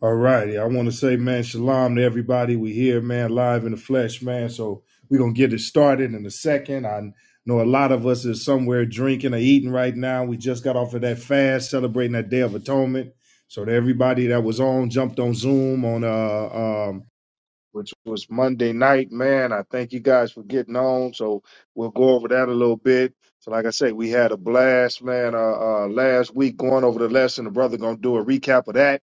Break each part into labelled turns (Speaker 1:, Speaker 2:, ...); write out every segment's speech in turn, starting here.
Speaker 1: All righty. I want to say, man, shalom to everybody. We here, man, live in the flesh, man. So we're going to get it started in a second. I know a lot of us is somewhere drinking or eating right now. We just got off of that fast, celebrating that Day of Atonement. So to everybody that was on, jumped on Zoom on, uh, um, which was Monday night, man. I thank you guys for getting on. So we'll go over that a little bit. So like I say, we had a blast, man, uh, uh, last week going over the lesson. The brother going to do a recap of that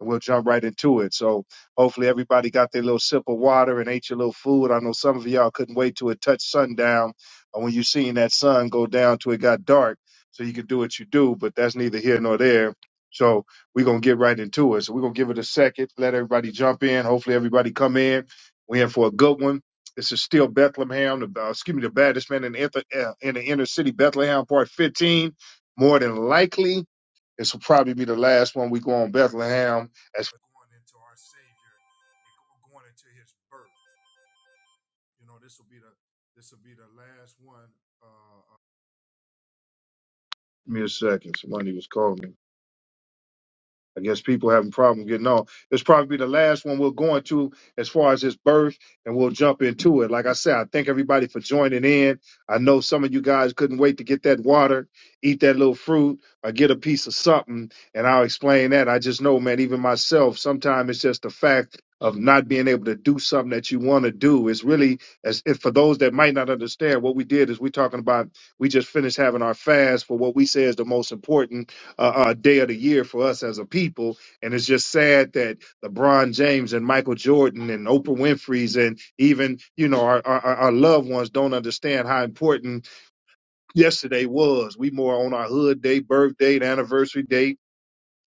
Speaker 1: and we'll jump right into it. So hopefully everybody got their little sip of water and ate your little food. I know some of y'all couldn't wait till it touched sundown or when you seen that sun go down till it got dark so you could do what you do, but that's neither here nor there. So we're gonna get right into it. So we're gonna give it a second, let everybody jump in. Hopefully everybody come in. We're in for a good one. This is still Bethlehem, the, uh, excuse me, the baddest man in the, inter- uh, in the inner city, Bethlehem, part 15. More than likely, this will probably be the last one we go on Bethlehem as we're going into our Savior and going into His birth. You know, this will be the this will be the last one. Uh, uh, Give me a second. Somebody was calling me. I guess people having problem getting on. It's probably the last one we're going to as far as his birth, and we'll jump into it. Like I said, I thank everybody for joining in. I know some of you guys couldn't wait to get that water, eat that little fruit, or get a piece of something, and I'll explain that. I just know, man, even myself, sometimes it's just the fact of not being able to do something that you want to do. It's really as if for those that might not understand, what we did is we're talking about we just finished having our fast for what we say is the most important uh, uh, day of the year for us as a people. And it's just sad that LeBron James and Michael Jordan and Oprah Winfrey's and even, you know, our, our, our loved ones don't understand how important yesterday was. We more on our hood day, birthday, the anniversary date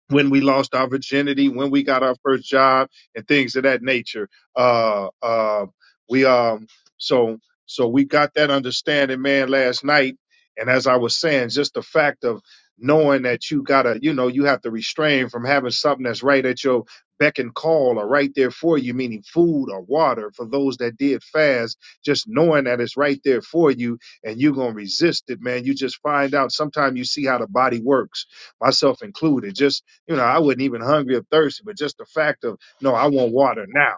Speaker 1: when we lost our virginity, when we got our first job, and things of that nature. Uh, uh, we um, so so we got that understanding, man, last night. And as I was saying, just the fact of knowing that you gotta, you know, you have to restrain from having something that's right at your beck and call or right there for you, meaning food or water for those that did fast. Just knowing that it's right there for you, and you're gonna resist it, man. You just find out. Sometimes you see how the body works myself included. Just you know, I wasn't even hungry or thirsty, but just the fact of, no, I want water now.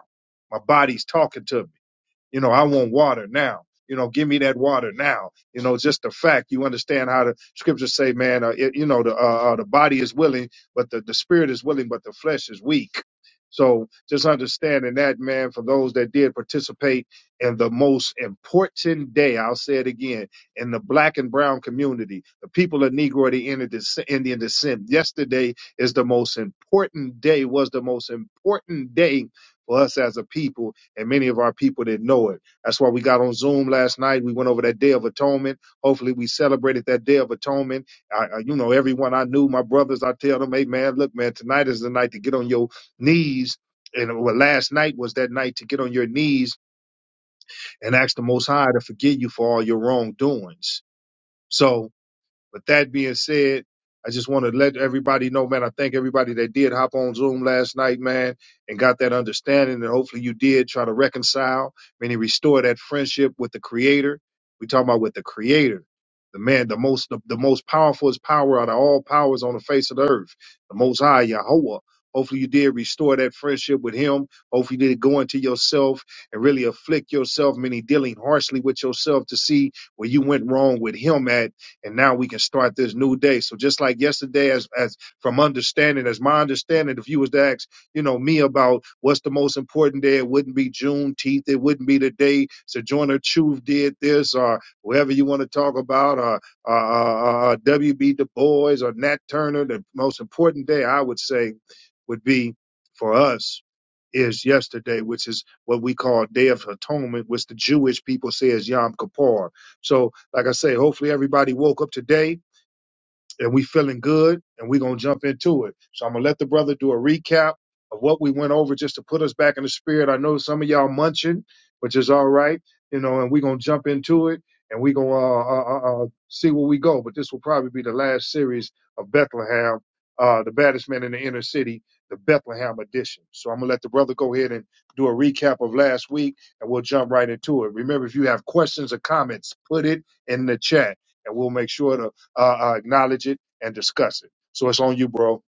Speaker 1: My body's talking to me. You know, I want water now. You know, give me that water now. You know, just the fact you understand how the scriptures say, man. Uh, it, you know, the uh, uh, the body is willing, but the the spirit is willing, but the flesh is weak. So just understanding that, man, for those that did participate in the most important day, I'll say it again, in the black and brown community, the people of Negro the Indian descent, Indian descent. Yesterday is the most important day, was the most important day for us as a people and many of our people didn't know it. That's why we got on Zoom last night. We went over that Day of Atonement. Hopefully, we celebrated that Day of Atonement. I, I, you know, everyone I knew, my brothers, I tell them, hey, man, look, man, tonight is the night to get on your knees. And uh, well, last night was that night to get on your knees and ask the Most High to forgive you for all your wrongdoings. So, but that being said, I just want to let everybody know, man. I thank everybody that did hop on Zoom last night, man, and got that understanding. And hopefully you did try to reconcile, meaning restore that friendship with the Creator. We talking about with the Creator, the man, the most, the, the most powerful is power out of all powers on the face of the earth, the Most High Yahweh. Hopefully you did restore that friendship with Him. Hopefully you did go into yourself and really afflict yourself, meaning dealing harshly with yourself to see where you went wrong with Him at and now we can start this new day. So just like yesterday, as as from understanding, as my understanding, if you was to ask, you know, me about what's the most important day, it wouldn't be Juneteenth, it wouldn't be the day Sojourner Truth did this, or whoever you want to talk about, or uh, uh, uh, W.B. Du Bois or Nat Turner. The most important day I would say would be for us is yesterday, which is what we call Day of Atonement, which the Jewish people say is Yom Kippur. So like I say, hopefully everybody woke up today and we feeling good and we're going to jump into it. So I'm going to let the brother do a recap of what we went over just to put us back in the spirit. I know some of y'all munching, which is all right, you know, and we're going to jump into it and we're going to uh, uh, uh, uh, see where we go. But this will probably be the last series of Bethlehem, uh, the baddest man in the inner city, the Bethlehem edition. So I'm going to let the brother go ahead and do a recap of last week and we'll jump right into it. Remember, if you have questions or comments, put it in the chat and we'll make sure to uh, uh, acknowledge it and discuss it. So it's on you, bro.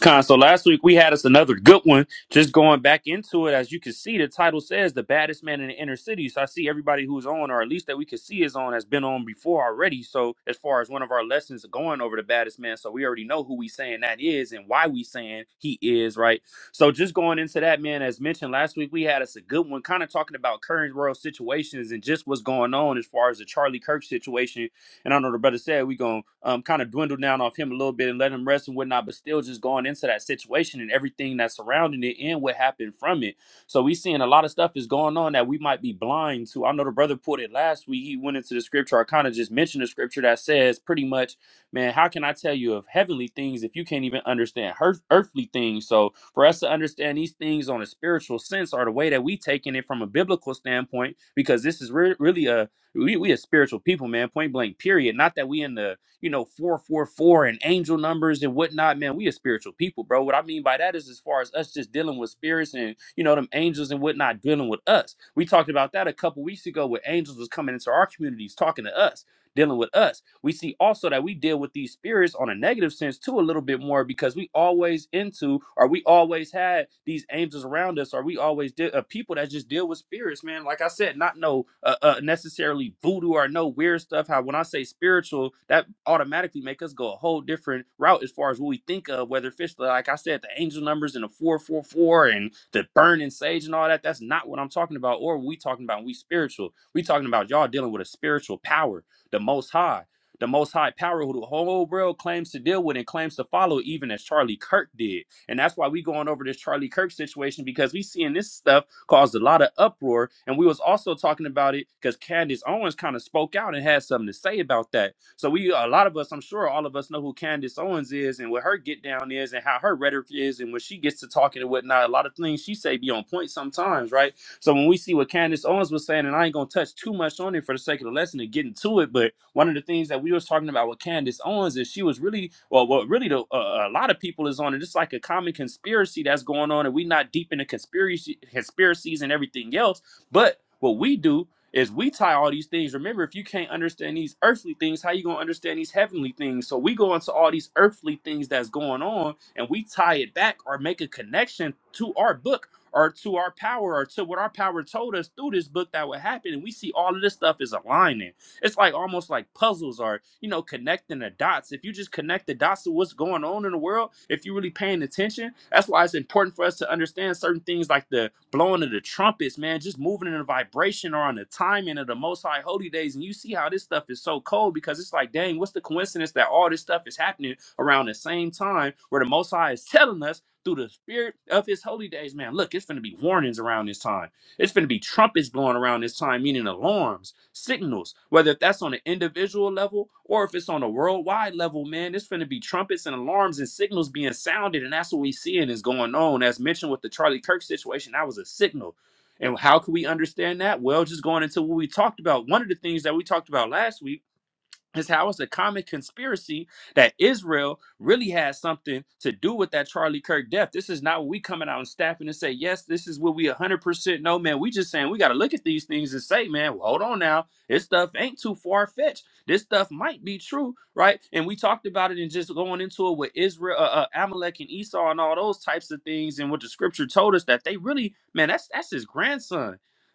Speaker 2: Con, so last week we had us another good one. Just going back into it, as you can see, the title says the baddest man in the inner city. So I see everybody who's on, or at least that we could see is on, has been on before already. So as far as one of our lessons going over the baddest man, so we already know who we saying that is and why we saying he is, right? So just going into that, man, as mentioned last week, we had us a good one, kind of talking about current world situations and just what's going on as far as the Charlie Kirk situation and I know the brother said we're going to um, kind of dwindle down off him a little bit and let him rest and whatnot, but still just going into that situation and everything that's surrounding it and what happened from it. So we seeing a lot of stuff is going on that we might be blind to. I know the brother put it last week. He went into the scripture. I kind of just mentioned the scripture that says pretty much, man, how can I tell you of heavenly things if you can't even understand earth, earthly things? So for us to understand these things on a spiritual sense or the way that we taking it from a biblical standpoint, because this is re- really a we we a spiritual people, man. Point blank, period. Not that we in the you know four four four and angel numbers and whatnot, man. We a spiritual people, bro. What I mean by that is as far as us just dealing with spirits and you know them angels and whatnot dealing with us. We talked about that a couple weeks ago, where angels was coming into our communities talking to us dealing with us. We see also that we deal with these spirits on a negative sense too, a little bit more because we always into, or we always had these angels around us, or we always did uh, people that just deal with spirits, man. Like I said, not no uh, uh, necessarily voodoo or no weird stuff. How when I say spiritual, that automatically make us go a whole different route as far as what we think of, whether fish, like I said, the angel numbers and the four four four and the burning sage and all that. That's not what I'm talking about, or what we talking about. when We spiritual. We talking about y'all dealing with a spiritual power the Most High, the Most High power who the whole world claims to deal with and claims to follow, even as Charlie Kirk did. And that's why we going over this Charlie Kirk situation because we seeing this stuff caused a lot of uproar. And we was also talking about it because Candace Owens kind of spoke out and had something to say about that. So we, a lot of us, I'm sure all of us know who Candace Owens is and what her get down is and how her rhetoric is. And when she gets to talking and whatnot, a lot of things she say be on point sometimes, right? So when we see what Candace Owens was saying, and I ain't gonna touch too much on it for the sake of the lesson and getting to it, but one of the things that we was talking about with Candace Owens is she was really, well, what really the, uh, a lot of people is on it. It's like a common conspiracy that's going on, and we not deep into conspiracy conspiracies and everything else. But what we do is we tie all these things. Remember, if you can't understand these earthly things, how you gonna understand these heavenly things? So we go into all these earthly things that's going on, and we tie it back or make a connection to our book or to our power or to what our power told us through this book that would happen. And we see all of this stuff is aligning. It's like almost like puzzles or, you know, connecting the dots. If you just connect the dots to what's going on in the world, if you're really paying attention, that's why it's important for us to understand certain things like the blowing of the trumpets, man, just moving in a vibration or on the timing of the most high holy days. And you see how this stuff is so cold because it's like, dang, what's the coincidence that all this stuff is happening around the same time where the most high is telling us? through the spirit of his holy days. Man, look, it's going to be warnings around this time. It's going to be trumpets blowing around this time, meaning alarms, signals, whether that's on an individual level or if it's on a worldwide level, man, it's going to be trumpets and alarms and signals being sounded. And that's what we seeing is going on. As mentioned with the Charlie Kirk situation, that was a signal. And how can we understand that? Well, just going into what we talked about. One of the things that we talked about last week is how it's a common conspiracy that Israel really has something to do with that Charlie Kirk death. This is not what we coming out and staffing and say, yes, this is what we 100% know, man. We just saying we got to look at these things and say, man, well, hold on now. This stuff ain't too far fetched. This stuff might be true, right? And we talked about it and just going into it with Israel, uh, uh, Amalek and Esau and all those types of things and what the scripture told us that they really, man, that's that's his grandson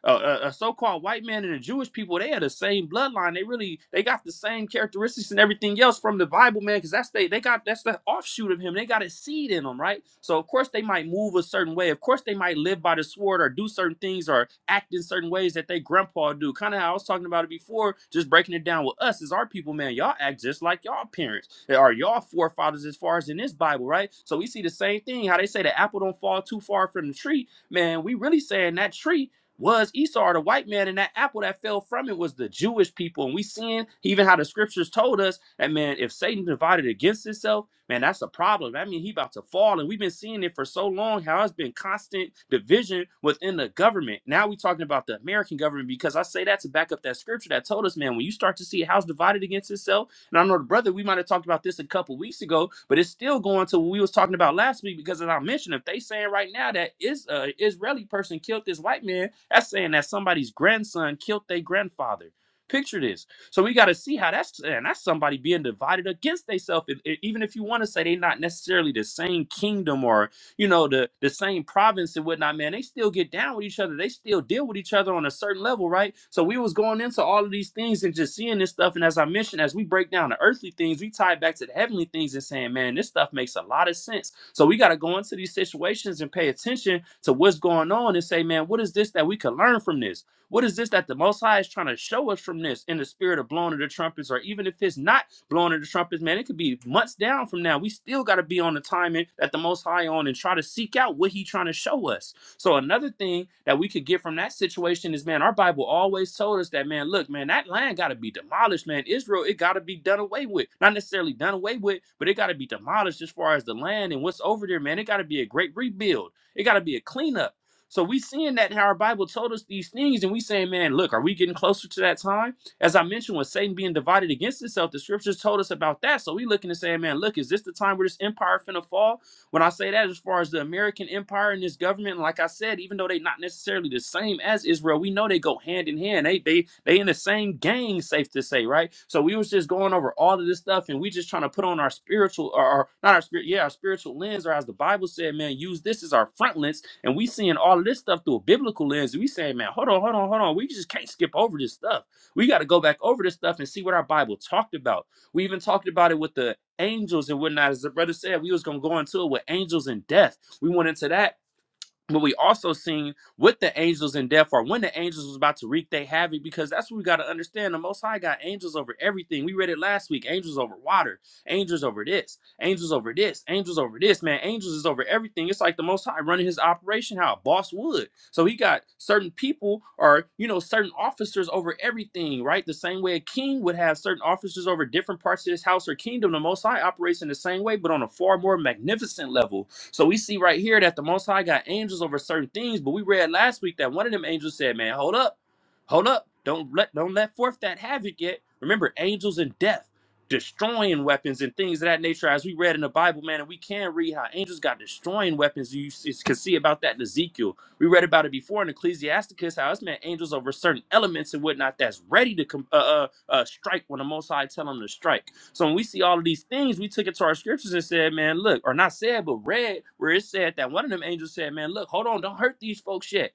Speaker 2: a, a a so-called white man and the Jewish people, they are the same bloodline. They really they got the same characteristics and everything else from the Bible, man, because that's they they got that's the offshoot of him. They got a seed in them, right? So of course they might move a certain way. Of course they might live by the sword or do certain things or act in certain ways that they grandpa do. Kind of how I was talking about it before, just breaking it down with us as our people, man. Y'all act just like y'all parents or y'all forefathers as far as in this Bible, right? So we see the same thing. How they say the apple don't fall too far from the tree man, we really saying that tree was Esau the white man, and that apple that fell from it was the Jewish people. And we seeing even how the scriptures told us that man, if Satan divided against himself, man, that's a problem. That mean, he about to fall. And we've been seeing it for so long, how it's been constant division within the government. Now we talking about the American government because I say that to back up that scripture that told us, man, when you start to see a house divided against itself and I know the brother, we might have talked about this a couple weeks ago, but it's still going to what we was talking about last week because as I mentioned, if they saying right now that is uh Israeli person killed this white man, that's saying that somebody's grandson killed their grandfather. Picture this. So we got to see how that's and that's somebody being divided against themselves. Even if you want to say they not necessarily the same kingdom or you know, the the same province and whatnot, man, they still get down with each other. They still deal with each other on a certain level, right? So we was going into all of these things and just seeing this stuff. And as I mentioned, as we break down the earthly things, we tie it back to the heavenly things and saying, man, this stuff makes a lot of sense. So we got to go into these situations and pay attention to what's going on and say, man, what is this that we could learn from this? What is this that the Most High is trying to show us from this in the spirit of blowing of the trumpets, or even if it's not blowing of the trumpets, man, it could be months down from now. We still got to be on the timing that the Most High on and try to seek out what He trying to show us. So another thing that we could get from that situation is, man, our Bible always told us that, man, look, man, that land got to be demolished, man. Israel, it got to be done away with. Not necessarily done away with, but it got to be demolished as far as the land and what's over there, man. It got to be a great rebuild. It got to be a cleanup. So we seeing that how our Bible told us these things, and we saying, man, look, are we getting closer to that time? As I mentioned, with Satan being divided against himself, the scriptures told us about that. So we looking and saying, man, look, is this the time where this empire finna fall? When I say that, as far as the American empire and this government, like I said, even though they not necessarily the same as Israel, we know they go hand in hand. They they they in the same gang, safe to say, right? So we was just going over all of this stuff, and we just trying to put on our spiritual, or, or not our spirit, yeah, our spiritual lens, or as the Bible said, man, use this as our front lens, and we seeing all of this stuff through a biblical lens. And we saying, man, hold on, hold on, hold on, we just can't skip over this stuff. We got to go back over this stuff and see what our Bible talked about. We even talked about it with the angels and whatnot. As the brother said, we was gonna go into it with angels and death. We went into that but we also seen with the angels in death or when the angels was about to wreak their havoc, because that's what we got to understand. The Most High got angels over everything. We read it last week: angels over water, angels over this, angels over this, angels over this. Man, angels is over everything. It's like the Most High running his operation how a boss would. So he got certain people or you know certain officers over everything, right? The same way a king would have certain officers over different parts of his house or kingdom. The Most High operates in the same way, but on a far more magnificent level so we see right here that the Most High got angels over certain things, but we read last week that one of them angels said, "Man, hold up, hold up, don't let don't let forth that havoc yet." Remember, angels and death, destroying weapons and things of that nature, as we read in the Bible, man, and we can read how angels got destroying weapons. You s- can see about that in Ezekiel. We read about it before in Ecclesiasticus, how it's meant angels over certain elements and whatnot that's ready to com- uh, uh, uh, strike when the Most High tell them to strike. So when we see all of these things, we took it to our scriptures and said, man, look, or not said, but read where it said that one of them angels said, man, look, hold on, don't hurt these folks yet.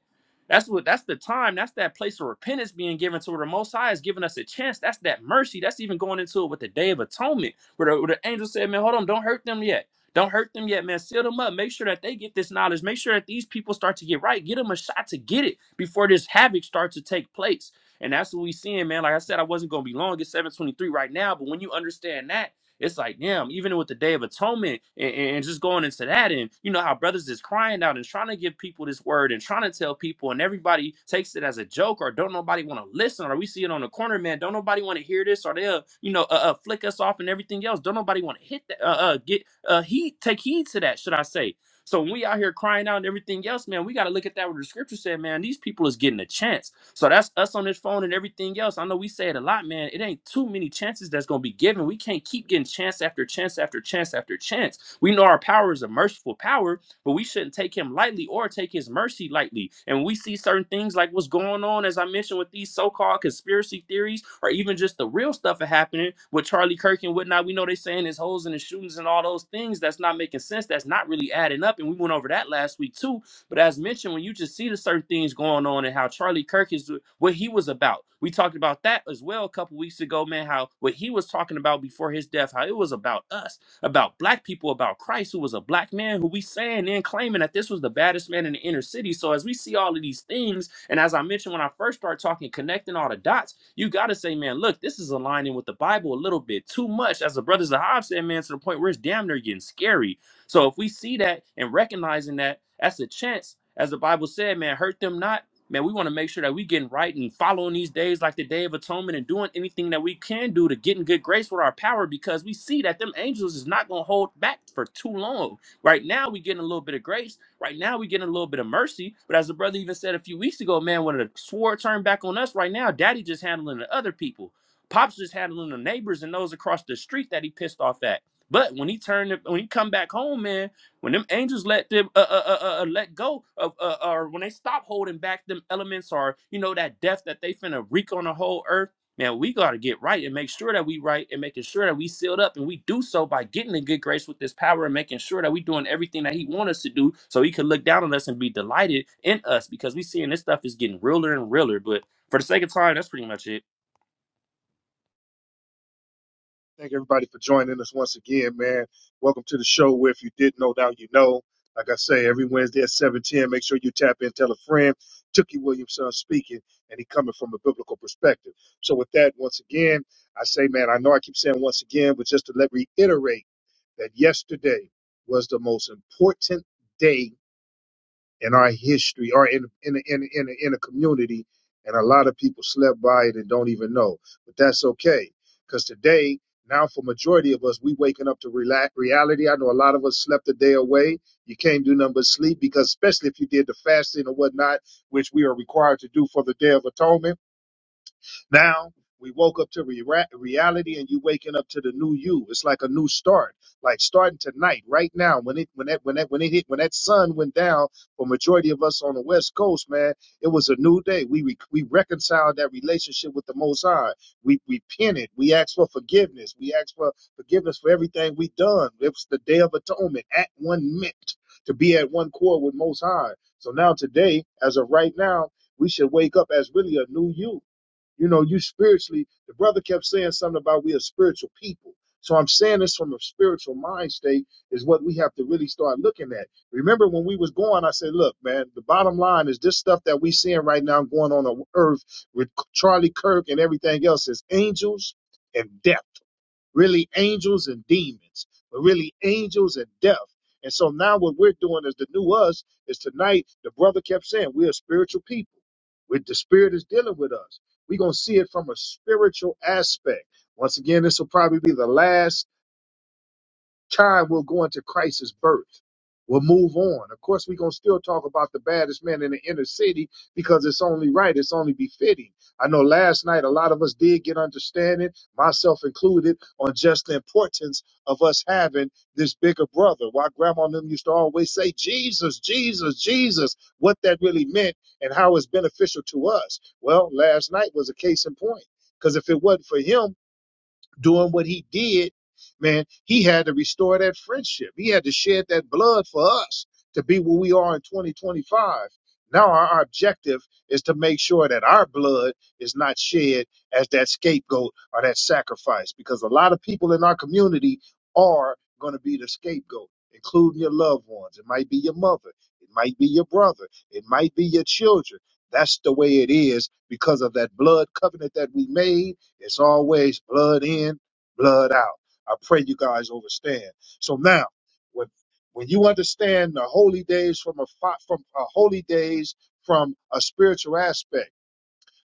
Speaker 2: That's what that's the time. That's that place of repentance being given to where the most high is giving us a chance. That's that mercy. That's even going into it with the day of atonement, where the, where the angel said, Man, hold on, don't hurt them yet. Don't hurt them yet, man. Seal them up. Make sure that they get this knowledge. Make sure that these people start to get right. Get them a shot to get it before this havoc starts to take place. And that's what we seeing, man. Like I said, I wasn't gonna be long. It's 723 right now, but when you understand that, it's like, damn, even with the Day of Atonement and, and just going into that, and you know how brothers is crying out and trying to give people this word and trying to tell people, and everybody takes it as a joke or don't nobody want to listen or we see it on the corner, man, don't nobody want to hear this or they'll, you know, uh, uh, flick us off and everything else. Don't nobody want to hit that, uh, uh, get uh, heed, take heed to that, should I say? So when we out here crying out and everything else, man, we got to look at that what the scripture said, man. These people is getting a chance. So that's us on this phone and everything else. I know we say it a lot, man. It ain't too many chances that's gonna be given. We can't keep getting chance after chance after chance after chance. We know our power is a merciful power, but we shouldn't take him lightly or take his mercy lightly. And when we see certain things like what's going on, as I mentioned, with these so-called conspiracy theories, or even just the real stuff that happening with Charlie Kirk and whatnot, we know they saying his holes and his shootings and all those things that's not making sense, that's not really adding up. And we went over that last week too but as mentioned, when you just see the certain things going on and how Charlie Kirk is what he was about, we talked about that as well a couple weeks ago, man. How what he was talking about before his death, how it was about us, about black people, about Christ, who was a black man, who we saying and claiming that this was the baddest man in the inner city. So as we see all of these things, and as I mentioned when I first started talking, connecting all the dots, you gotta say, man, look, this is aligning with the Bible a little bit too much, as the brothers of Hobbes said, man, to the point where it's damn near getting scary so if we see that and recognizing that, that's a chance, as the Bible said, man, hurt them not. Man, we want to make sure that we getting right and following these days like the Day of Atonement and doing anything that we can do to get in good grace with our power because we see that them angels is not going to hold back for too long. Right now, we getting a little bit of grace. Right now, we getting a little bit of mercy. But as the brother even said a few weeks ago, man, when the sword turned back on us right now, daddy just handling the other people. Pops just handling the neighbors and those across the street that he pissed off at but when he turned, when he come back home, man, when them angels let them uh, uh, uh, uh uh, let go of, uh, or when they stop holding back them elements, or you know that death that they finna wreak on the whole earth, man, we gotta get right and make sure that we right and making sure that we sealed up, and we do so by getting in good grace with this power and making sure that we doing everything that He want us to do, so He could look down on us and be delighted in us, because we seeing this stuff is getting realer and realer. But for the sake of time, that's pretty much it.
Speaker 1: Thank everybody for joining us once again, man. Welcome to the show. Where if you didn't know, now you know. Like I say, every Wednesday at seven ten, make sure you tap in, tell a friend. Tookie Williamson speaking, and he coming from a biblical perspective. So with that, once again, I say, man, I know I keep saying once again, but just to let reiterate that yesterday was the most important day in our history or in in a- in a- in a, in a community, and a lot of people slept by it and don't even know. But that's okay, because today, now for majority of us, we waking up to rela- reality. I know a lot of us slept a day away. You can't do nothing but sleep because, especially if you did the fasting or whatnot, which we are required to do for the Day of Atonement now we woke up to re- ra- reality, and you waking up to the new you. It's like a new start, like starting tonight, right now. When it when that when that when it hit when that sun went down for majority of us on the West Coast, man, it was a new day. We re- we reconciled that relationship with the Most High. We repented. We asked for forgiveness. We asked for forgiveness for everything we done. It was the Day of Atonement, at one mint to be at one core with Most High. So now today, as of right now, we should wake up as really a new you you know, you spiritually, the brother kept saying something about we are spiritual people. So I'm saying this from a spiritual mind state is what we have to really start looking at. Remember when we was going, I said, look, man, the bottom line is this stuff that we seeing right now going on on earth with Charlie Kirk and everything else is angels and death really angels and demons, but really angels and death. And so now what we're doing is the new us is tonight, the brother kept saying, we're a spiritual people. With the spirit is dealing with us. We're gonna see it from a spiritual aspect. Once again, this will probably be the last Time will go into Christ's birth. We'll move on. Of course, we're going to still talk about the baddest man in the inner city because it's only right. It's only befitting. I know last night a lot of us did get understanding, myself included, on just the importance of us having this bigger brother. Why grandma and them used to always say, Jesus, Jesus, Jesus, what that really meant and how it's beneficial to us. Well, last night was a case in point because if it wasn't for him, doing what he did, man, he had to restore that friendship. He had to shed that blood for us to be where we are in 2025. Now our objective is to make sure that our blood is not shed as that scapegoat or that sacrifice, because a lot of people in our community are going to be the scapegoat, including your loved ones. It might be your mother. It might be your brother. It might be your children. That's the way it is because of that blood covenant that we made it's always blood in, blood out. I pray you guys understand. So now, when when you understand the holy days from a fi- from a holy days from a spiritual aspect,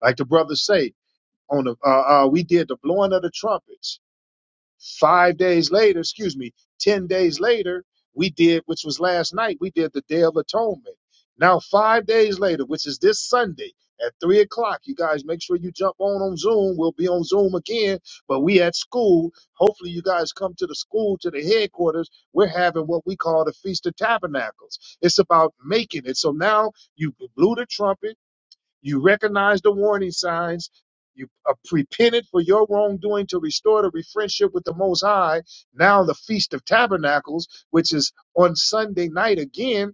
Speaker 1: like the brothers say on the uh, uh, we did the blowing of the trumpets Five days later, excuse me, 10 days later, we did, which was last night, we did the Day of Atonement. Now, five days later, which is this Sunday at 3 o'clock, you guys make sure you jump on on Zoom. We'll be on Zoom again, but we at school. Hopefully, you guys come to the school, to the headquarters. We're having what we call the Feast of Tabernacles. It's about making it. So now you blew the trumpet. You recognize the warning signs. You are repented for your wrongdoing to restore the friendship with the Most High. Now the Feast of Tabernacles, which is on Sunday night again,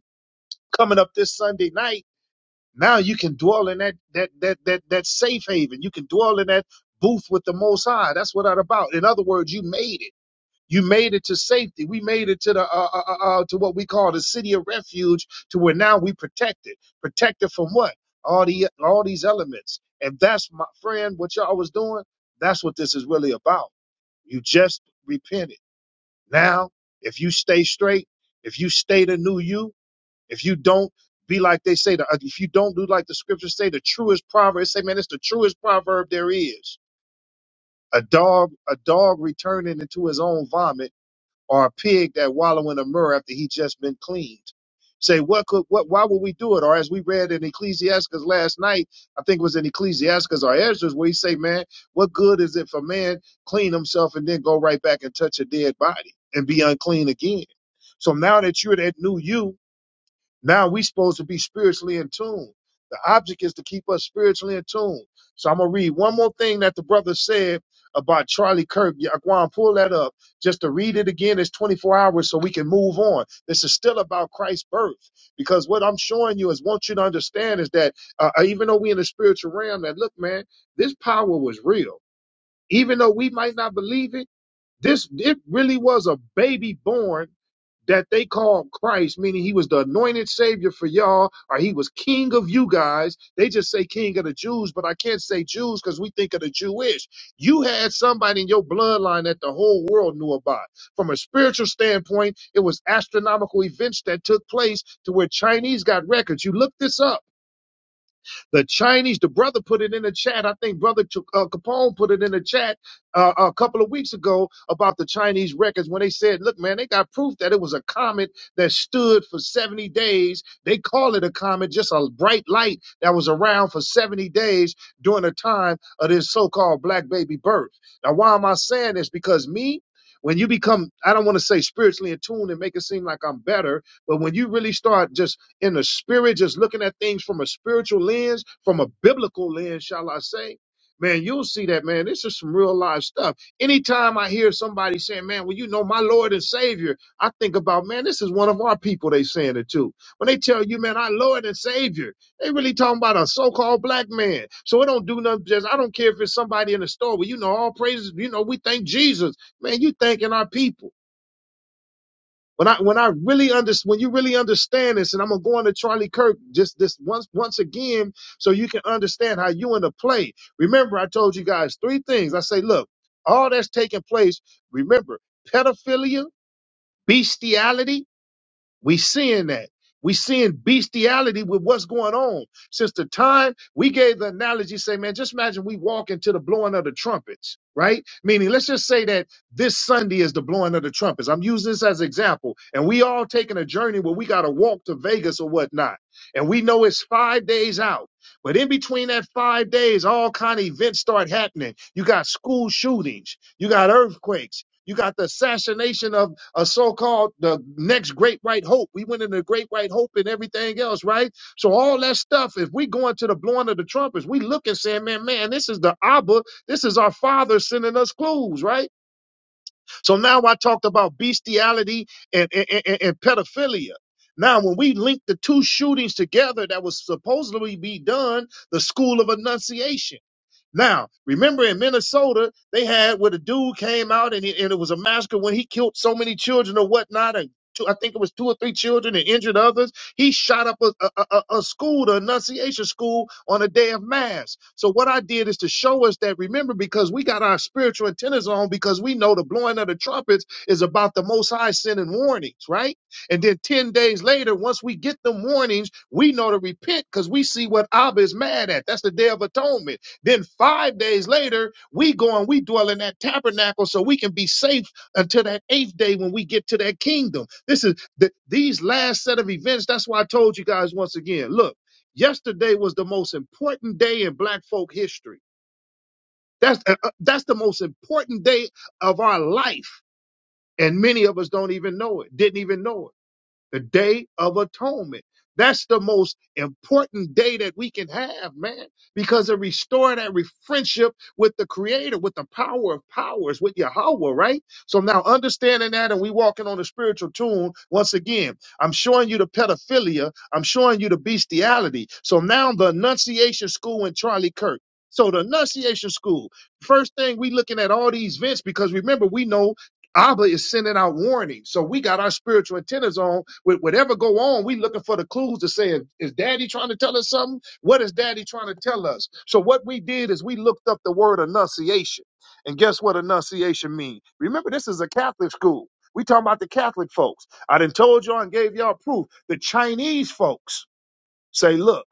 Speaker 1: coming up this Sunday night. Now you can dwell in that that that that that safe haven. You can dwell in that booth with the Most High. That's what it's about. In other words, you made it. You made it to safety. We made it to the uh, uh, uh, uh, to what we call the city of refuge, to where now we protected. Protected from what? All the all these elements. And that's my friend. What y'all was doing. That's what this is really about. You just repented. Now, if you stay straight, if you stay the new you, if you don't be like they say, the, uh, if you don't do like the scriptures say, the truest proverb. They say, man, it's the truest proverb there is. A dog, a dog returning into his own vomit or a pig that wallow in a myrrh after he just been cleaned. Say, what could, what, why would we do it? Or as we read in Ecclesiastes last night, I think it was in Ecclesiastes or Ezra's where he say, man, what good is it for man clean himself and then go right back and touch a dead body and be unclean again? So now that you're that new you, now we supposed to be spiritually in tune. The object is to keep us spiritually in tune. So I'm gonna read one more thing that the brother said about Charlie Kirk. Yaquan, pull that up just to read it again. It's 24 hours, so we can move on. This is still about Christ's birth, because what I'm showing you is want you to understand is that uh, uh, even though we in the spiritual realm, that look, man, this power was real. Even though we might not believe it this it really was a baby born that they called Christ, meaning he was the anointed savior for y'all, or he was king of you guys. They just say king of the Jews, but I can't say Jews because we think of the Jewish. You had somebody in your bloodline that the whole world knew about. From a spiritual standpoint, it was astronomical events that took place to where Chinese got records. You look this up. The Chinese, the brother put it in the chat. I think brother Ch- uh, Capone put it in the chat uh, a couple of weeks ago about the Chinese records when they said, look, man, they got proof that it was a comet that stood for 70 days. They call it a comet, just a bright light that was around for 70 days during the time of this so called black baby birth. Now, why am I saying this? Because me, when you become, I don't want to say spiritually attuned and make it seem like I'm better, but when you really start just in the spirit, just looking at things from a spiritual lens, from a biblical lens, shall I say, man, you'll see that, man. This is some real life stuff. Anytime I hear somebody saying, man, well, you know, my Lord and Savior, I think about, man, this is one of our people they saying it to. When they tell you, man, our Lord and Savior, they really talking about a so-called black man. So it don't do nothing. Just I don't care if it's somebody in the store. Well, you know, all praises. You know, we thank Jesus. Man, you thanking our people. When I when I really understand when you really understand this, and I'm gonna go into Charlie Kirk just this once once again, so you can understand how you in the play. Remember, I told you guys three things. I say, look, all that's taking place. Remember, pedophilia, bestiality we seeing that. We seeing bestiality with what's going on. Since the time we gave the analogy, say, man, just imagine we walk into the blowing of the trumpets, right? Meaning, let's just say that this Sunday is the blowing of the trumpets. I'm using this as example. And we all taking a journey where we got to walk to Vegas or whatnot. And we know it's five days out. But in between that five days, all kind of events start happening. You got school shootings. You got earthquakes. You got the assassination a so-called the next great white hope. We went into great white hope and everything else, right? So all that stuff, if we go into the blowing of the trumpets, we look and say, man, man, this is the Abba, this is our father sending us clues, right? So now I talked about bestiality and, and, and, and pedophilia. Now, when we link the two shootings together that was supposedly be done, the school of annunciation. Now, remember in Minnesota, they had where the dude came out and, he, and it was a massacre when he killed so many children or whatnot. And two, I think it was two or three children and injured others. He shot up a, a, a, a school, the Annunciation School, on a day of mass. So, what I did is to show us that, remember, because we got our spiritual antennas on because we know the blowing of the trumpets is about the Most High sending warnings, right? And then 10 days later, once we get them warnings, we know to repent because we see what Abba is mad at. That's the Day of Atonement. Then five days later, we go and we dwell in that tabernacle so we can be safe until that eighth day when we get to that kingdom. This is the, these last set of events. That's why I told you guys once again. Look, yesterday was the most important day in Black folk history. That's uh, uh, that's the most important day of our life, and many of us don't even know it. Didn't even know it the day of atonement. That's the most important day that we can have, man, because it restored that re- friendship with the creator, with the power of powers, with Yahweh, right? So now understanding that and we walking on a spiritual tune, once again, I'm showing you the pedophilia, I'm showing you the bestiality. So now the Annunciation School and Charlie Kirk. So the Annunciation School, first thing we looking at all these vents because remember, we know Abba is sending out warnings. So we got our spiritual antennas on with whatever go on. We looking for the clues to say, is is daddy trying to tell us something? What is daddy trying to tell us? So what we did is we looked up the word "annunciation," And guess what "annunciation" means? Remember, this is a Catholic school. We talking about the Catholic folks. I done told y'all and gave y'all proof. The Chinese folks say, look,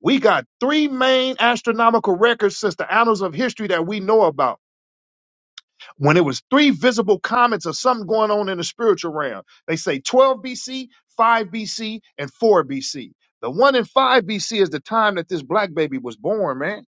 Speaker 1: we got three main astronomical records since the annals of history that we know about. When it was three visible comets of something going on in the spiritual realm, they say 12 BC, 5 BC, and 4 BC. The one in 5 BC is the time that this black baby was born, man.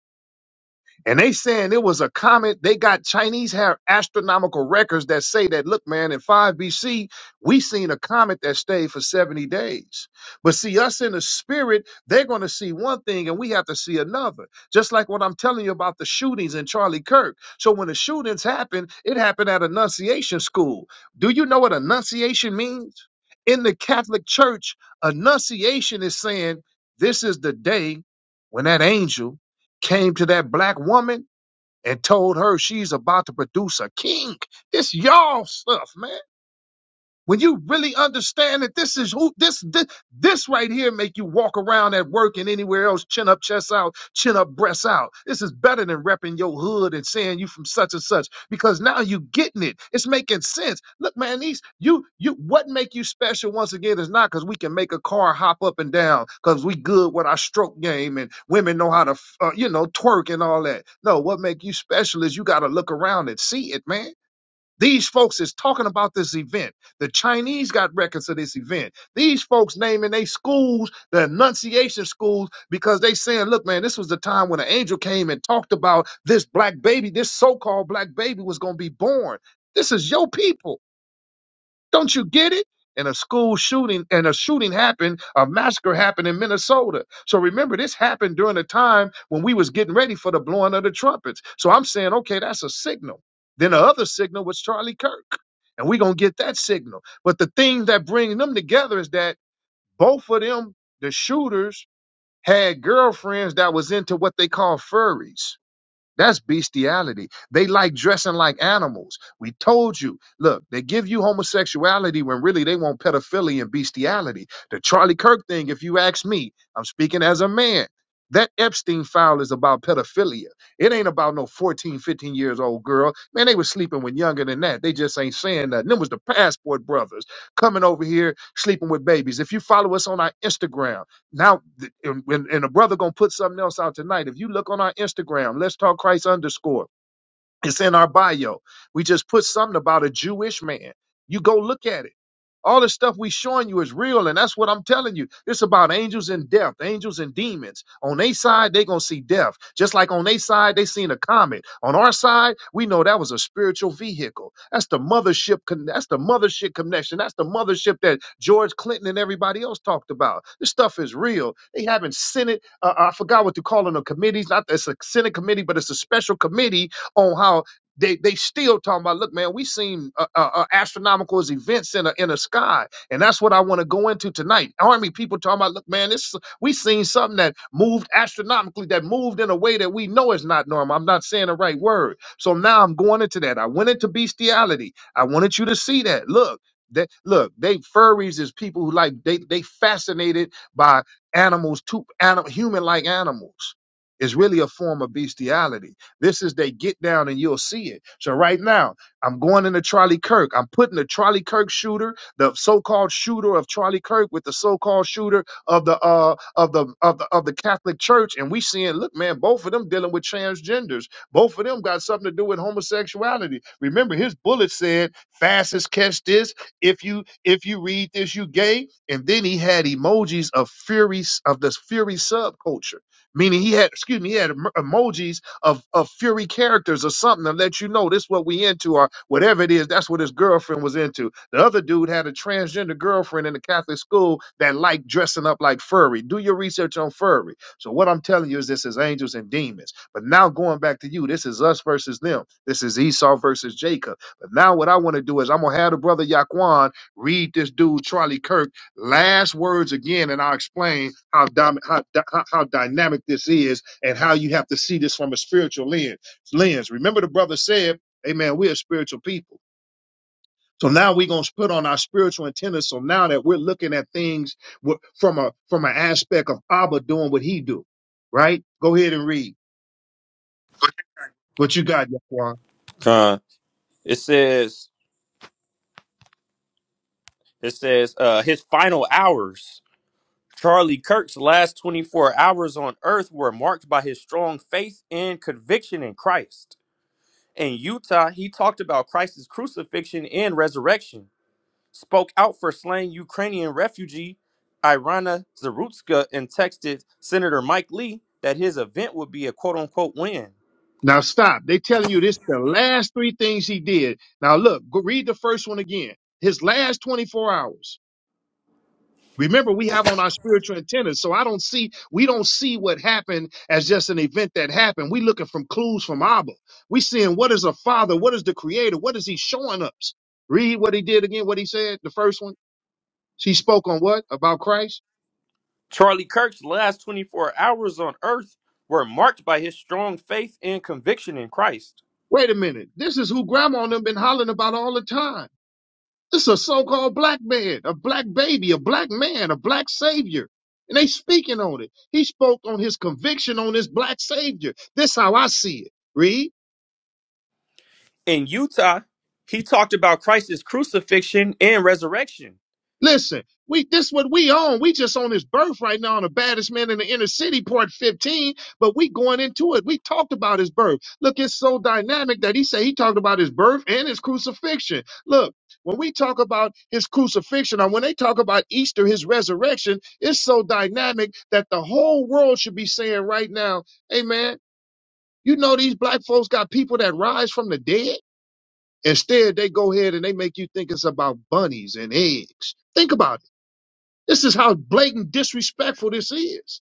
Speaker 1: And they saying it was a comet. They got Chinese have astronomical records that say that, look, man, in 5 BC, we seen a comet that stayed for 70 days. But see, us in the spirit, they're going to see one thing and we have to see another. Just like what I'm telling you about the shootings in Charlie Kirk. So when the shootings happened, it happened at Annunciation School. Do you know what Annunciation means? In the Catholic Church, Annunciation is saying, this is the day when that angel came to that black woman and told her she's about to produce a king. This y'all stuff, man. When you really understand that this is who this this, this right here make you walk around at work and anywhere else, chin up, chest out, chin up, breasts out. This is better than repping your hood and saying you from such and such because now you getting it. It's making sense. Look, man, these you you what make you special once again is not because we can make a car hop up and down because we good with our stroke game and women know how to uh, you know twerk and all that. No, what make you special is you got to look around and see it, man. These folks is talking about this event. The Chinese got records of this event. These folks naming their schools, the Annunciation schools, because they saying, look, man, this was the time when an angel came and talked about this black baby, this so-called black baby was gonna be born. This is your people. Don't you get it? And a school shooting and a shooting happened, a massacre happened in Minnesota. So remember, this happened during a time when we was getting ready for the blowing of the trumpets. So I'm saying, okay, that's a signal. Then the other signal was Charlie Kirk. And we're gonna get that signal. But the thing that brings them together is that both of them, the shooters, had girlfriends that was into what they call furries. That's bestiality. They like dressing like animals. We told you. Look, they give you homosexuality when really they want pedophilia and bestiality. The Charlie Kirk thing, if you ask me, I'm speaking as a man. That Epstein file is about pedophilia. It ain't about no 14, 15 years old girl. Man, they was sleeping with younger than that. They just ain't saying nothing. Them was the passport brothers coming over here sleeping with babies. If you follow us on our Instagram, now, th- and, when- and a brother gonna put something else out tonight. If you look on our Instagram, let's talk Christ underscore. It's in our bio. We just put something about a Jewish man. You go look at it. All the stuff we showing you is real, and that's what I'm telling you. It's about angels and death, angels and demons. On their side, they gonna see death. Just like on their side, they seen a comet. On our side, we know that was a spiritual vehicle. That's the mothership. Con- that's the mothership connection. That's the mothership that George Clinton and everybody else talked about. This stuff is real. They haven't Senate. Uh, I forgot what to call them. The committees. Not it's a Senate committee, but it's a special committee on how they they still talking about. Look, man, we seen uh, uh, uh, astronomical events in a in a sky, and that's what I want to go into tonight. Army people talking about. Look, man, this we seen something that moved astronomically, that moved in a way that we know is not normal. I'm not saying the right word, so now I'm going into that. I went into bestiality. I wanted you to see that. Look. That, look, they furries is people who like they they fascinated by animals, too, anim, human like animals. Is really a form of bestiality this is they get down and you'll see it. So right now, I'm going into Charlie Kirk. I'm putting the Charlie Kirk shooter, the so-called shooter of Charlie Kirk, with the so-called shooter of the uh of the of the of the Catholic Church, and we seeing, look, man, both of them dealing with transgenders. Both of them got something to do with homosexuality. Remember, his bullet said, "Fastest catch this. If you if you read this, you gay." And then he had emojis of fury of this fury subculture, meaning he had excuse me, he had em- emojis of, of Fury characters or something to let you know this what we into or whatever it is. That's what his girlfriend was into. The other dude had a transgender girlfriend in the Catholic school that liked dressing up like furry. Do your research on furry. So what I'm telling you is this is angels and demons. But now going back to you, this is us versus them. This is Esau versus Jacob. But now what I want to do is I'm gonna have the brother Yaquan read this dude Charlie Kirk last words again, and I'll explain how, dom- how, dy- how how dynamic this is and how you have to see this from a spiritual lens. lens. Remember, the brother said, Amen, we are spiritual people. So now we're going to put on our spiritual antenna. So now that we're looking at things wi- from a from an aspect of Abba doing what he do, right? Go ahead and read what you got, Yaquan.
Speaker 2: Con, it says it says uh his final hours. Charlie Kirk's last 24 hours on earth were marked by his strong faith and conviction in Christ. In Utah, he talked about Christ's crucifixion and resurrection, spoke out for slain Ukrainian refugee Irina Zarutska, and texted Senator Mike Lee that his event would be a quote unquote win.
Speaker 1: Now stop. They telling you this the last three things he did. Now look, go read the first one again. His last 24 hours. Remember, we have on our spiritual antennas, so I don't see we don't see what happened as just an event that happened. We looking from clues from Abba. We seeing what is a father, what is the creator, what is he showing us? Read what he did again, what he said, the first one. She spoke on what? About Christ?
Speaker 2: Charlie Kirk's last 24 hours on earth were marked by his strong faith and conviction in Christ.
Speaker 1: Wait a minute. This is who grandma and them been hollering about all the time. This is a so-called black man, a black baby, a black man, a black savior. And they speaking on it. He spoke on his conviction on this black savior. This how I see it. Read.
Speaker 2: in Utah, he talked about Christ's crucifixion and resurrection.
Speaker 1: Listen, we this what we own. We just on this birth right now on the baddest man in the inner city, part 15, but we going into it. We talked about his birth. Look, it's so dynamic that he said he talked about his birth and his crucifixion. Look, when we talk about his crucifixion or when they talk about Easter, his resurrection, it's so dynamic that the whole world should be saying right now, hey man, you know these black folks got people that rise from the dead? Instead, they go ahead and they make you think it's about bunnies and eggs. Think about it. This is how blatant disrespectful this is.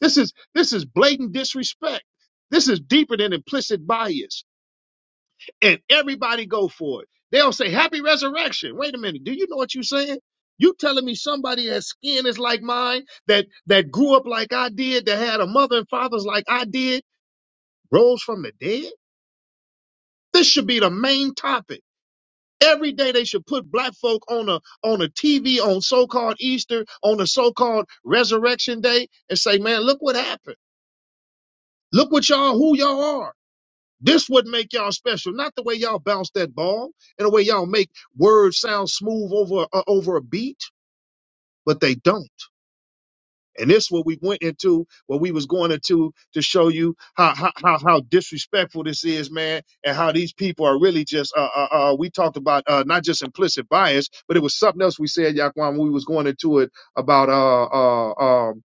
Speaker 1: This is this is blatant disrespect. This is deeper than implicit bias. And everybody go for it. They'll say happy resurrection. Wait a minute. Do you know what you're saying? You telling me somebody that skin is like mine, that that grew up like I did, that had a mother and fathers like I did, rose from the dead? This should be the main topic. Every day they should put black folk on a on a TV on so-called Easter, on a so-called resurrection day, and say, man, look what happened. Look what y'all who y'all are. This would make y'all special, not the way y'all bounce that ball and the way y'all make words sound smooth over uh, over a beat, but they don't. And this is what we went into, what we was going into to show you how how how, how disrespectful this is, man, and how these people are really just uh uh, uh we talked about uh not just implicit bias, but it was something else we said, Yaquan, when we was going into it about uh uh um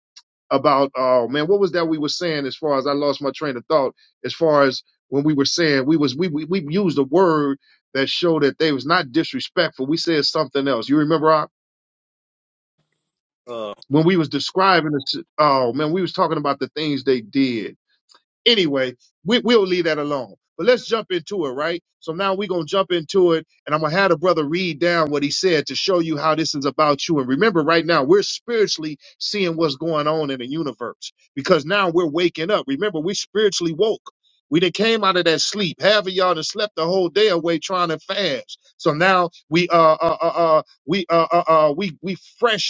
Speaker 1: about uh man, what was that we were saying as far as I lost my train of thought as far as when we were saying we was we we, we used a word that showed that they was not disrespectful. We said something else. You remember? Rob?
Speaker 2: Uh,
Speaker 1: when we was describing the si- oh man we was talking about the things they did anyway we, we'll leave that alone but let's jump into it right so now we're going to jump into it and i'm going to have the brother read down what he said to show you how this is about you and remember right now we're spiritually seeing what's going on in the universe because now we're waking up remember we spiritually woke we done came out of that sleep. Half of y'all done slept the whole day away trying to fast. So now we uh uh uh, uh we uh uh, uh we we fresh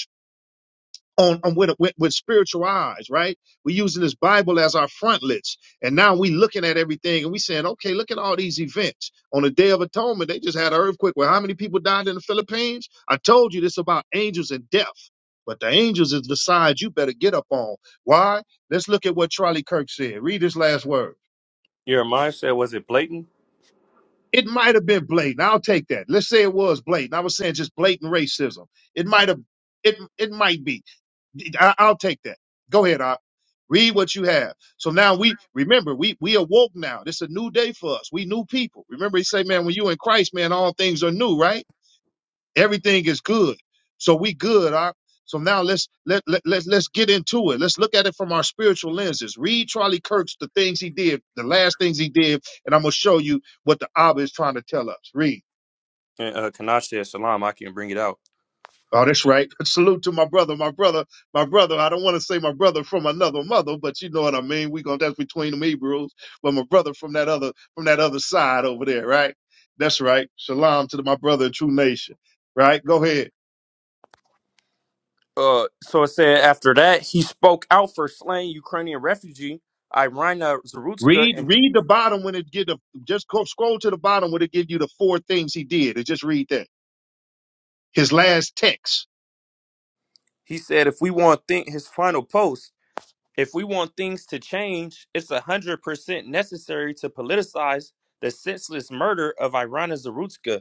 Speaker 1: on, on with, with with spiritual eyes, right? We're using this Bible as our frontlets, and now we looking at everything and we saying, okay, look at all these events. On the Day of Atonement, they just had an earthquake. Where how many people died in the Philippines? I told you this about angels and death, but the angels is the side you better get up on. Why? Let's look at what Charlie Kirk said. Read his last word.
Speaker 2: Jeremiah said, was it blatant?
Speaker 1: It might have been blatant. I'll take that. Let's say it was blatant. I was saying just blatant racism. It might have. It it might be. I, I'll take that. Go ahead, I read what you have. So now we remember we we awoke now. This is a new day for us. We new people. Remember he say, man, when you in Christ, man, all things are new, right? Everything is good. So we good, I. So now let's let, let let's let's get into it. Let's look at it from our spiritual lenses. Read Charlie Kirk's the things he did, the last things he did, and I'm gonna show you what the Abba is trying to tell us. Read.
Speaker 2: And uh, Kanach said, Shalom, I can bring it out.
Speaker 1: Oh, that's right. Salute to my brother, my brother, my brother. I don't want to say my brother from another mother, but you know what I mean. We gonna that's between them Hebrews, but my brother from that other from that other side over there, right? That's right. Shalom to my brother, in true nation. Right? Go ahead.
Speaker 2: Uh, so it said, after that, he spoke out for slain Ukrainian refugee Irina Zarutska,
Speaker 1: Read
Speaker 2: and
Speaker 1: read the bottom when it get the just go, scroll to the bottom when it give you the four things he did, and just read that. His last text.
Speaker 2: he said, if we want think his final post, if we want things to change, it's 100% necessary to politicize the senseless murder of Irina Zarutska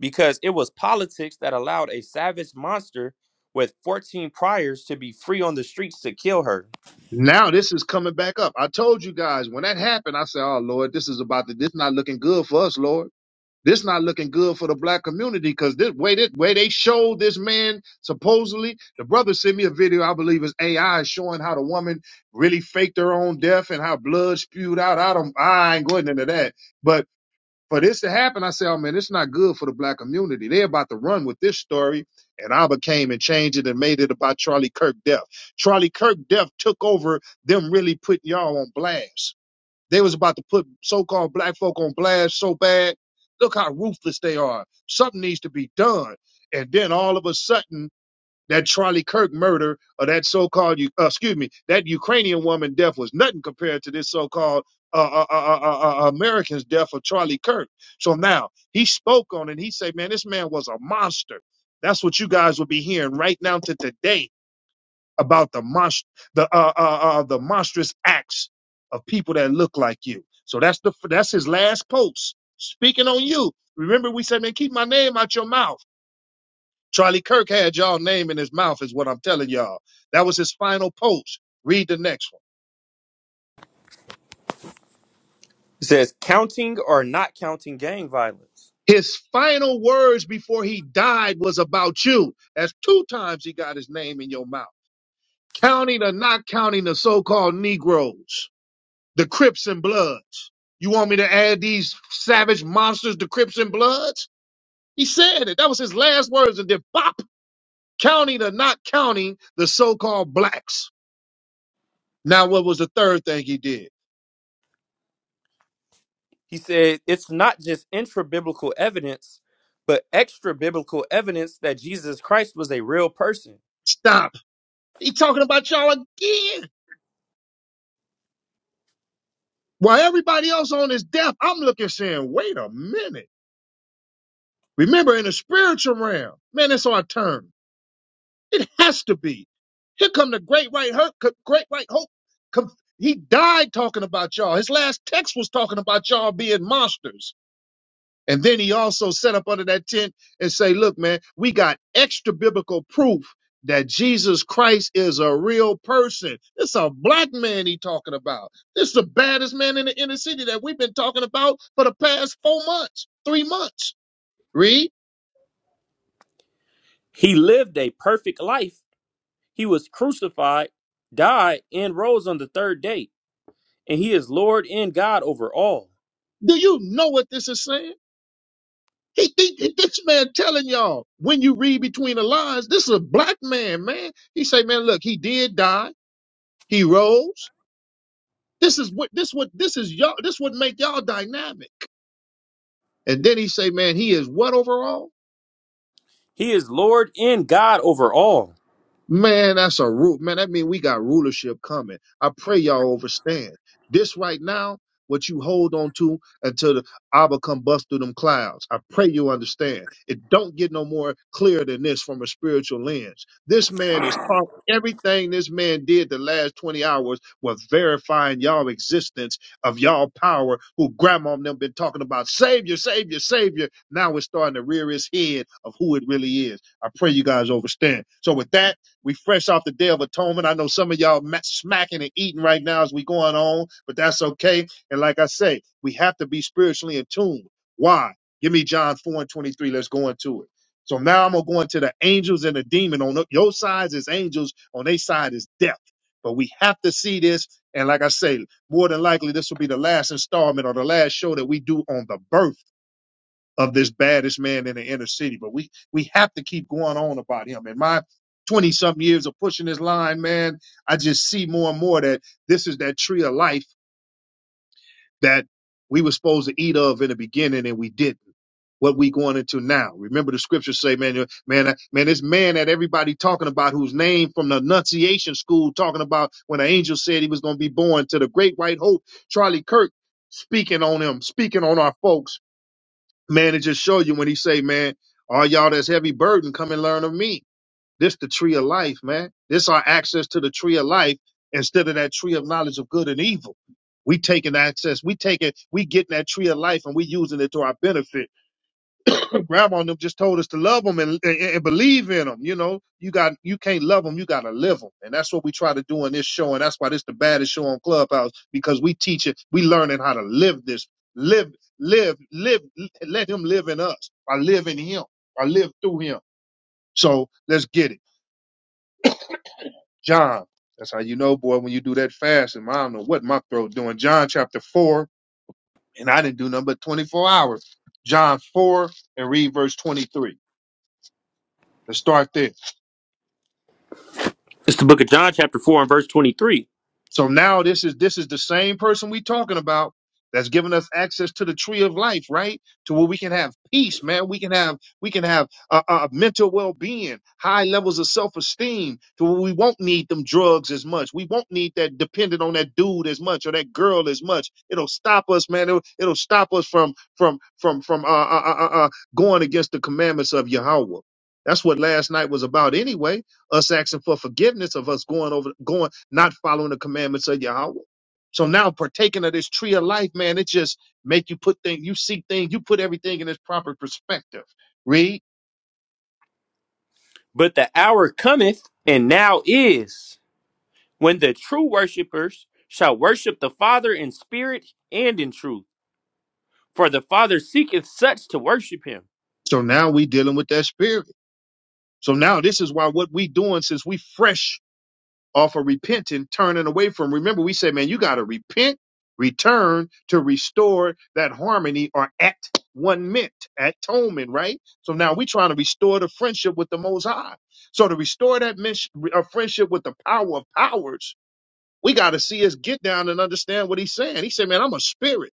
Speaker 2: because it was politics that allowed a savage monster with 14 priors to be free on the streets to kill her.
Speaker 1: Now this is coming back up. I told you guys when that happened, I said, "Oh Lord, this is about to. This not looking good for us, Lord." This not looking good for the black community because this way this way they showed this man supposedly the brother sent me a video I believe is AI showing how the woman really faked her own death and how blood spewed out. I don't I ain't going into that, but for this to happen, I say, oh man, it's not good for the black community. They're about to run with this story, and I became and changed it and made it about Charlie Kirk death. Charlie Kirk death took over them really putting y'all on blast. They was about to put so-called black folk on blast so bad. Look how ruthless they are. Something needs to be done. And then all of a sudden, that Charlie Kirk murder or that so-called, uh, excuse me, that Ukrainian woman death was nothing compared to this so-called uh, uh, uh, uh, uh, uh, American's death of Charlie Kirk. So now he spoke on it. He said, man, this man was a monster. That's what you guys will be hearing right now to today about the monst- the uh, uh, uh, the monstrous acts of people that look like you. So that's the that's his last post speaking on you. Remember, we said, man, keep my name out your mouth. Charlie Kirk had y'all name in his mouth, is what I'm telling y'all. That was his final post. Read the next one.
Speaker 2: It says counting or not counting gang violence.
Speaker 1: His final words before he died was about you. That's two times he got his name in your mouth. Counting or not counting the so-called Negroes The Crips and Bloods. You want me to add these savage monsters, the Crips and Bloods? He said it. That was his last words. And then bop, counting or not counting the so-called blacks. Now, what was the third thing he did?
Speaker 2: He said it's not just intra biblical evidence, but extra biblical evidence that Jesus Christ was a real person.
Speaker 1: Stop. He talking about y'all again. While everybody else on his death, I'm looking saying, wait a minute. Remember, in the spiritual realm, man, it's our turn. It has to be. Here come the great white hope. Great white hope. Come, he died talking about y'all. His last text was talking about y'all being monsters. And then he also set up under that tent and say, "Look, man, we got extra biblical proof that Jesus Christ is a real person. It's a black man he talking about. This is the baddest man in the inner city that we've been talking about for the past four months, three months. Read.
Speaker 2: He lived a perfect life. He was crucified, died, and rose on the third day. And he is Lord and God over all.
Speaker 1: Do you know what this is saying? He, he, this man telling y'all when you read between the lines, this is a black man, man. He say, man, look, he did die, he rose. This is what this what this is y'all. This would make y'all dynamic. And then he say, man, he is what overall?
Speaker 2: He is Lord and God over all.
Speaker 1: Man, that's a root. Man, that mean we got rulership coming. I pray y'all understand. This right now, what you hold on to until the Abba come bust through them clouds. I pray you understand. It don't get no more clear than this from a spiritual lens. This man is taught everything this man did the last 20 hours was verifying y'all existence of y'all power who grandma and them been talking about savior, savior, savior. Now it's starting to rear its head of who it really is. I pray you guys understand. So with that, we fresh off the Day of Atonement. I know some of y'all smacking and eating right now as we going on, but that's okay. And like I say, we have to be spiritually in tune. Why? Give me John 4 and 23. Let's go into it. So now I'm gonna go into the angels and the demon. On your side is angels, on their side is death. But we have to see this. And like I say, more than likely, this will be the last installment or the last show that we do on the birth of this baddest man in the inner city. But we we have to keep going on about him. In my 20 something years of pushing this line, man, I just see more and more that this is that tree of life that we were supposed to eat of in the beginning and we didn't. What we going into now. Remember the scriptures say, man, man, man, this man that everybody talking about whose name from the Annunciation School talking about when the angel said he was going to be born to the great white hope, Charlie Kirk speaking on him, speaking on our folks man, it just show you when he say, man, all y'all that's heavy burden, come and learn of me. This the tree of life, man. This our access to the tree of life instead of that tree of knowledge of good and evil. We taking access. We taking, we getting that tree of life and we using it to our benefit grandma and them just told us to love them and, and, and believe in them. You know, you got you can't love them, you got to live them, and that's what we try to do in this show, and that's why this the baddest show on Clubhouse because we teach it, we learning how to live this, live, live, live, let Him live in us. I live in Him, I live through Him. So let's get it, John. That's how you know, boy, when you do that fast, and I don't know what my throat doing. John chapter four, and I didn't do nothing but twenty four hours. John four and read verse twenty three. Let's start there.
Speaker 2: It's the book of John, chapter 4, and verse 23.
Speaker 1: So now this is this is the same person we talking about that's giving us access to the tree of life, right? To where we can have peace, man. We can have we can have uh, uh, mental well being, high levels of self esteem. To where we won't need them drugs as much. We won't need that dependent on that dude as much or that girl as much. It'll stop us, man. It'll, it'll stop us from from from from uh, uh, uh, uh, uh, going against the commandments of Yahweh. That's what last night was about, anyway. Us asking for forgiveness of us going over going not following the commandments of Yahweh. So now partaking of this tree of life, man, it just make you put things, you see things, you put everything in its proper perspective. Read.
Speaker 2: But the hour cometh, and now is, when the true worshipers shall worship the Father in spirit and in truth. For the Father seeketh such to worship him.
Speaker 1: So now we dealing with that spirit. So now this is why what we doing since we fresh or for repenting, turning away from. Remember, we say, man, you got to repent, return to restore that harmony or at one meant, atonement, right? So now we're trying to restore the friendship with the Most High. So to restore that mens- uh, friendship with the power of powers, we got to see us get down and understand what he's saying. He said, man, I'm a spirit.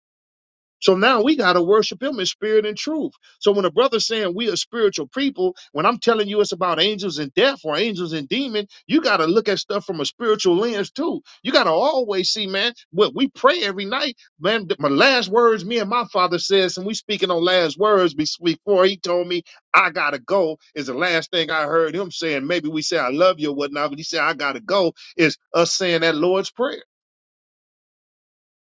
Speaker 1: So now we got to worship him in spirit and truth. So when a brother's saying we are spiritual people, when I'm telling you it's about angels and death or angels and demon, you got to look at stuff from a spiritual lens too. You got to always see, man, what we pray every night, man, th- my last words, me and my father says, and we speaking on last words be- before he told me I got to go is the last thing I heard him saying. Maybe we say I love you or whatnot, but he said I got to go is us saying that Lord's prayer.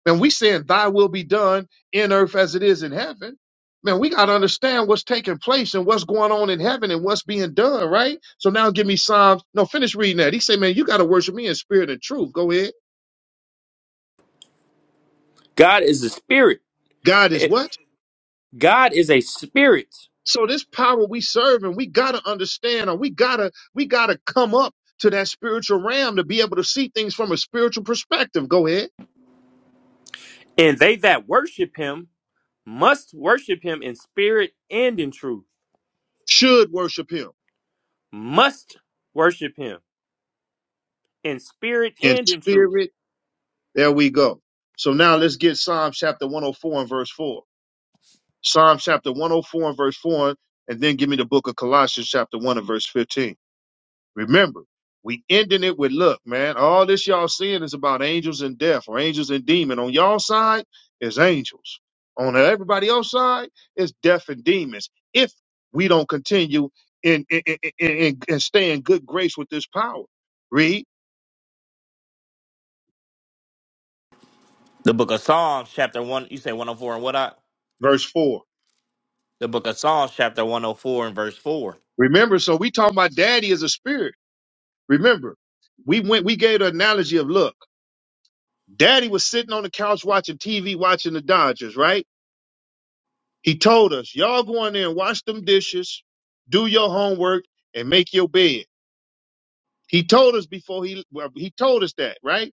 Speaker 1: Man, we saying thy will be done in earth as it is in heaven. Man, we got to understand what's taking place and what's going on in heaven and what's being done, right? So now give me Psalms. No, finish reading that. He say, man, you got to worship me in spirit and truth. Go ahead.
Speaker 2: God is a spirit.
Speaker 1: God is
Speaker 2: Eh,
Speaker 1: what?
Speaker 2: God is a spirit.
Speaker 1: So this power we serve and we got to understand or we got to, we got to come up to that spiritual realm to be able to see things from a spiritual perspective. Go ahead.
Speaker 2: And they that worship him must worship him in spirit and in truth.
Speaker 1: Should worship him
Speaker 2: Must worship him in spirit
Speaker 1: in
Speaker 2: and in truth.
Speaker 1: spirit. There we go. So now let's get Psalm chapter 104 and verse 4. Psalm chapter 104 and verse 4, and then give me the book of Colossians chapter 1 and verse 15. Remember, we ending it with look, man, all this y'all seeing is about angels and death or angels and demon. On y'all side is angels. On everybody else side is death and demons. If we don't continue in, in, in, in, in- and stay in good grace with this power. Read
Speaker 3: The book of Psalms, chapter 1, you say 104 and what I?
Speaker 1: verse 4.
Speaker 3: The book of Psalms, chapter 104 and verse 4.
Speaker 1: Remember, so we talking about daddy as a spirit. Remember, we went, we gave the analogy of look. Daddy was sitting on the couch watching TV, watching the Dodgers, right? He told us, y'all go in there and wash them dishes, do your homework, and make your bed. He told us before he well, he told us that, right?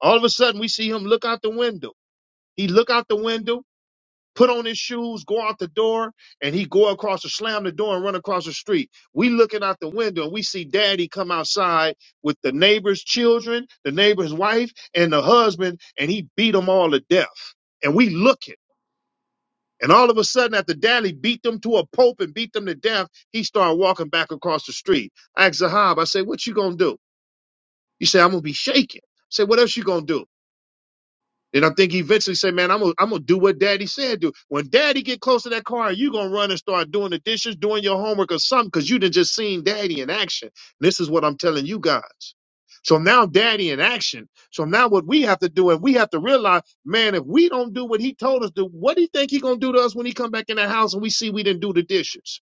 Speaker 1: All of a sudden we see him look out the window. He look out the window put on his shoes, go out the door, and he go across the slam the door and run across the street. We looking out the window and we see daddy come outside with the neighbor's children, the neighbor's wife, and the husband, and he beat them all to death. And we looking. And all of a sudden, after daddy beat them to a pulp and beat them to death, he started walking back across the street. I asked Zahab, I said, what you gonna do? He said, I'm gonna be shaking. I said, what else you gonna do? And I think he eventually said, "Man, I'm gonna I'm gonna do what Daddy said do. When Daddy get close to that car, you gonna run and start doing the dishes, doing your homework or something, because you done just seen Daddy in action. this is what I'm telling you guys. So now Daddy in action. So now what we have to do, and we have to realize, man, if we don't do what He told us to, what do you think He gonna do to us when He come back in the house and we see we didn't do the dishes,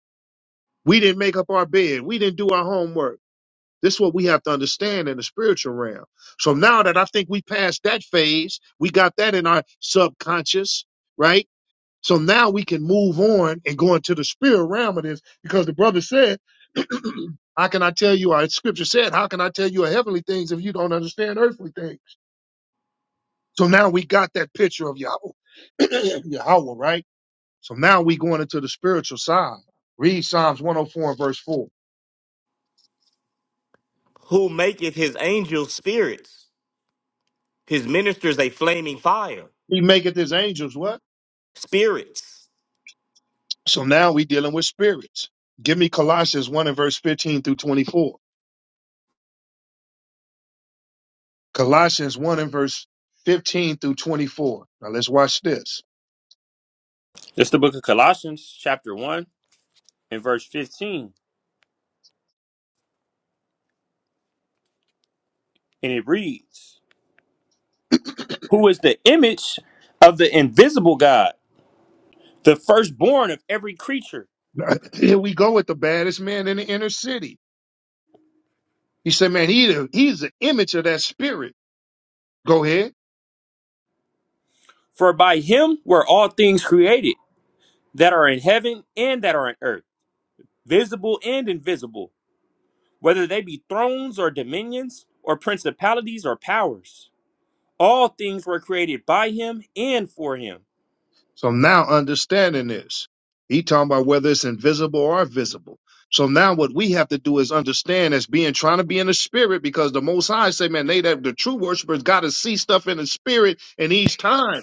Speaker 1: we didn't make up our bed, we didn't do our homework? This is what we have to understand in the spiritual realm. So now that I think we passed that phase, we got that in our subconscious, right? So now we can move on and go into the spirit realm of this because the brother said, How can I tell you? Our scripture said, How can I tell you heavenly things if you don't understand earthly things? So now we got that picture of Yahweh, Yahweh, right? So now we going into the spiritual side. Read Psalms 104 and verse 4.
Speaker 3: Who maketh his angels spirits, his ministers a flaming fire,
Speaker 1: He maketh his angels what?
Speaker 3: spirits.
Speaker 1: So now we dealing with spirits. Give me Colossians 1 and verse 15 through 24. Colossians 1 and verse 15 through 24. Now let's watch this.
Speaker 2: That's the book of Colossians, chapter 1, and verse 15. And it reads. who is the image of the invisible God, the firstborn of every creature.
Speaker 1: Now, Here we go with the baddest man in the inner city. He said, man, he the, he's the image of that spirit. Go ahead.
Speaker 2: For by him were all things created that are in heaven and that are in earth, visible and invisible, whether they be thrones or dominions or principalities or powers. All things were created by him and for him.
Speaker 1: So now understanding this, he talking about whether it's invisible or visible. So now what we have to do is understand as being trying to be in the spirit because the most high say, man, they that the true worshipers got to see stuff in the spirit in these times.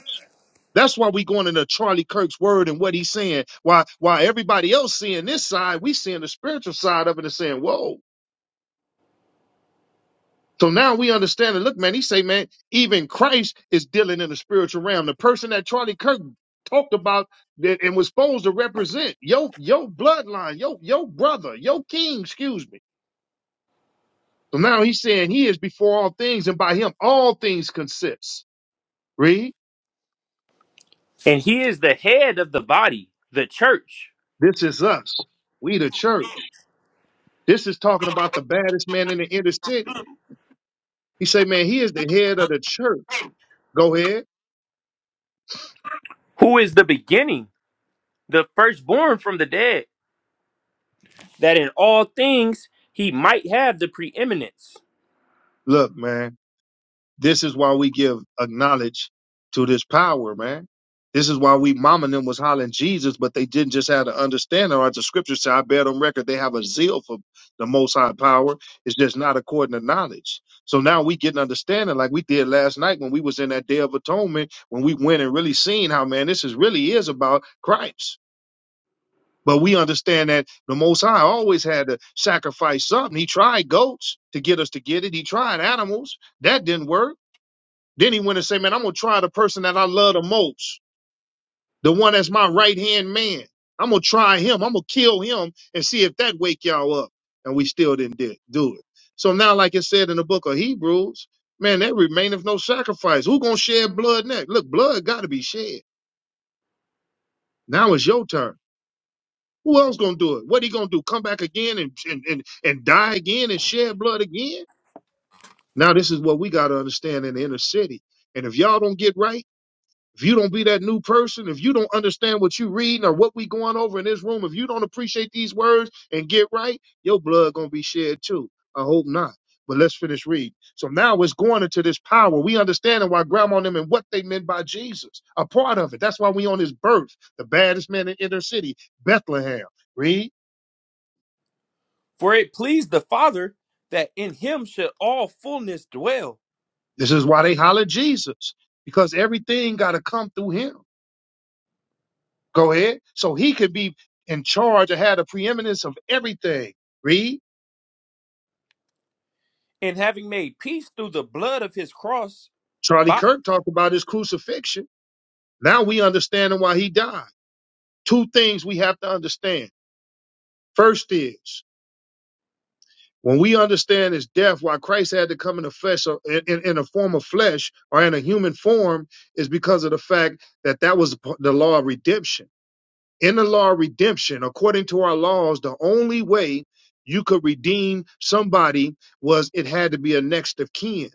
Speaker 1: That's why we going into Charlie Kirk's word and what he's saying. Why why everybody else seeing this side, we seeing the spiritual side of it and saying, whoa. So now we understand it. Look, man, he say, man, even Christ is dealing in the spiritual realm. The person that Charlie Kirk talked about that and was supposed to represent your your bloodline, your your brother, your king, excuse me. So now he's saying he is before all things, and by him all things consist. Read,
Speaker 2: And he is the head of the body, the church,
Speaker 1: this is us. We the church. This is talking about the baddest man in the inner city. He say, man, he is the head of the church. Go ahead.
Speaker 2: who is the beginning, the firstborn from the dead, that in all things he might have the preeminence.
Speaker 1: Look, man, this is why we give acknowledge to this power, man. This is why we mama and them was hollering Jesus, but they didn't just have to understand or as the scripture say, I bear on record, they have a zeal for the most high power. It's just not according to knowledge. So now we get an understanding like we did last night when we was in that day of atonement, when we went and really seen how man, this is really is about Christ. But we understand that the Most High always had to sacrifice something. He tried goats to get us to get it. He tried animals. That didn't work. Then he went and said, Man, I'm going to try the person that I love the most, the one that's my right hand man. I'm going to try him. I'm going to kill him and see if that wake y'all up. And we still didn't di- do it. So now, like it said in the book of Hebrews, man, there remaineth no sacrifice. Who going to shed blood next? Look, blood got to be shed. Now it's your turn. Who else gonna do it? What he gonna do? Come back again and and and, and die again and shed blood again? Now this is what we gotta understand in the inner city. And if y'all don't get right, if you don't be that new person, if you don't understand what you reading or what we going over in this room, if you don't appreciate these words and get right, your blood gonna be shed too. I hope not. But let's finish reading. So now it's going into this power. We understanding why grandma and them and what they meant by Jesus. A part of it. That's why we on his birth, the baddest man in inner city, Bethlehem. Read.
Speaker 2: For it pleased the Father that in him should all fullness dwell,
Speaker 1: This is why they holler Jesus, because everything got to come through him. Go ahead. So he could be in charge or had a preeminence of everything. Read.
Speaker 2: and having made peace through the blood of his cross,
Speaker 1: Charlie
Speaker 2: by,
Speaker 1: Kirk talked about his crucifixion. Now we understand why he died. Two things we have to understand. First is when we understand his death, why Christ had to come in a flesh, or in, in, in a form of flesh or in a human form, is because of the fact that that was the law of redemption in the law of redemption, according to our laws, the only way you could redeem somebody was it had to be a next of kin.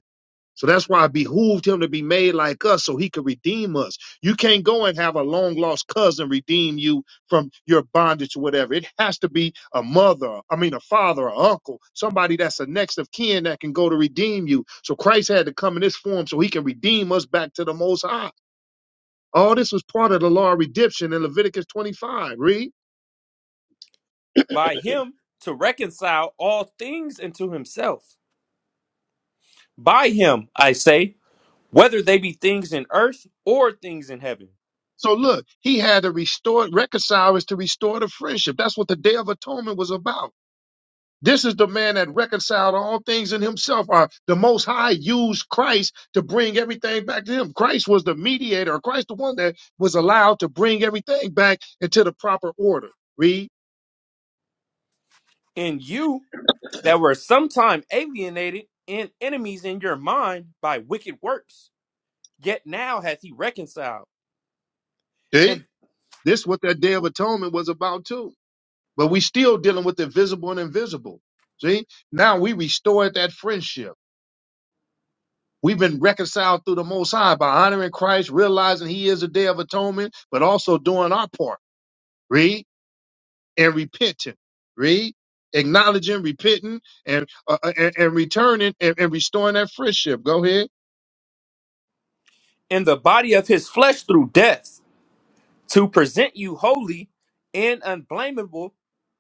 Speaker 1: So that's why it behooved him to be made like us so he could redeem us. You can't go and have a long lost cousin redeem you from your bondage or whatever. It has to be a mother, I mean, a father, or uncle, somebody that's a next of kin that can go to redeem you. So Christ had to come in this form so he can redeem us back to the Most High. All this was part of the law of redemption in Leviticus 25. Read.
Speaker 2: by him to reconcile all things unto himself. By him, I say, whether they be things in earth or things in heaven.
Speaker 1: So look, he had to restore, reconcile is to restore the friendship. That's what the Day of Atonement was about. This is the man that reconciled all things in himself. Or the Most High used Christ to bring everything back to him. Christ was the mediator. or Christ the one that was allowed to bring everything back into the proper order. Read.
Speaker 2: And you that were sometime alienated and enemies in your mind by wicked works, yet now hath he reconciled
Speaker 1: See?
Speaker 2: in,
Speaker 1: This is what that Day of Atonement was about too. But we still dealing with the visible and invisible. See? Now we restored that friendship. We've been reconciled through the Most High by honoring Christ, realizing He is a day of atonement, but also doing our part. Read and repenting. Read acknowledging, repenting, and uh, uh, and, and returning and, and restoring that friendship. Go ahead.
Speaker 2: in the body of his flesh through death to present you holy and unblameable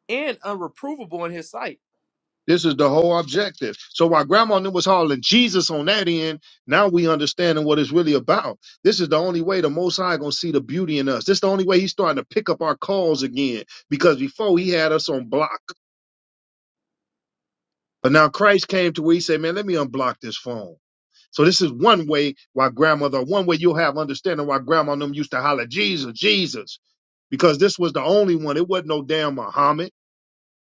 Speaker 2: and unreprovable in his sight.
Speaker 1: This is the whole objective. So while Grandma knew was hauling Jesus on that end, now we understanding what it's really about. This is the only way the Most High gonna see the beauty in us. This is the only way He's starting to pick up our calls again. Because before He had us on block. But now Christ came to where he said, man, let me unblock this phone. So this is one way why grandmother, one way you'll have understanding why grandma and them used to holler, Jesus, Jesus, because this was the only one. It wasn't no damn Muhammad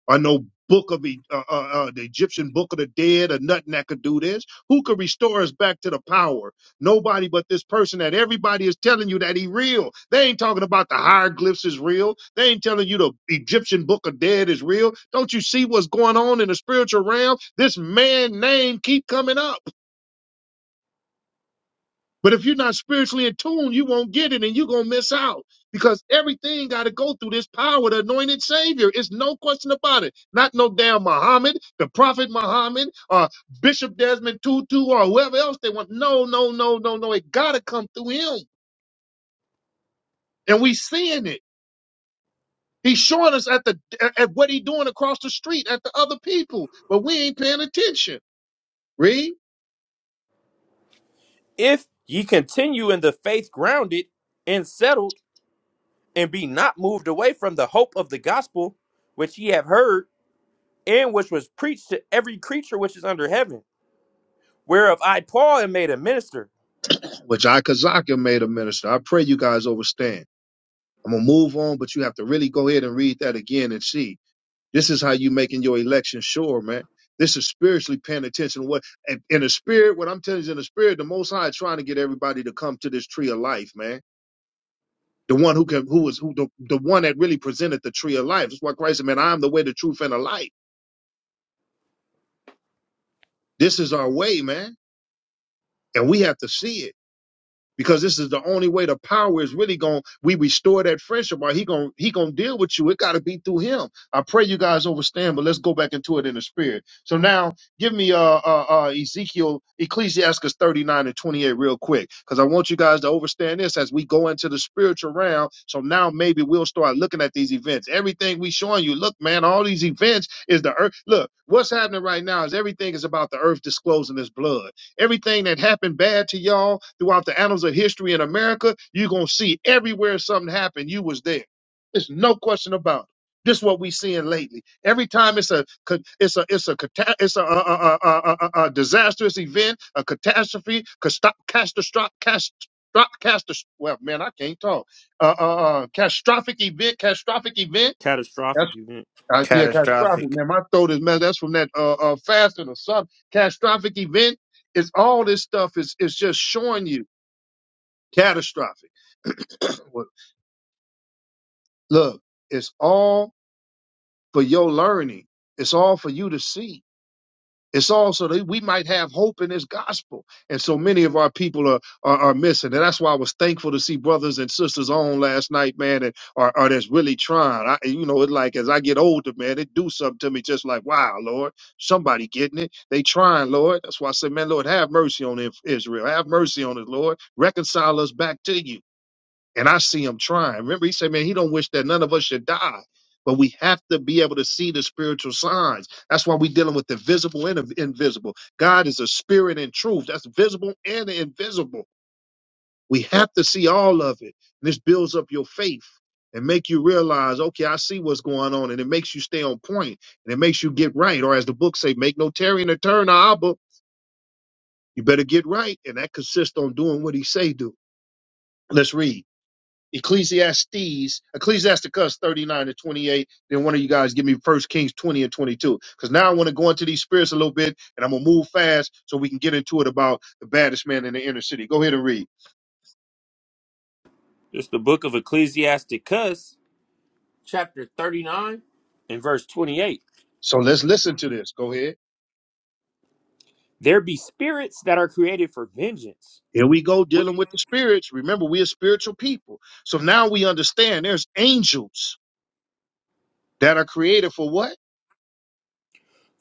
Speaker 1: or no book of E- uh, uh, uh, the Egyptian book of the dead or nothing that could do this. Who could restore us back to the power? Nobody but this person that everybody is telling you that he real. They ain't talking about the hieroglyphs is real. They ain't telling you the Egyptian book of dead is real. Don't you see what's going on in the spiritual realm? This man name keep coming up. But if you're not spiritually in tune, you won't get it and you're going to miss out because everything got to go through this power, the anointed Savior. It's no question about it. Not no damn Muhammad, the Prophet Muhammad, or Bishop Desmond Tutu, or whoever else they want. No, no, no, no, no. It got to come through him. And we seeing it. He's showing us at the at at what he doing across the street at the other people, but we ain't paying attention. Read,
Speaker 2: If ye continue in the faith grounded and settled, and be not moved away from the hope of the gospel which ye have heard, and which was preached to every creature which is under heaven, whereof I, Paul, am made a minister.
Speaker 1: which I Kazaka made a minister. I pray you guys overstand. I'm gonna move on, but you have to really go ahead and read that again and see. This is how you making your election sure, man. This is spiritually paying attention. to What and in the spirit, what I'm telling you is in the spirit, the Most High is trying to get everybody to come to this tree of life, man. The one who can, who was, who the, the one that really presented the tree of life. That's why Christ said, "Man, I am the way, the truth, and the life." This is our way, man, and we have to see it. because this is the only way the power is really going we restore that friendship or he going he going to deal with you it got to be through him i pray you guys understand but let's go back into it in the spirit so now give me uh uh, uh ezekiel ecclesiastes 39 and 28 real quick because i want you guys to understand this as we go into the spiritual realm so now maybe we'll start looking at these events everything we showing you look man all these events is the earth look what's happening right now is everything is about the earth disclosing its blood Everything that happened bad to y'all throughout the annals of history in America, you're gonna see everywhere something happened, you was there. There's no question about it. This is what we seeing lately. Every time it's a ca- it's a it's a cata- it's a, a, a, a, a, a a disastrous event, a catastrophe, catastrophic, catastrophic. Well, man, I can't talk. Uh, uh, uh, catastrophic event, catastrophic event.
Speaker 2: Catastrophic event.
Speaker 1: Uh, yeah, catastrophic,
Speaker 3: Catastrophic.
Speaker 1: man. My throat is messed. That's from that uh, uh fasting or something. Catastrophic event is all this stuff is is just showing you catastrophic. Well, Look, it's all for your learning. It's all for you to see. It's also that we might have hope in this gospel. And so many of our people are, are, are missing. And that's why I was thankful to see brothers and sisters on last night, man, and are, are that's really trying. I, you know, it's like as I get older, man, it do something to me just like, wow, Lord, somebody getting it. They trying, Lord. That's why I say, man, Lord, have mercy on Israel. Have mercy on us, Lord. Reconcile us back to you and I see him trying. Remember, he said, "Man, he don't wish that none of us should die." But we have to be able to see the spiritual signs. That's why we're dealing with the visible and the invisible. God is a spirit and truth. That's visible and invisible. We have to see all of it. And this builds up your faith and make you realize, okay, I see what's going on. And it makes you stay on point and it makes you get right. Or as the book say, make no tarrying or turn, Abba. You better get right. And that consists on doing what he say do. Let's read. Ecclesiastes, Ecclesiasticus 39 to 28. Then one of you guys give me First Kings 20 and 22. Because now I want to go into these spirits a little bit and I'm going to move fast so we can get into it about the baddest man in the inner city. Go ahead and read.
Speaker 2: It's the book of Ecclesiasticus, chapter 39, and verse 28.
Speaker 1: So let's listen to this. Go ahead.
Speaker 2: There be spirits that are created for vengeance.
Speaker 1: Here we go
Speaker 2: wh-
Speaker 1: dealing with the spirits. Remember, we are spiritual people. So now we understand there's angels that are created for what?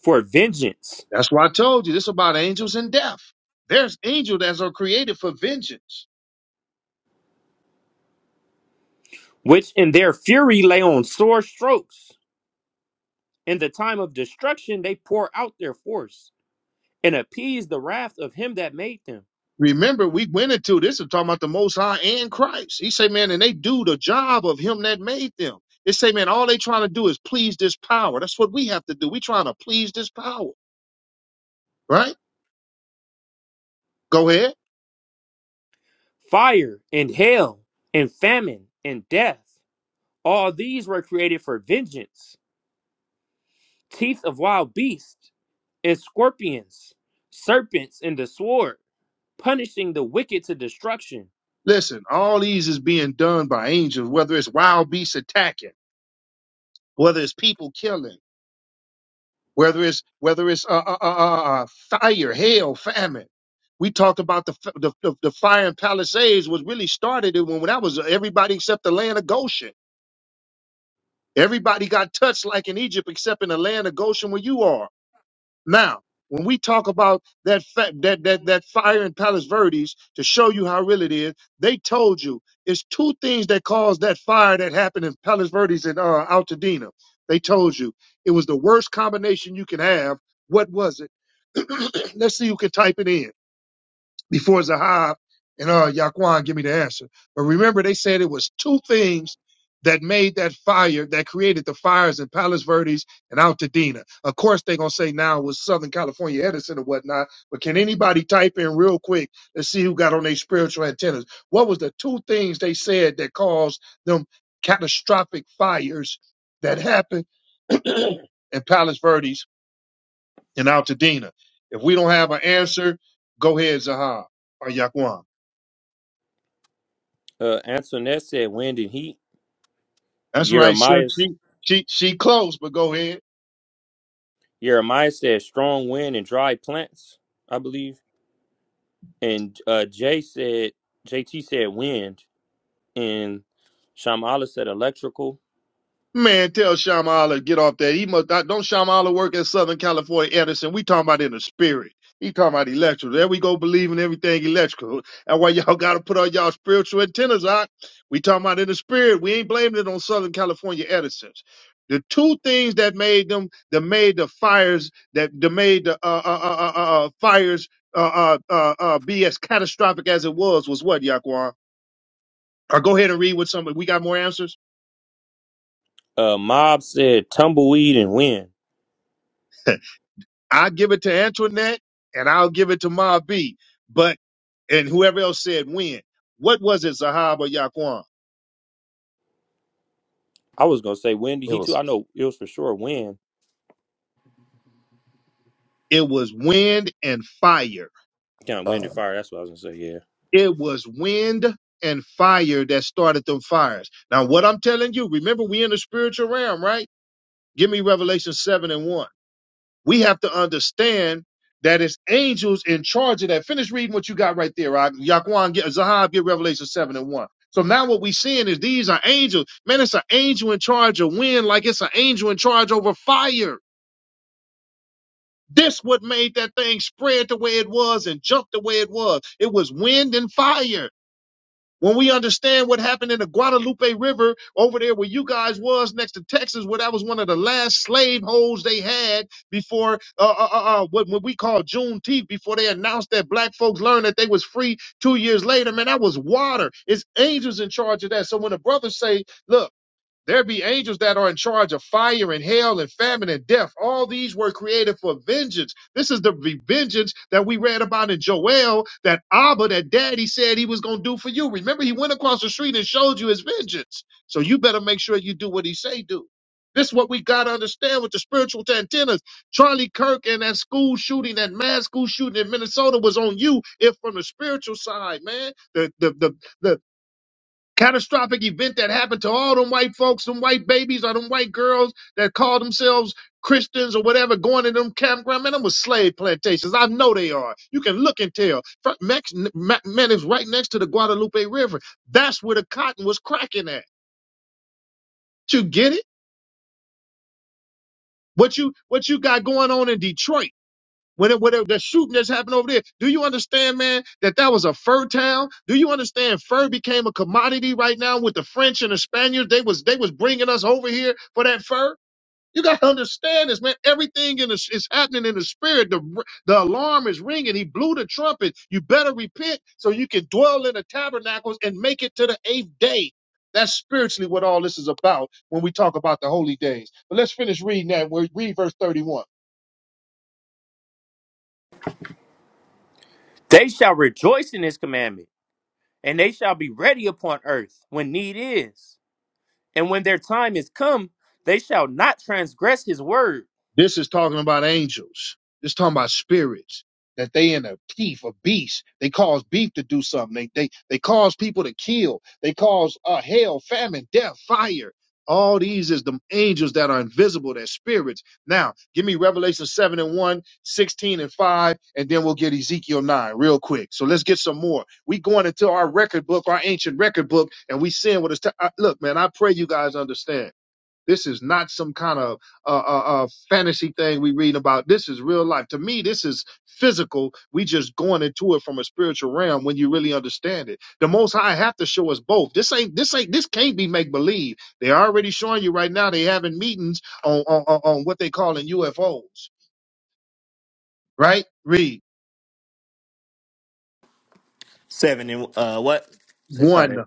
Speaker 2: for vengeance,
Speaker 1: That's why I told you this about angels and death. There's angels that are created for vengeance.
Speaker 2: which in their fury lay on sore strokes. In the time of destruction, they pour out their force and appease the wrath of him that made them.
Speaker 1: Remember, we went into this is talking about the Most High and Christ. He say, man, and they do the job of Him that made them. They say, man, all they trying to do is please this power. That's what we have to do. We trying to please this power, right? Go ahead.
Speaker 2: Fire and hail and famine and death, all these were created for vengeance. Teeth of wild beasts and scorpions, serpents and the sword, punishing the wicked to destruction.
Speaker 1: Listen, all these is being done by angels, whether it's wild beasts attacking, whether it's people killing, whether it's whether it's uh, uh, uh, uh, uh, fire, hail, famine. We talked about the, f- the the the fire in Palisades was really started when that was uh, everybody except the land of Goshen Everybody got touched like in Egypt, except in the land of Goshen where you are. Now, when we talk about that fa- that that that fire in Palos Verdes to show you how real it is, they told you it's two things that caused that fire that happened in Palos Verdes and uh, Altadena. They told you it was the worst combination you can have. What was it? Let's see who can type it in before Zahab and uh, Yaquan give me the answer. But remember, they said it was two things that made that fire, that created the fires in Palos Verdes and Altadena. Of course, they're going to say now it was Southern California Edison or whatnot. But can anybody type in real quick to see who got on their spiritual antennas? What was the two things they said that caused them catastrophic fires that happened in Palos Verdes and Altadena? If we don't have an answer, go ahead, Zahab or Yaquan.
Speaker 2: Uh, Antoinette said, Wind and heat.
Speaker 1: That's right, sir.
Speaker 2: Jeremiah
Speaker 1: She she she close, but go ahead.
Speaker 2: Jeremiah said strong wind and dry plants, I believe. And uh, Jay said, JT said wind. And Shamala said electrical.
Speaker 1: Man, tell Shamala to get off that. He must not, don't Shamala work at Southern California Edison. We talking about in the spirit. He talking about electrical. There we go believing everything electrical. That's why y'all gotta put on y'all spiritual antennas out. We talking about in the spirit. We ain't blaming it on Southern California Edison's. The two things that made them, that made the fires, that, that made the uh, uh, uh, uh, uh, uh, fires uh, uh, uh, uh, be as catastrophic as it was, was what, Yaquan? Or go ahead and read with somebody. We got more answers.
Speaker 2: Uh, Mob said tumbleweed and wind.
Speaker 1: I give it to Antoinette, and I'll give it to Ma B. But and whoever else said wind. What was it, Zahab or Yaquan?
Speaker 2: I was going to say wind.
Speaker 3: It
Speaker 2: He too. I
Speaker 3: was.
Speaker 2: know it was for sure wind.
Speaker 1: It was wind and fire.
Speaker 2: Down wind
Speaker 3: Uh,
Speaker 2: and fire. That's what I was going to say. Yeah.
Speaker 1: It was wind and fire that started them fires. Now, what I'm telling you, remember we in the spiritual realm, right? Give me Revelation seven and one. we have to understand that it's angels in charge of that. Finish reading what you got right there, Rock. Yaquan, get, Zahab, get Revelation 7 and 1. So now what we're seeing is these are angels. Man, it's an angel in charge of wind, like it's an angel in charge over fire. This what made that thing spread the way it was and jump the way it was. It was wind and fire. When we understand what happened in the Guadalupe River over there where you guys was next to Texas, where that was one of the last slave holds they had before uh, uh, uh, uh, what, what we call Juneteenth, before they announced that black folks learned that they was free two years later, man, that was water. It's angels in charge of that. So when the brothers say, look, there be angels that are in charge of fire and hell and famine and death. All these were created for vengeance. This is the vengeance that we read about in Joel that Abba, that daddy said he was going to do for you. Remember, he went across the street and showed you his vengeance. So you better make sure you do what he say do. This is what we got to understand with the spiritual antennas. Charlie Kirk and that school shooting, that mass school shooting in Minnesota was on you if from the spiritual side, man. the The, the, the, catastrophic event that happened to all them white folks, them white babies, or them white girls that call themselves Christians or whatever, going to them campground. Man, them was slave plantations. I know they are. You can look and tell. Fr- Mex- Ma- Man, it's right next to the Guadalupe River. That's where the cotton was cracking at. You get it? What you what you got going on in Detroit? When whatever the shooting that's happened over there, do you understand, man, that that was a fur town? Do you understand fur became a commodity right now with the French and the Spaniards? They was they was bringing us over here for that fur. You gotta understand this, man. Everything in the, is happening in the spirit. The r- the alarm is ringing. He blew the trumpet. You better repent so you can dwell in the tabernacles and make it to the eighth day. That's spiritually what all this is about when we talk about the holy days. But let's finish reading that. We're read verse 31.
Speaker 2: They shall rejoice in his commandment, and they shall be ready upon earth when need is. And when their time is come, they shall not transgress his word.
Speaker 1: This is talking about angels. This is talking about spirits that they in a teeth of beast. They cause beef to do something. They they they cause people to kill. They cause uh, hell, famine, death, fire. All these is the angels that are invisible, they're spirits. Now, give me Revelation 7 and one 16 and 5, and then we'll get Ezekiel 9 real quick. So let's get some more. We going into our record book, our ancient record book, and we seeing what it's. T- I, look, man, I pray you guys understand this is not some kind of uh, uh, uh, fantasy thing we read about. This is real life. To me, this is physical. We just going into it from a spiritual realm when you really understand it. The Most High have to show us both. This ain't this ain't this can't be make believe. They're already showing you right now. They having meetings on on, on on what they call in UFOs. Right? Read
Speaker 3: 7 and uh, what? Let's start
Speaker 1: one.
Speaker 3: at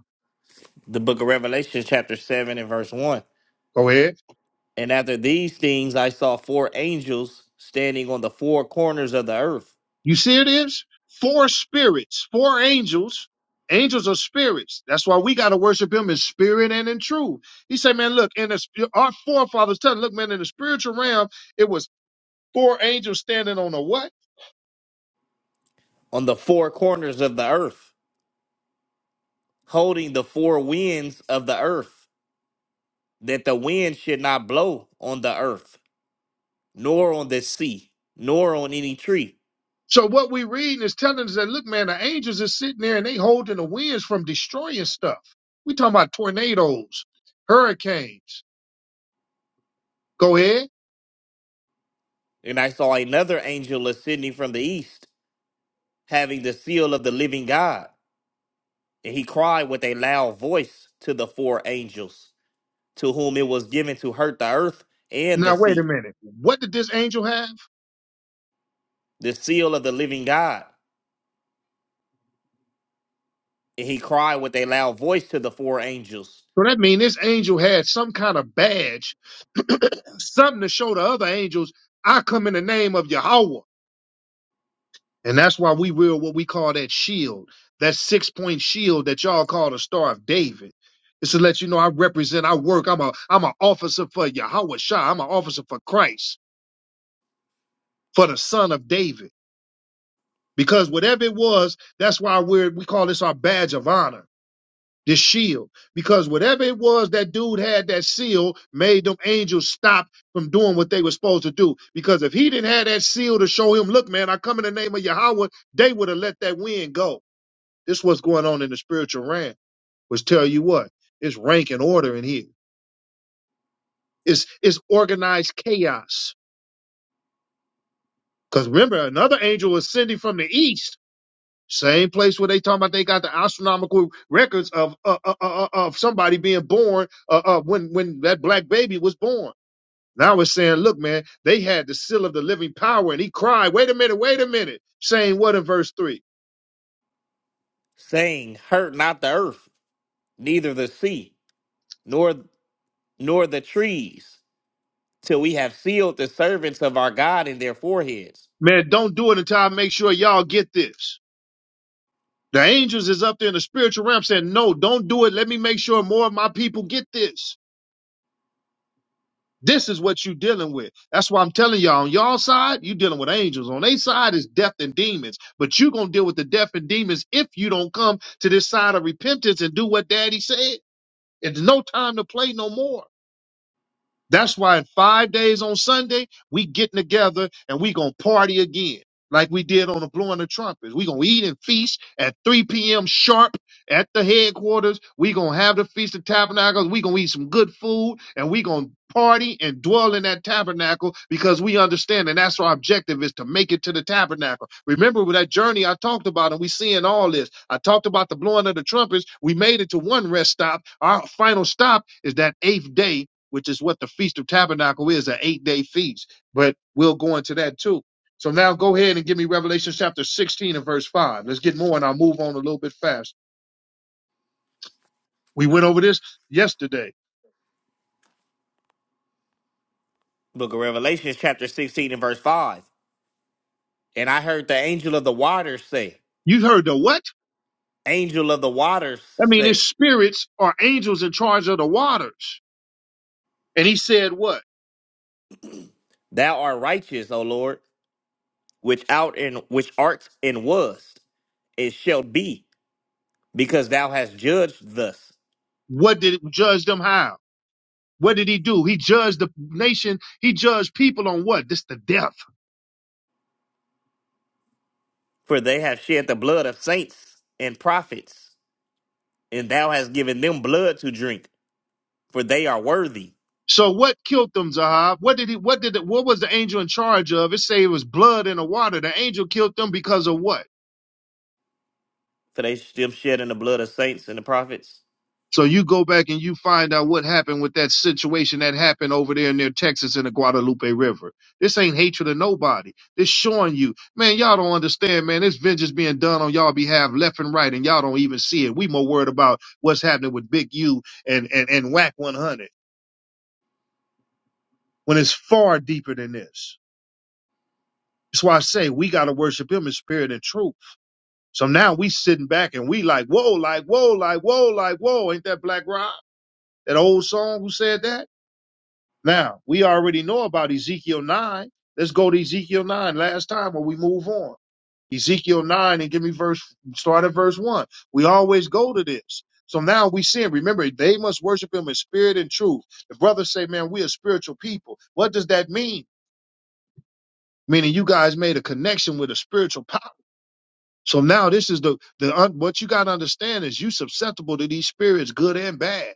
Speaker 3: the book of Revelation, chapter 7 and verse 1.
Speaker 1: Go ahead.
Speaker 3: And after these things, I saw four angels standing on the four corners of the earth,
Speaker 1: You see, it is four spirits, four angels. Angels are spirits. That's why we got to worship him in spirit and in truth. He said, man, look, in the, sp- our forefathers tell him, look, man, in the spiritual realm, it was four angels standing on a what?
Speaker 3: on the four corners of the earth, holding the four winds of the earth. that the wind should not blow on the earth, nor on the sea, nor on any tree.
Speaker 1: So what we reading is telling us that, look, man, the angels are sitting there and they holding the winds from destroying stuff. We talking about tornadoes, hurricanes. Go ahead.
Speaker 3: And I saw another angel ascending from the east, having the seal of the living God. And he cried with a loud voice to the four angels, to whom it was given to hurt the earth and the
Speaker 1: Now, wait a
Speaker 3: sea,
Speaker 1: minute. What did this angel have?
Speaker 3: the seal of the living God. And he cried with a loud voice to the four angels,
Speaker 1: So that means this angel had some kind of badge something to show the other angels, I come in the name of Yahweh. And that's why we wear what we call that shield, that six point shield that y'all call the Star of David. It's to let you know I represent, I work, I'm a I'm an officer for Yahweh Shah. I'm an officer for Christ, for the son of David. Because whatever it was, that's why we're we call this our badge of honor the shield. Because whatever it was that dude had that seal made them angels stop from doing what they were supposed to do. Because if he didn't have that seal to show him, look, man, I come in the name of Yahweh, they would have let that wind go. This what's going on in the spiritual realm. Was tell you what, it's rank and order in here. It's it's organized chaos. Because remember, another angel was sending from the east. Same place where they talking about they got the astronomical records of uh, uh, uh, uh, of somebody being born uh, uh, when when that black baby was born. Now it's saying, look, man, they had the seal of the living power, and he cried, "Wait a minute, wait a minute!" Saying what in verse three?
Speaker 3: saying, Hurt not the earth, neither the sea, nor nor the trees, till we have sealed the servants of our God in their foreheads.
Speaker 1: Man, don't do it until I make sure y'all get this. The angels is up there in the spiritual realm saying, "No, don't do it. Let me make sure more of my people get this." This is what you're dealing with. That's why I'm telling y'all on y'all side, you're dealing with angels. On their side is death and demons. But you're gonna deal with the death and demons if you don't come to this side of repentance and do what daddy said. It's no time to play no more. That's why in five days on Sunday, we getting together and we gonna party again, like we did on the blowing the trumpets. We gonna eat and feast at 3 p.m. sharp at the headquarters. We gonna have the feast of tabernacles. We gonna eat some good food and we gonna party and dwell in that tabernacle because we understand and that's our objective is to make it to the tabernacle. Remember with that journey I talked about and we seeing all this. I talked about the blowing of the trumpets. We made it to one rest stop. Our final stop is that eighth day which is what the Feast of Tabernacle is, an eight day feast. But we'll go into that too. So now go ahead and give me Revelation chapter 16 and verse 5. Let's get more and I'll move on a little bit fast. We went over this yesterday.
Speaker 3: Book of Revelation, chapter 16 and verse 5. And I heard the angel of the waters say,
Speaker 1: You heard the what?
Speaker 3: Angel of the waters
Speaker 1: I mean, it's
Speaker 3: say,
Speaker 1: spirits or angels in charge of the waters. And he said what?
Speaker 3: Thou art righteous, O Lord, which out and which art and was, it shall be, because thou hast judged thus.
Speaker 1: What did judge them how? What did he do? He judged the nation. He judged people on what? This the death.
Speaker 3: For they have shed the blood of saints and prophets, and thou hast given them blood to drink, for they are worthy.
Speaker 1: So what killed them, Zahab? What did he? What did? It, what was the angel in charge of? It say it was blood in the water. The angel killed them because of what?
Speaker 3: For they still shedding the blood of saints and the prophets.
Speaker 1: So you go back and you find out what happened with that situation that happened over there near Texas in the Guadalupe River. This ain't hatred of nobody. This showing you, man, y'all don't understand, man. This vengeance being done on y'all behalf left and right, and y'all don't even see it. We more worried about what's happening with Big U and and and Whack 100 when it's far deeper than this. That's why I say we gotta worship Him in spirit and truth. So now we sitting back and we like, whoa, like, whoa, like, whoa, like, whoa. Ain't that Black Rob? That old song who said that? Now, we already know about Ezekiel 9. Let's go to Ezekiel 9 last time when we move on. Ezekiel 9 and give me verse, start at verse 1. We always go to this. So now we sin. Remember, they must worship him in spirit and truth. The brothers say, man, we are spiritual people. What does that mean? Meaning you guys made a connection with a spiritual power So now this is the the un, what you got to understand is you susceptible to these spirits, good and bad,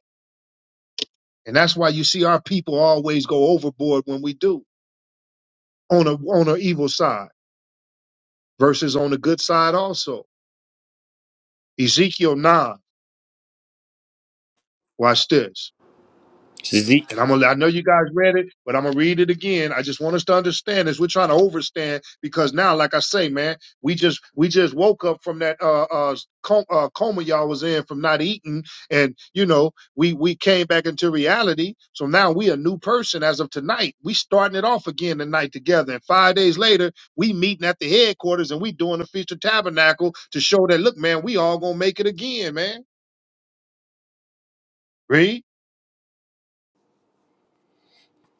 Speaker 1: and that's why you see our people always go overboard when we do on a on a evil side versus on the good side also. Ezekiel nine, watch this.
Speaker 2: Ezek-
Speaker 1: And I'm gonna, I know you guys read it, but I'm gonna read it again. I just want us to understand this. We're trying to overstand because now, like I say, man, we just we just woke up from that uh uh coma, uh coma y'all was in from not eating, and you know we we came back into reality. So now we a new person as of tonight. We starting it off again tonight together, and five days later we meeting at the headquarters and we doing the feast of tabernacle to show that look, man, we all gonna make it again, man. Read.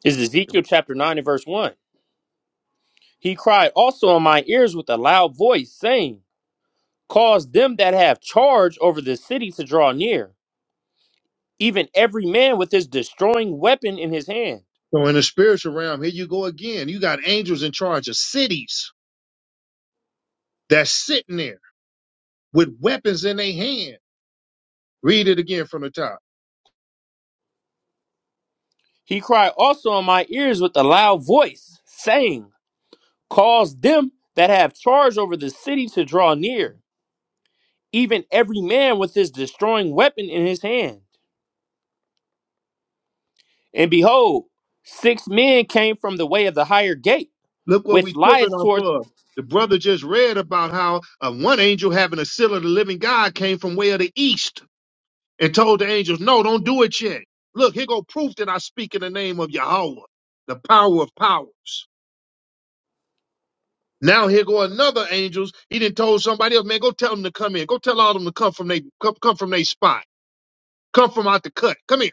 Speaker 2: is Ezekiel chapter 9 and verse 1. He cried also on my ears with a loud voice, saying, Cause them that have charge over the city to draw near, even every man with his destroying weapon in his hand.
Speaker 1: So in the spiritual realm, here you go again. You got angels in charge of cities that's sitting there with weapons in their hand. Read it again from the top.
Speaker 2: He cried also on my ears with a loud voice, saying, Cause them that have charge over the city to draw near, even every man with his destroying weapon in his hand. And behold, six men came from the way of the higher gate,
Speaker 1: Look what
Speaker 2: which
Speaker 1: we tripping
Speaker 2: lieth
Speaker 1: off
Speaker 2: toward.
Speaker 1: of. The brother just read about how uh, one angel having a seal of the living God came from way of the east and told the angels, no, don't do it yet. Look, here go proof that I speak in the name of Yahweh, the power of powers. Now here go another angels. He did told somebody else, man, go tell them to come in. Go tell all of them to come from they come, come from their spot. Come from out the cut. Come here.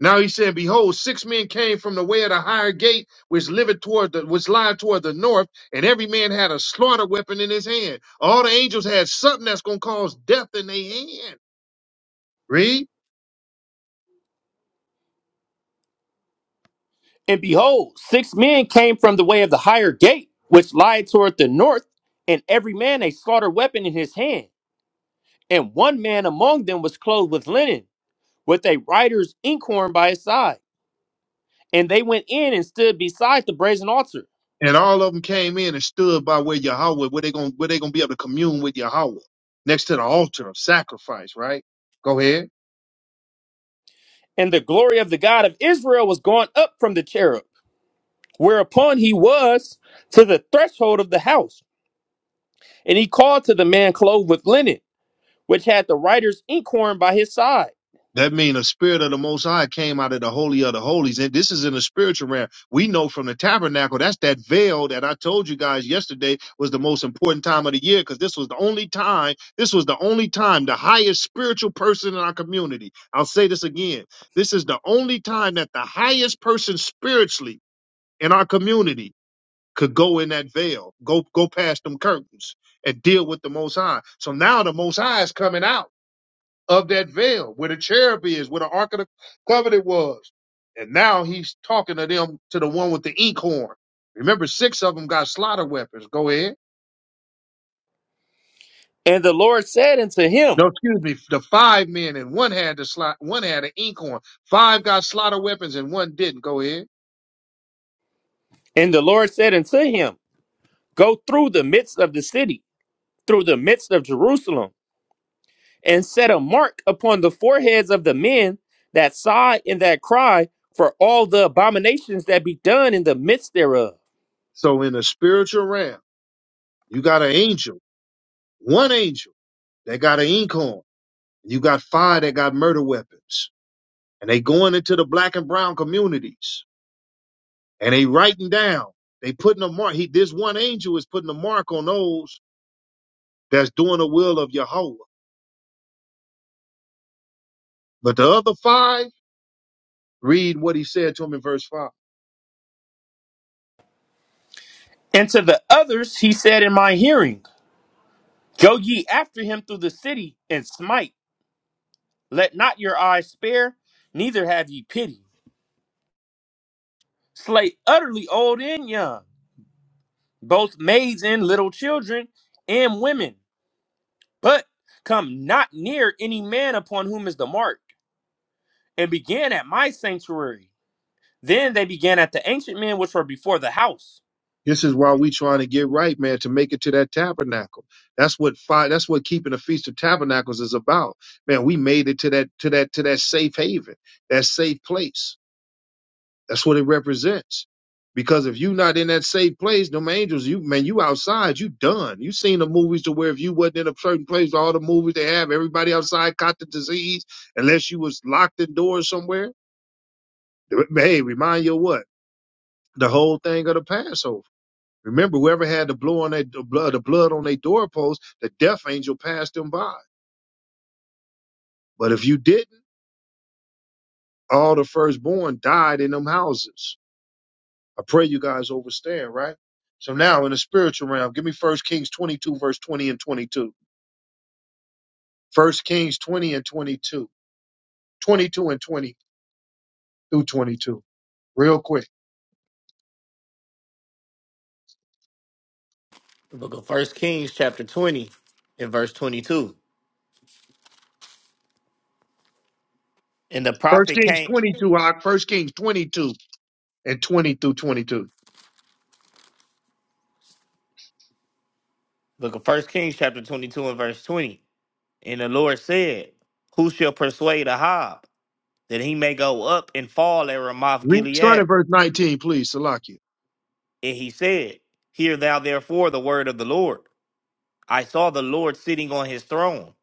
Speaker 1: Now he said, Behold, six men came from the way of the higher gate, which liveth toward the which lie toward the north, and every man had a slaughter weapon in his hand. All the angels had something that's gonna cause death in their hand. Read.
Speaker 2: And behold, six men came from the way of the higher gate, which lieth toward the north, and every man a slaughter weapon in his hand. And one man among them was clothed with linen, with a writer's inkhorn by his side. And they went in and stood beside the brazen altar.
Speaker 1: And all of them came in and stood by where Yahweh, where they gonna where they gonna be able to commune with Yahweh. Next to the altar of sacrifice, right? Go ahead.
Speaker 2: And the glory of the God of Israel was gone up from the cherub, whereupon he was to the threshold of the house. And he called to the man clothed with linen which had the writer's inkhorn by his side.
Speaker 1: That means a spirit of the Most High came out of the Holy of the Holies. And this is in the spiritual realm. We know from the tabernacle, that's that veil that I told you guys yesterday was the most important time of the year because this was the only time, this was the only time the highest spiritual person in our community. I'll say this again. This is the only time that the highest person spiritually in our community could go in that veil, go go past them curtains and deal with the Most High. So now the Most High is coming out of that veil where the cherub is, where the Ark of the Covenant was. And now he's talking to them, to the one with the inkhorn. Remember, six of them got slaughter weapons. Go ahead.
Speaker 2: And the Lord said unto him,
Speaker 1: No, excuse me. The five men and one had the slot, one had an inkhorn. Five got slaughter weapons and one didn't. Go ahead.
Speaker 2: and the Lord said unto him, Go through the midst of the city, through the midst of Jerusalem, and set a mark upon the foreheads of the men that sigh and that cry for all the abominations that be done in the midst thereof.
Speaker 1: So in the spiritual realm, you got an angel, one angel that got an inkhorn. You got five that got murder weapons, and they going into the black and brown communities and they writing down. They putting a mark. He this one angel is putting a mark on those that's doing the will of Yahweh. But the other five, read what he said to him in verse five.
Speaker 2: And to the others he said in my hearing, Go ye after him through the city and smite. Let not your eyes spare, neither have ye pity. Slay utterly old and young both maids and little children and women, but come not near any man upon whom is the mark, and began at my sanctuary. Then they began at the ancient men which were before the house.
Speaker 1: This is why we trying to get right, man, to make it to that tabernacle. That's what five. That's what keeping the feast of tabernacles is about, man. We made it to that to that to that safe haven, that safe place. That's what it represents. Because if you not in that safe place, them angels, you man, you outside, you done. You seen the movies to where if you wasn't in a certain place, all the movies they have, everybody outside caught the disease, unless you was locked indoors somewhere. Hey, remind you of what? The whole thing of the Passover. Remember, whoever had the blood on their the blood, the blood on their doorpost, the death angel passed them by. But if you didn't, all the firstborn died in them houses. I pray you guys overstand, right? So now in the spiritual realm, give me First Kings 22, verse 20 and 22. First Kings 20 and 22. 22 and 20 through 22. Real quick.
Speaker 3: The book of First Kings, chapter 20, and verse 22. And the
Speaker 1: First
Speaker 3: prophet
Speaker 1: Kings
Speaker 3: came,
Speaker 1: 22, Hawk. First Kings 22 and 20 through 22.
Speaker 3: book of First Kings, chapter 22, and verse 20. And the Lord said, Who shall persuade Ahab that he may go up and fall at Ramoth
Speaker 1: Read, start
Speaker 3: Gilead?
Speaker 1: at verse 19, please, Salakia.
Speaker 3: And he said, Hear thou therefore the word of the Lord. I saw the Lord sitting on his throne,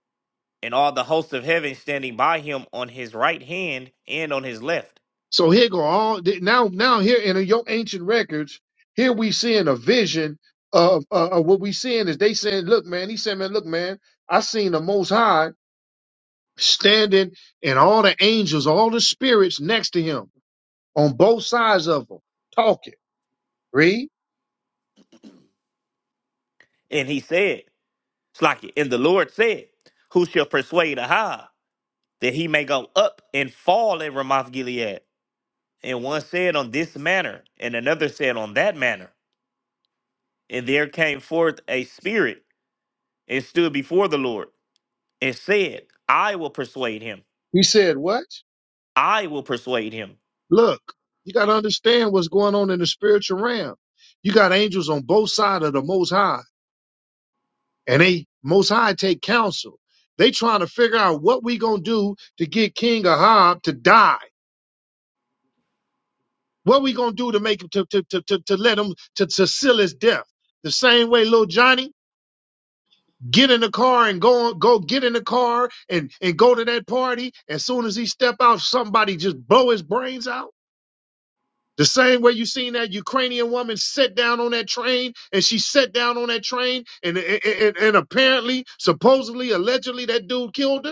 Speaker 3: and all the hosts of heaven standing by him on his right hand and on his left.
Speaker 1: So here go all, now, now here in your ancient records, here we seeing a vision of, uh, of what we seeing is they saying, look, man, he said, man, look, man, I seen the most high standing and all the angels, all the spirits next to him on both sides of him talking. Read.
Speaker 3: And he said, Slack it. And the Lord said, Who shall persuade Ahab? that he may go up and fall at Ramoth Gilead. And one said on this manner, and another said on that manner. And there came forth a spirit and stood before the Lord and said, I will persuade him.
Speaker 1: He said, What?
Speaker 3: I will persuade him.
Speaker 1: Look, you got to understand what's going on in the spiritual realm. You got angels on both sides of the Most High, and they Most High take counsel. They trying to figure out what we gonna do to get King Ahab to die. What we gonna do to make him to to to to, to let him to, to seal his death? The same way little Johnny get in the car and go go get in the car and and go to that party as soon as he step out somebody just blow his brains out the same way you seen that ukrainian woman sit down on that train and she sat down on that train and and, and, and apparently supposedly allegedly that dude killed her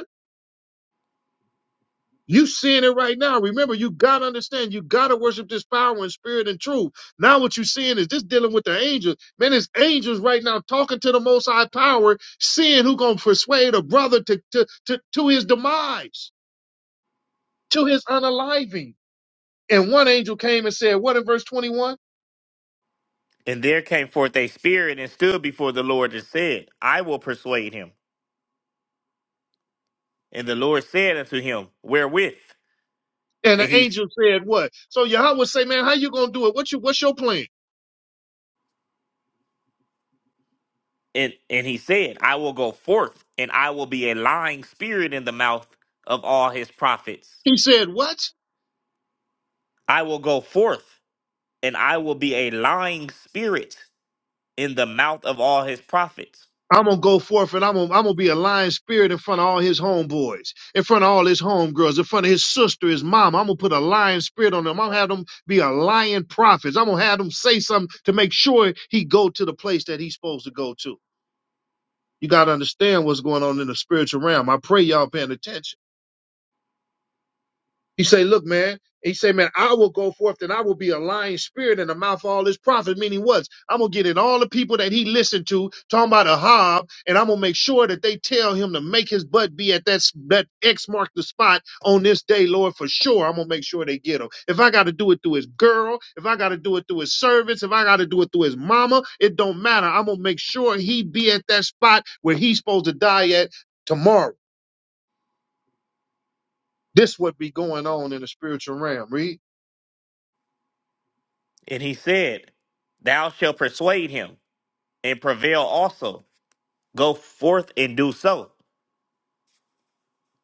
Speaker 1: You seeing it right now. Remember, you gotta understand, you gotta worship this power and spirit and truth. Now what you seeing is this dealing with the angels. Man, it's angels right now talking to the most high power, seeing who gonna persuade a brother to to to, to his demise, to his unaliving. And one angel came and said, What in verse 21?
Speaker 3: And there came forth a spirit and stood before the Lord and said, I will persuade him. And the Lord said unto him, Wherewith?
Speaker 1: And
Speaker 3: And
Speaker 1: the
Speaker 3: he
Speaker 1: angel said, What? So Yahweh say, Man, how you gonna do it? What you what's your plan?
Speaker 3: And and he said, I will go forth and I will be a lying spirit in the mouth of all his prophets.
Speaker 1: He said, What?
Speaker 3: I will go forth and I will be a lying spirit in the mouth of all his prophets.
Speaker 1: I'm gonna go forth and I'm gonna, I'm gonna be a lion spirit in front of all his homeboys, in front of all his homegirls, in front of his sister, his mom. I'm gonna put a lion spirit on them. I'm gonna have them be a lion prophets. I'm gonna have them say something to make sure he go to the place that he's supposed to go to. You gotta understand what's going on in the spiritual realm. I pray y'all paying attention. He say, look, man. He say, man, I will go forth and I will be a lying spirit in the mouth of all his prophets. Meaning what? I'm going to get in all the people that he listened to, talking about a hob, and I'm going to make sure that they tell him to make his butt be at that, s- that X mark the spot on this day, Lord, for sure. I'm going to make sure they get him. If I got to do it through his girl, if I got to do it through his servants, if I got to do it through his mama, it don't matter. I'm going to make sure he be at that spot where he's supposed to die at tomorrow. This would be going on in the spiritual realm. Read.
Speaker 3: And he said, Thou shalt persuade him and prevail also. Go forth and do so.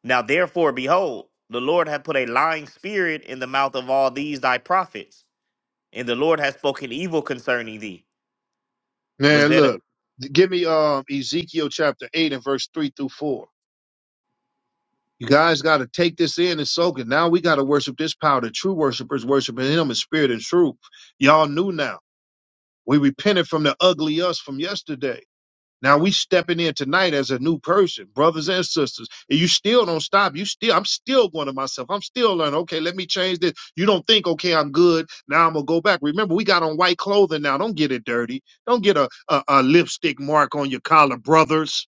Speaker 3: Now therefore, behold, the Lord hath put a lying spirit in the mouth of all these thy prophets, and the Lord hath spoken evil concerning thee.
Speaker 1: Man,
Speaker 3: Bezalel.
Speaker 1: look, give me um Ezekiel chapter eight and verse three through four. You guys got to take this in and soak it. Now we got to worship this power. The true worshipers worshiping Him in spirit and truth. Y'all knew now. We repented from the ugly us from yesterday. Now we stepping in tonight as a new person, brothers and sisters. And you still don't stop. You still, I'm still going to myself. I'm still learning. Okay, let me change this. You don't think, okay, I'm good. Now I'm gonna go back. Remember, we got on white clothing now. Don't get it dirty. Don't get a, a, a lipstick mark on your collar, brothers.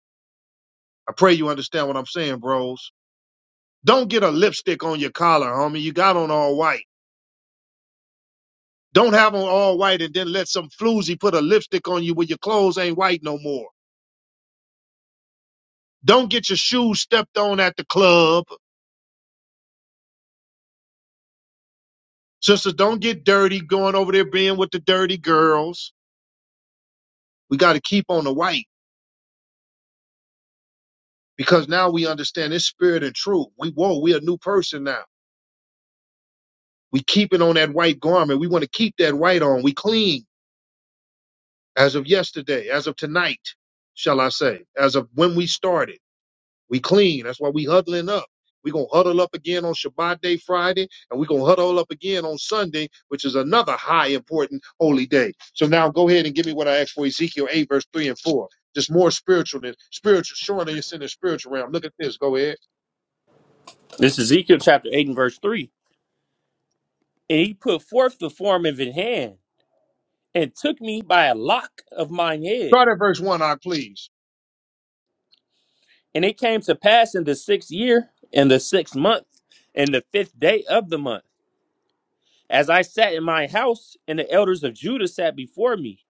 Speaker 1: I pray you understand what I'm saying, bros. Don't get a lipstick on your collar, homie. You got on all white. Don't have on all white and then let some floozy put a lipstick on you when your clothes ain't white no more. Don't get your shoes stepped on at the club. Sisters, don't get dirty going over there being with the dirty girls. We got to keep on the white because now we understand this spirit and truth. We whoa, we a new person now. We keep it on that white garment. We want to keep that white on. We clean as of yesterday, as of tonight, shall I say, as of when we started. We clean. That's why we huddling up. we going to huddle up again on Shabbat day Friday, and we going to huddle up again on Sunday, which is another high important holy day. So now go ahead and give me what I asked for Ezekiel 8, verse 3 and 4. Just more spiritual than spiritual, showing that it's in the spiritual realm. Look at this. Go ahead.
Speaker 2: This is Ezekiel chapter 8 and verse 3. And he put forth the form of his hand, and took me by a lock of mine head.
Speaker 1: Start at verse 1, I please.
Speaker 2: And it came to pass in the sixth year, in the sixth month, and the fifth day of the month, as I sat in my house, and the elders of Judah sat before me.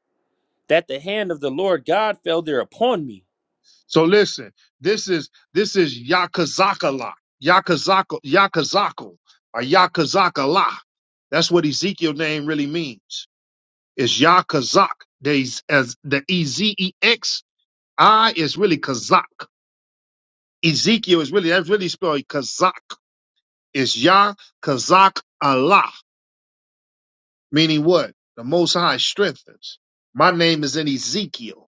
Speaker 2: that the hand of the Lord God fell there upon me.
Speaker 1: So listen, this is this is Yakazakala. Yakazako Yakazako or Yakazakala. That's what Ezekiel name really means. It's Yah Kazak. There's as the E Z E X I is really Kazak. Ezekiel is really that's really spelled Kazak. It's Yah Kazak Allah, meaning what? The Most High strengthens. My name is in Ezekiel.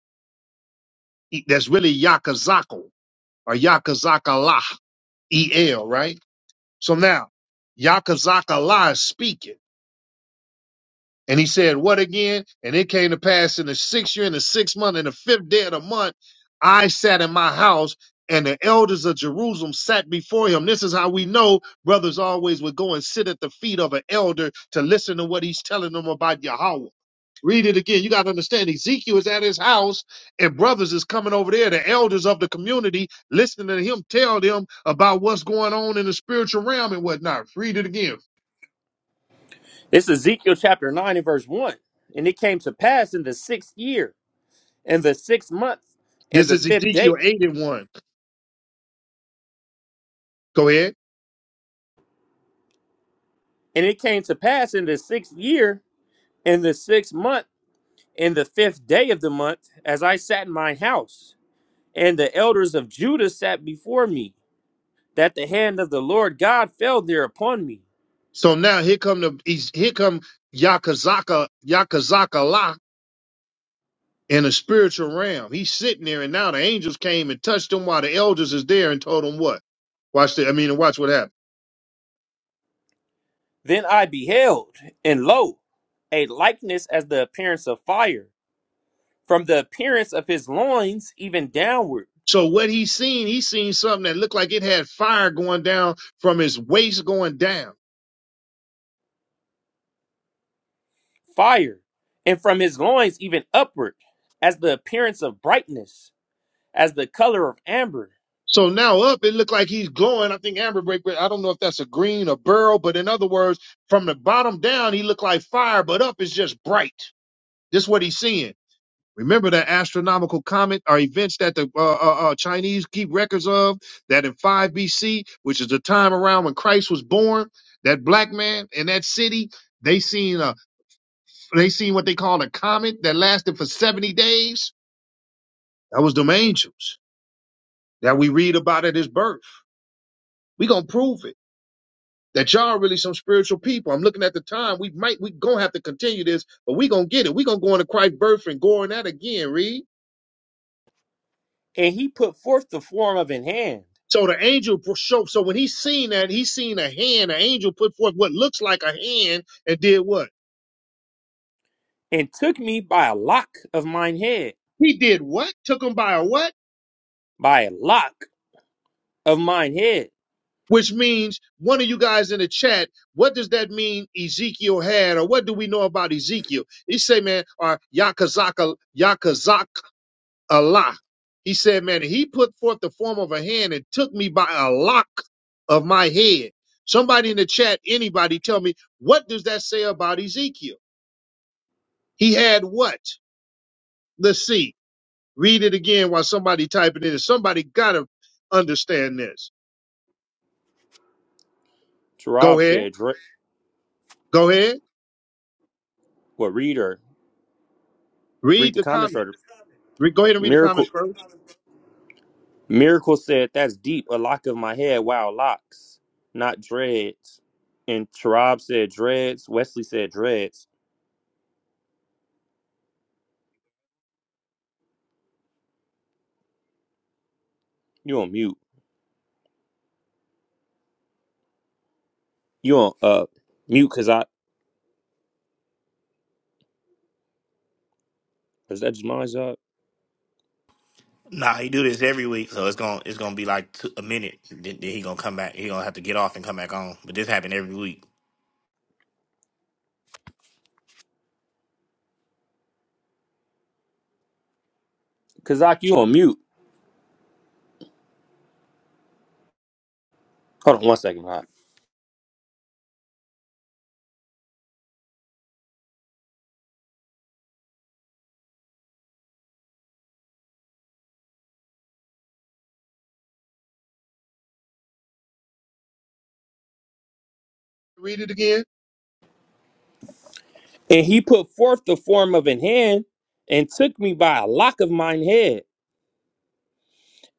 Speaker 1: E- That's really Yah Kazako or Yah Kazak Allah E L, right? So now Yah Kazak Allah is speaking. And he said, What again? And it came to pass in the sixth year, in the sixth month, in the fifth day of the month, I sat in my house, and the elders of Jerusalem sat before him. This is how we know brothers always would go and sit at the feet of an elder to listen to what he's telling them about Yahweh. Read it again. You got to understand Ezekiel is at his house, and brothers is coming over there, the elders of the community, listening to him tell them about what's going on in the spiritual realm and whatnot. Read it again.
Speaker 2: This is Ezekiel chapter 9 and verse 1. And it came to pass in the sixth year, in the sixth month, in
Speaker 1: This
Speaker 2: the
Speaker 1: is
Speaker 2: fifth day.
Speaker 1: Ezekiel 8 and 1. Go ahead.
Speaker 2: And it came to pass in the sixth year, in the sixth month, in the fifth day of the month, as I sat in my house, and the elders of Judah sat before me, that the hand of the Lord God fell there upon me.
Speaker 1: So now here come the he's, here come Yakazaka Yakazaka La in a spiritual realm. He's sitting there, and now the angels came and touched him while the elders is there and told him what. Watch the I mean, watch what happened.
Speaker 2: Then I beheld, and lo, a likeness as the appearance of fire From the appearance of his loins even downward,
Speaker 1: So what he's seen, he's seen something that looked like it had fire going down from his waist going down.
Speaker 2: fire, and from his loins even upward, as the appearance of brightness, as the color of amber.
Speaker 1: So now up, it looked like he's glowing. I think Amber Break, I don't know if that's a green or burl, but in other words, from the bottom down, he looked like fire, but up is just bright. This what he's seeing. Remember the astronomical comet or events that the uh, uh, uh, Chinese keep records of that in 5 BC, which is the time around when Christ was born, that black man in that city, they seen a, they seen what they call a comet that lasted for 70 days. That was them angels that we read about at his birth. We gonna prove it that y'all are really some spiritual people. I'm looking at the time. We might we gonna have to continue this, but we gonna get it. We gonna go into Christ's birth and go on that again. Read.
Speaker 2: And he put forth the form of an hand,
Speaker 1: So the angel showed. So so when he seen that, he seen a hand. An angel put forth what looks like a hand and did what?
Speaker 2: and took me by a lock of mine head,
Speaker 1: He did what? Took him by a what?
Speaker 2: by a lock of mine head.
Speaker 1: Which means one of you guys in the chat. What does that mean? Ezekiel had, or what do we know about Ezekiel? He say, man, or Yakazaka Yakazak Allah. He said, man, he put forth the form of a hand and took me by a lock of my head. Somebody in the chat, anybody, tell me what does that say about Ezekiel? He had what? Let's see. Read it again while somebody typing it in. Somebody gotta understand this. Go
Speaker 2: Tarab
Speaker 1: ahead.
Speaker 2: said, "Dr-
Speaker 1: Go ahead.
Speaker 2: "What reader, read
Speaker 1: Read
Speaker 2: the
Speaker 1: the
Speaker 2: comments
Speaker 1: comments.
Speaker 2: or
Speaker 1: Re- go ahead and read the
Speaker 2: miracle?"
Speaker 1: comments first.
Speaker 2: Miracle said, "That's deep. A lock of my head. Wow, locks, not dreads." And Tarab said, "Dreads." Wesley said, "Dreads." You on mute. You on uh mute Kazak. Is that just mine's up?
Speaker 3: Nah, he do this every week, so it's gonna it's gonna be like two, a minute. Then, then he gonna come back. He gonna have to get off and come back on. But this happened every week.
Speaker 2: Kazak, you on mute. Hold on one second, Hot.
Speaker 1: Read it again.
Speaker 2: And he put forth the form of an hand and took me by a lock of mine head.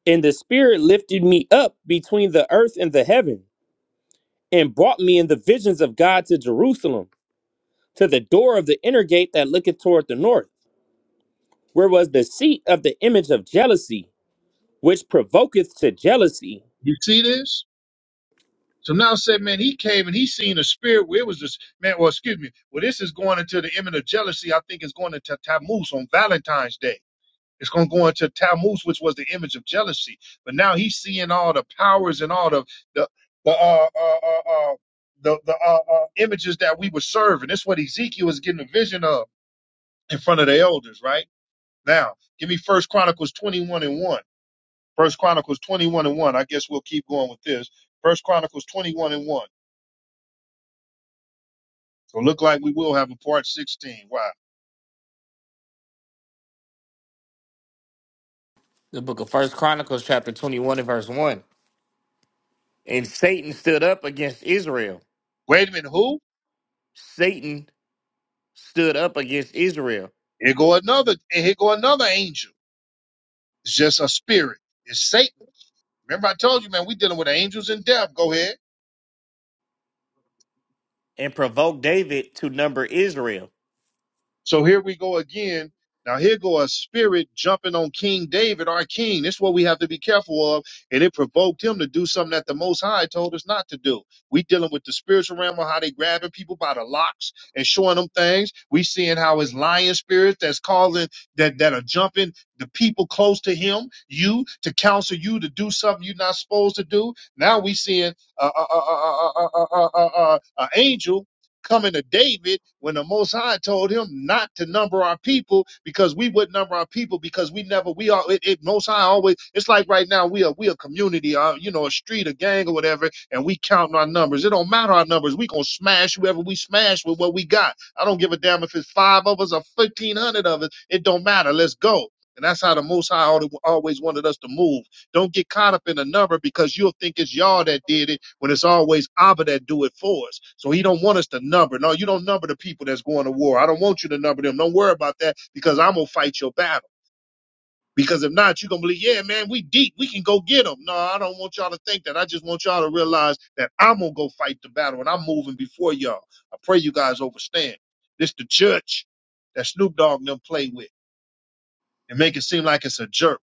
Speaker 2: And the spirit lifted me up between the earth and the heaven, and brought me in the visions of God to Jerusalem, to the door of the inner gate that looketh toward the north, where was the seat of the image of jealousy, which provoketh to jealousy.
Speaker 1: You see this? So now said, man, he came and he seen a spirit where it was this man. Well, excuse me. Well, this is going into the image of jealousy. I think it's going into Tammuz on Valentine's Day. It's going to go into Tammuz, which was the image of jealousy. But now he's seeing all the powers and all the the the uh, uh, uh, uh, the, the uh, uh, images that we were serving. That's what Ezekiel is getting a vision of in front of the elders. Right now, give me First Chronicles twenty one and one. First Chronicles twenty one and one. I guess we'll keep going with this. First Chronicles twenty one and one. So look like we will have a part sixteen. Wow.
Speaker 3: The book of First Chronicles, chapter 21 and verse 1. And Satan stood up against Israel.
Speaker 1: Wait a minute. Who?
Speaker 3: Satan stood up against Israel
Speaker 1: Here go another. Here go another angel. It's just a spirit. It's Satan Remember, I told you, man, we dealing with angels in death. Go ahead.
Speaker 3: and provoked David to number Israel.
Speaker 1: So here we go again. Now here go a spirit jumping on King David, our king. This is what we have to be careful of. And it provoked him to do something that the Most High told us not to do. We dealing with the spiritual realm of how they grabbing people by the locks and showing them things. We seeing how his lion spirits that's calling that that are jumping the people close to him, you to counsel you to do something you're not supposed to do. Now we seeing a uh, uh, uh, uh, uh, uh, uh, uh, uh, uh, angel coming to David when the Most High told him not to number our people because we would number our people because we never we are it, it Most High always it's like right now we are we a community uh, you know a street a gang or whatever and we counting our numbers it don't matter our numbers we gonna smash whoever we smash with what we got I don't give a damn if it's five of us or fifteen hundred of us it don't matter let's go and that's how the Most High al- always wanted us to move don't get caught up in a number because you'll think it's y'all that did it when it's always Abba that do it for us. So he don't want us to number. No, you don't number the people that's going to war. I don't want you to number them. Don't worry about that because I'm gonna fight your battle. Because if not, you're gonna believe, yeah, man, we deep. We can go get them. No, I don't want y'all to think that. I just want y'all to realize that I'm gonna go fight the battle and I'm moving before y'all. I pray you guys understand. This the church that Snoop Dogg and them play with and make it seem like it's a jerk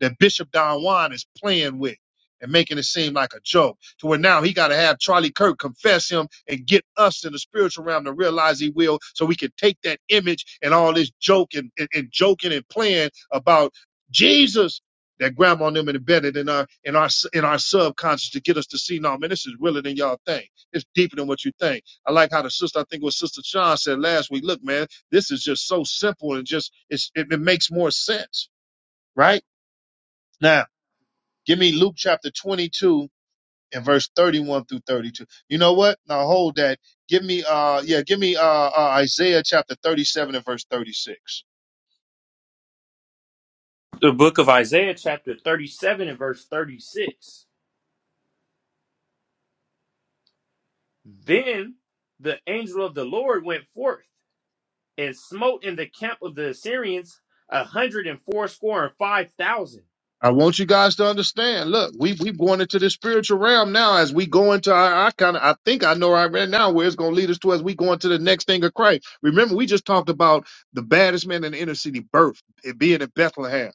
Speaker 1: that Bishop Don Juan is playing with and making it seem like a joke to where now he got to have Charlie Kirk confess him and get us in the spiritual realm to realize he will so we can take that image and all this joke and, and, and joking and playing about Jesus that grandma and them embedded in our in our in our subconscious to get us to see no man this is realer than y'all think it's deeper than what you think i like how the sister i think it was sister sean said last week look man this is just so simple and just it's, it, it makes more sense right now Give me Luke chapter 22 and verse 31 through 32. You know what? Now hold that. Give me uh yeah, give me uh, uh Isaiah chapter 37 and verse 36.
Speaker 2: The book of Isaiah, chapter 37 and verse 36. Then the angel of the Lord went forth and smote in the camp of the Assyrians a hundred and fourscore and five thousand.
Speaker 1: I want you guys to understand. Look, we we going into the spiritual realm now as we go into our, I kind of I think I know right now where it's going to lead us to as we go into the next thing of Christ. Remember, we just talked about the baddest man in the inner city birth, it being in Bethlehem,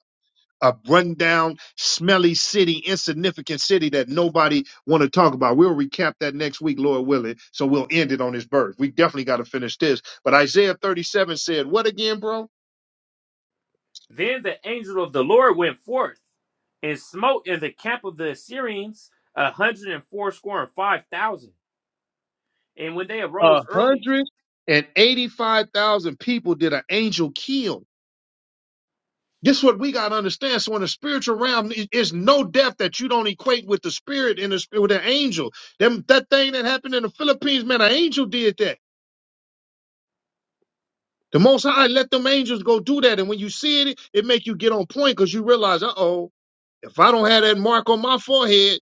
Speaker 1: a rundown, smelly city, insignificant city that nobody want to talk about. We'll recap that next week, Lord willing. So we'll end it on his birth. We definitely got to finish this. But Isaiah 37 said, "What again, bro?"
Speaker 2: Then the angel of the Lord went forth and smote in the camp of the Assyrians a hundred and fourscore and five thousand. And when they arose
Speaker 1: A
Speaker 2: early,
Speaker 1: hundred and eighty-five thousand people did an angel kill. This is what we gotta understand. So in the spiritual realm, it- it's no death that you don't equate with the spirit and the spirit with an angel. Them that thing that happened in the Philippines, man, an angel did that. The Most High let them angels go do that, and when you see it, it make you get on point because you realize, uh oh, if I don't have that mark on my forehead,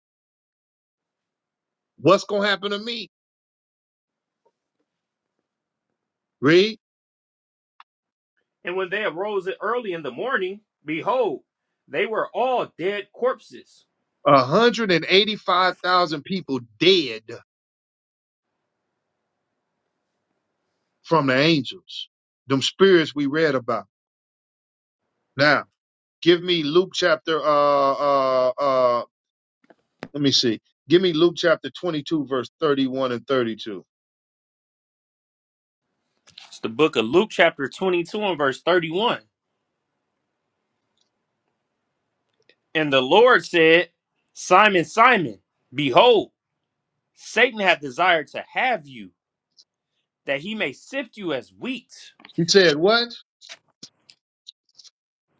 Speaker 1: what's gonna happen to me? Read,
Speaker 2: and when they arose early in the morning, behold, they were all dead corpses.
Speaker 1: a hundred and eighty-five thousand people dead from the angels, them spirits we read about. Now, give me Luke chapter, uh, uh, uh, let me see. Give me Luke chapter 22, verse 31 and 32.
Speaker 2: It's the book of Luke, chapter 22, and verse 31. And the Lord said, Simon, Simon, behold, Satan hath desired to have you, that he may sift you as wheat.
Speaker 1: He said, what?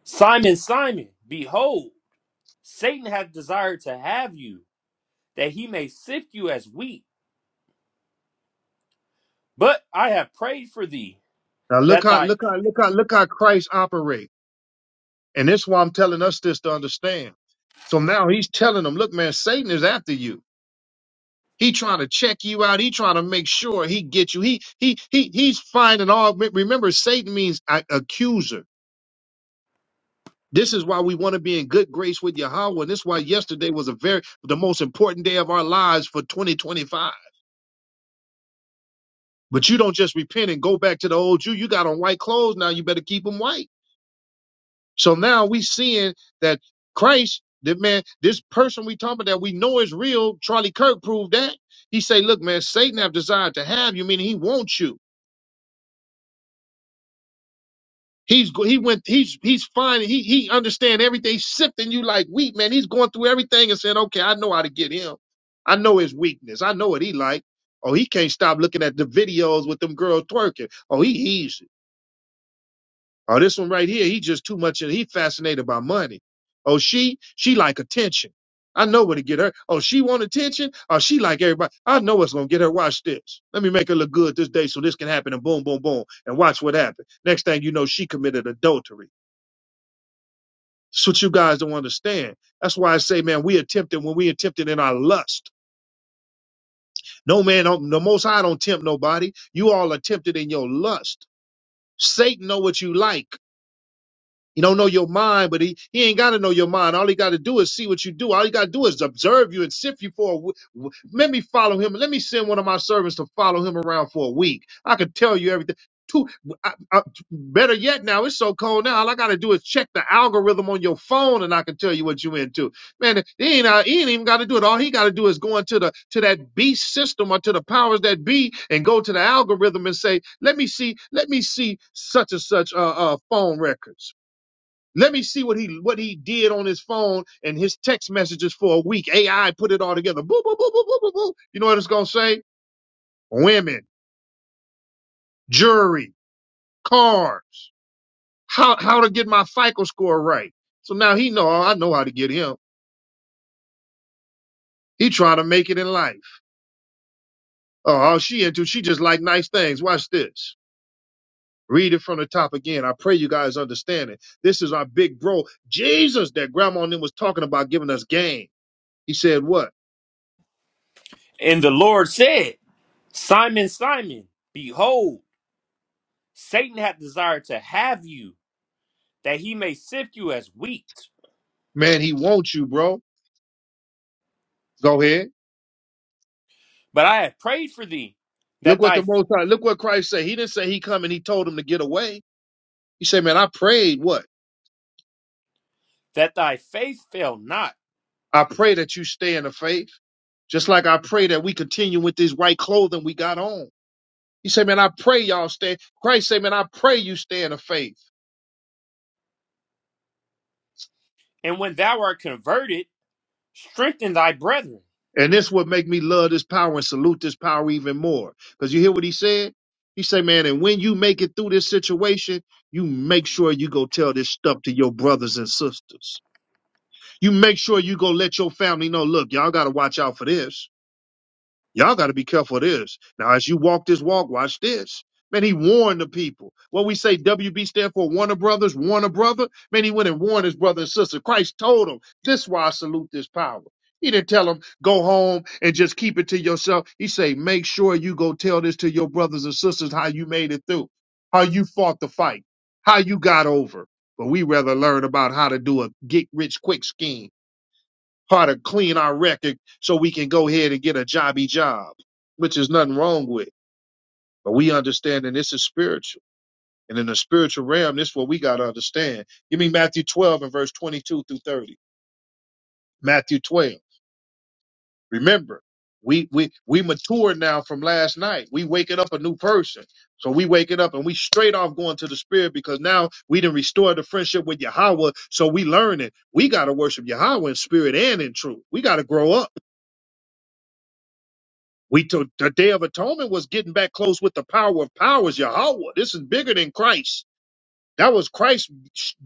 Speaker 2: Simon, Simon, behold, Satan hath desired to have you, that he may sift you as wheat. But I have prayed for thee,
Speaker 1: Now look
Speaker 2: that
Speaker 1: how,
Speaker 2: thy.
Speaker 1: look how, look how, look how Christ operates." And that's why I'm telling us this to understand. So now he's telling them, look, man, Satan is after you. He trying to check you out. He trying to make sure he get you. He, he, he, he's finding all, remember Satan means uh, accuser. This is why we want to be in good grace with Yahweh. And this is why yesterday was a very the most important day of our lives for 2025. But you don't just repent and go back to the old you. You got on white clothes now. You better keep them white. So now we seeing that Christ, the man, this person we talking about that we know is real. Charlie Kirk proved that. He say, look, man, Satan have desired to have you, meaning he wants you. He's go- he went he's he's fine. He he understand everything. He's sifting you like wheat, man. He's going through everything and saying, okay, I know how to get him. I know his weakness. I know what he like. Oh, he can't stop looking at the videos with them girls twerking. Oh, he easy. Oh, this one right here, he just too much. He fascinated by money. Oh, she she like attention. I know what to get her. Oh, she want attention. Oh, she like everybody. I know what's gonna get her. Watch this. Let me make her look good this day so this can happen. And boom, boom, boom. And watch what happened Next thing you know, she committed adultery. That's what you guys don't understand. That's why I say, man, we are tempted when we are tempted in our lust. No man, don't- the Most High don't tempt nobody. You all are tempted in your lust. Satan know what you like. He don't know your mind, but he, he ain't got to know your mind. All he got to do is see what you do. All he got to do is observe you and sift you for a w- w- Let me follow him. Let me send one of my servants to follow him around for a week. I could tell you everything. Two, I, I- better yet, now it's so cold now. All I got to do is check the algorithm on your phone, and I can tell you what you into. Man, he ain't, uh, he ain't even got to do it. All he got to do is go into the to that beast system or to the powers that be, and go to the algorithm and say, "Let me see, let me see such and such uh, uh, phone records." Let me see what he what he did on his phone and his text messages for a week. AI put it all together. Boo boo boo boo boo boo boo. You know what it's gonna say? Women, jury, cars. How how to get my FICO score right. So now he know oh, I know how to get him. He trying to make it in life. Oh, all she into she just like nice things. Watch this. Read it from the top again. I pray you guys understand it. This is our big bro, Jesus, that grandma and them was talking about giving us game. He said what?
Speaker 2: And the Lord said, Simon, Simon, behold, Satan hath desired to have you, that he may sift you as wheat.
Speaker 1: Man, he wants you, bro. Go ahead.
Speaker 2: But I have prayed for thee,
Speaker 1: Look
Speaker 2: that
Speaker 1: what
Speaker 2: thy
Speaker 1: the Most High, look what Christ said. He didn't say he come and he told him to get away. He said, man, I prayed what?
Speaker 2: that thy faith fail not.
Speaker 1: I pray that you stay in the faith. Just like I pray that we continue with this white clothing we got on. He said, man, I pray y'all stay. Christ said, man, I pray you stay in the faith.
Speaker 2: And when thou art converted, strengthen thy brethren.
Speaker 1: And this would make me love this power and salute this power even more. Cause you hear what he said? He said, man, and when you make it through this situation, you make sure you go tell this stuff to your brothers and sisters. You make sure you go let your family know, look, y'all got to watch out for this. Y'all got to be careful of this. Now, as you walk this walk, watch this. Man, he warned the people. What we say WB stand for Warner Brothers, Warner Brother. Man, he went and warned his brother and sister. Christ told him, this is why I salute this power. He didn't tell him, go home and just keep it to yourself. He say, make sure you go tell this to your brothers and sisters how you made it through, how you fought the fight, how you got over. But we rather learn about how to do a get rich quick scheme how to clean our record so we can go ahead and get a jobby job, which is nothing wrong with. But we understand that this is spiritual. And in the spiritual realm, this is what we got to understand. Give me Matthew 12 and verse 22 through 30. Matthew 12. Remember, we, we, we matured now from last night. We waking up a new person. So we waking up and we straight off going to the spirit because now we done restored the friendship with Yahweh. So we learning. We got to worship Yahweh in spirit and in truth. We got to grow up. We took the Day of Atonement was getting back close with the power of powers, Yahweh. This is bigger than Christ. That was Christ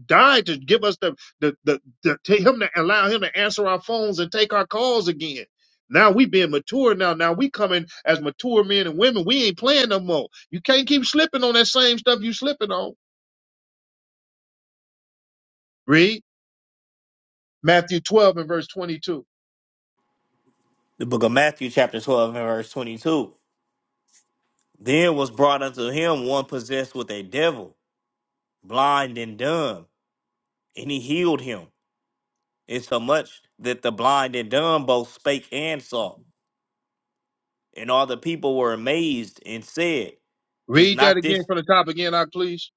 Speaker 1: died to give us the the the, the to him to allow him to answer our phones and take our calls again. Now we being mature now. Now we coming as mature men and women. We ain't playing no more. You can't keep slipping on that same stuff you slipping on. Read Matthew 12 and verse 22.
Speaker 3: The book of Matthew, chapter 12 and verse 22. Then was brought unto him one possessed with a devil, blind and dumb, and he healed him It's so much that the blind and dumb both spake and saw, and all the people were amazed and said, Is
Speaker 1: Read that
Speaker 3: not
Speaker 1: again
Speaker 3: this?
Speaker 1: from the top again, I please.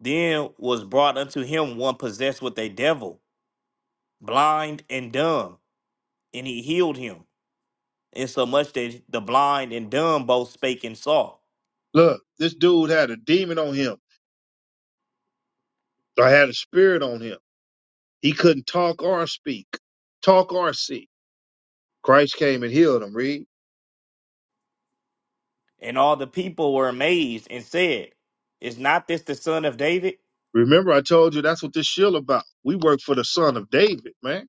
Speaker 3: Then was brought unto him one possessed with a devil, blind and dumb, and he healed him, insomuch that the blind and dumb both spake and saw.
Speaker 1: Look, this dude had a demon on him. I had a spirit on him He couldn't talk or speak, talk or see. Christ came and healed him. Read.
Speaker 3: And all the people were amazed and said, Is not this the son of David?
Speaker 1: Remember, I told you that's what this shield about. We work for the Son of David, man.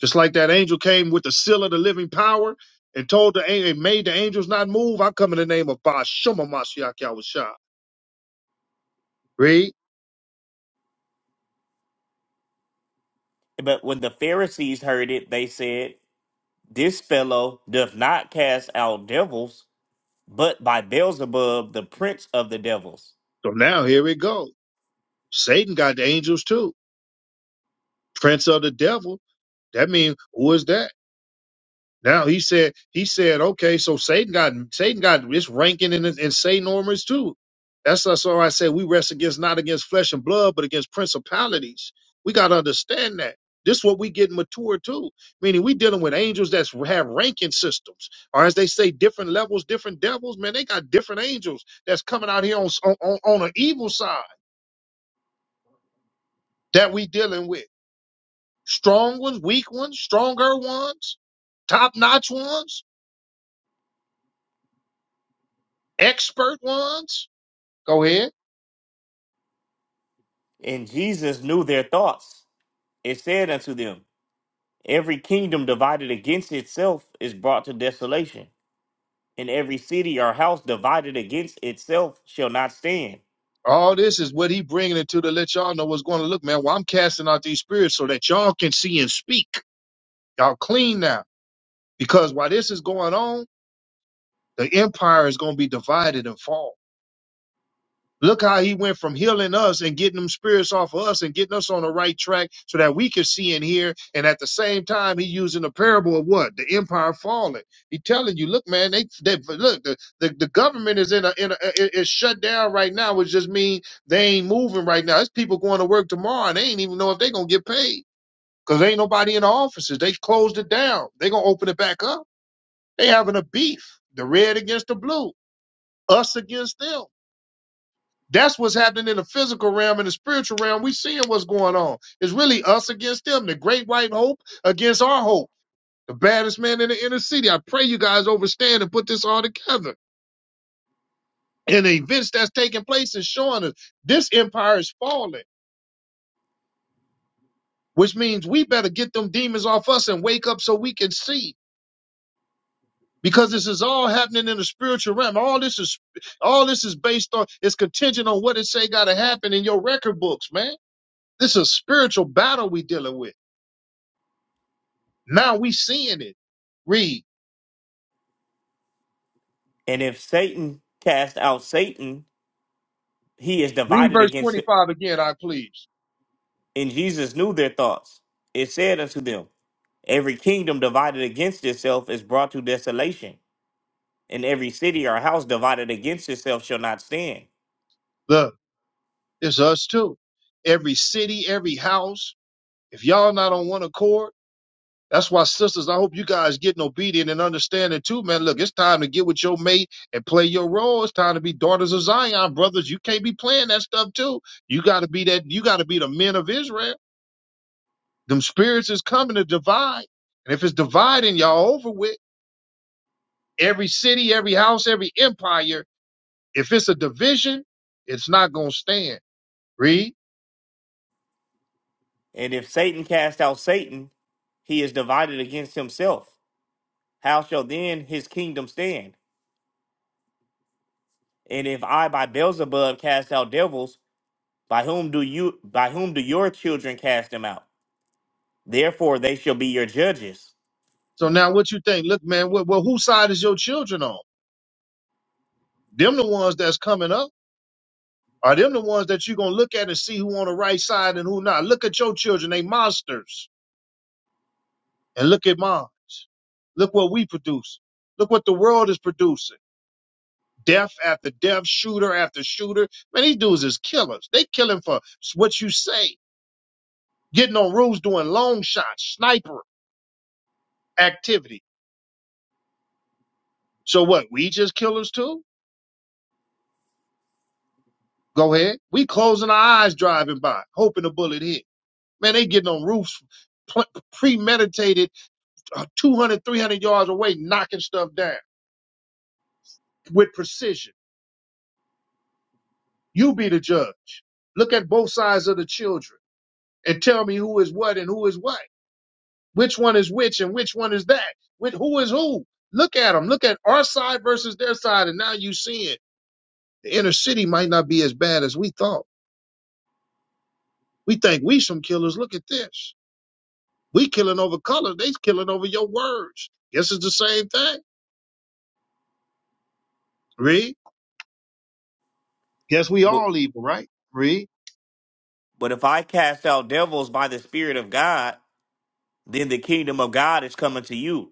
Speaker 1: Just like that angel came with the seal of the living power and told the angel, made the angels not move. I come in the name of Bashuma Mashiach Yahushua. Read.
Speaker 3: But when the Pharisees heard it, they said, This fellow doth not cast out devils, but by Beelzebub, the prince of the devils.
Speaker 1: So now here we go. Satan got the angels too. Prince of the devil. That means who is that? Now he said he said, okay, so Satan got Satan got its ranking in in Satan armors too. That's that's why I said we rest against not against flesh and blood, but against principalities. We gotta understand that. This is what we get mature to, meaning we dealing with angels that's have ranking systems, or as they say, different levels, different devils. Man, they got different angels that's coming out here on on on on an evil side that we dealing with. Strong ones, weak ones, stronger ones, top notch ones, expert ones Go ahead.
Speaker 3: And Jesus knew their thoughts and said unto them, Every kingdom divided against itself is brought to desolation, and every city or house divided against itself shall not stand.
Speaker 1: All this is what he bringing it to to let y'all know what's going to look, man. Well, I'm casting out these spirits so that y'all can see and speak. Y'all clean now. Because while this is going on, the empire is going to be divided and fall. Look how he went from healing us and getting them spirits off of us and getting us on the right track so that we could see and hear. And at the same time, he using the parable of what? The empire falling. He telling you, look, man, they, they look, the, the, the government is in a, in a, i- it's shut down right now, which just means they ain't moving right now. It's people going to work tomorrow and they ain't even know if they going to get paid because ain't nobody in the offices. They closed it down. They going to open it back up. They having a beef, the red against the blue, us against them. That's what's happening in the physical realm and the spiritual realm. We seeing what's going on. It's really us against them. The great white hope against our hope. The baddest man in the inner city. I pray you guys overstand and put this all together. And the events that's taking place is showing us this empire is falling, which means we better get them demons off us and wake up so we can see. Because this is all happening in the spiritual realm. All this is all this is based on it's contingent on what it say gotta happen in your record books, man. This is a spiritual battle we dealing with. Now we seeing it. Read.
Speaker 3: And if Satan cast out Satan, he is
Speaker 1: Read
Speaker 3: divided
Speaker 1: verse
Speaker 3: against him.
Speaker 1: 25 again, I please.
Speaker 3: And Jesus knew their thoughts. It said unto them, Every kingdom divided against itself is brought to desolation, and every city or house divided against itself shall not stand.
Speaker 1: Look, it's us too. Every city, every house. If y'all not on one accord, that's why sisters, I hope you guys getting obedient and understanding too, man. Look, it's time to get with your mate and play your role. It's time to be daughters of Zion, brothers. You can't be playing that stuff too. You gotta be that, you gotta be the men of Israel. Them spirits is coming to divide. And if it's dividing y'all over with, every city, every house, every empire. If it's a division, it's not gonna stand. Read.
Speaker 3: And if Satan cast out Satan, he is divided against himself. How shall then his kingdom stand? And if I by Beelzebub cast out devils, by whom do you by whom do your children cast them out? Therefore they shall be your judges.
Speaker 1: So now what you think? Look, man, well, well whose side is your children on? Them the ones that's coming up. Are them the ones that you're gonna look at and see who on the right side and who not? Look at your children, they monsters. And look at mine. Look what we produce. Look what the world is producing. Death after death, shooter after shooter. Man, these dudes is killers. They killing for what you say. Getting on roofs, doing long shots, sniper activity. So what? We just killers too? Go ahead. We closing our eyes driving by, hoping a bullet hit. Man, they getting on roofs, pl- premeditated, uh, 200, yards away, knocking stuff down with precision. You be the judge. Look at both sides of the children and tell me who is what and who is what. Which one is which and which one is that. With who is who. Look at them. Look at our side versus their side, and now you see it. The inner city might not be as bad as we thought. We think we some killers. Look at this. We killing over color. They killing over your words. Guess it's the same thing. Read. Guess we
Speaker 3: But
Speaker 1: all evil, right? Read.
Speaker 3: but if I cast out devils by the Spirit of God, then the kingdom of God is coming to you.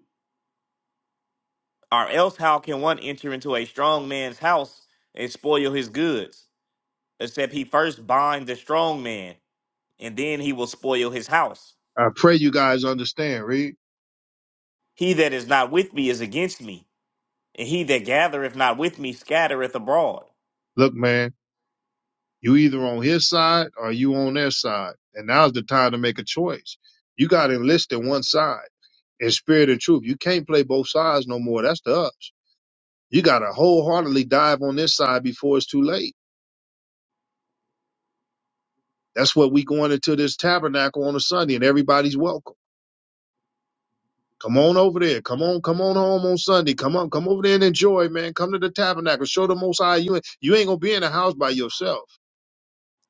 Speaker 3: Or else how can one enter into a strong man's house and spoil his goods, except he first bind the strong man? and then he will spoil his house.
Speaker 1: I pray you guys understand. Read.
Speaker 3: He that is not with me is against me, and he that gathereth not with me scattereth abroad.
Speaker 1: Look, man, you either on his side or you on their side. And now's the time to make a choice. You got to enlist in one side in spirit and truth. You can't play both sides no more. That's the us. You got to wholeheartedly dive on this side before it's too late. That's what we going into this tabernacle on a Sunday and everybody's welcome. Come on over there. Come on, come on home on Sunday. Come on, come over there and enjoy, man. Come to the tabernacle. Show the most high you ain't you ain't gonna be in the house by yourself.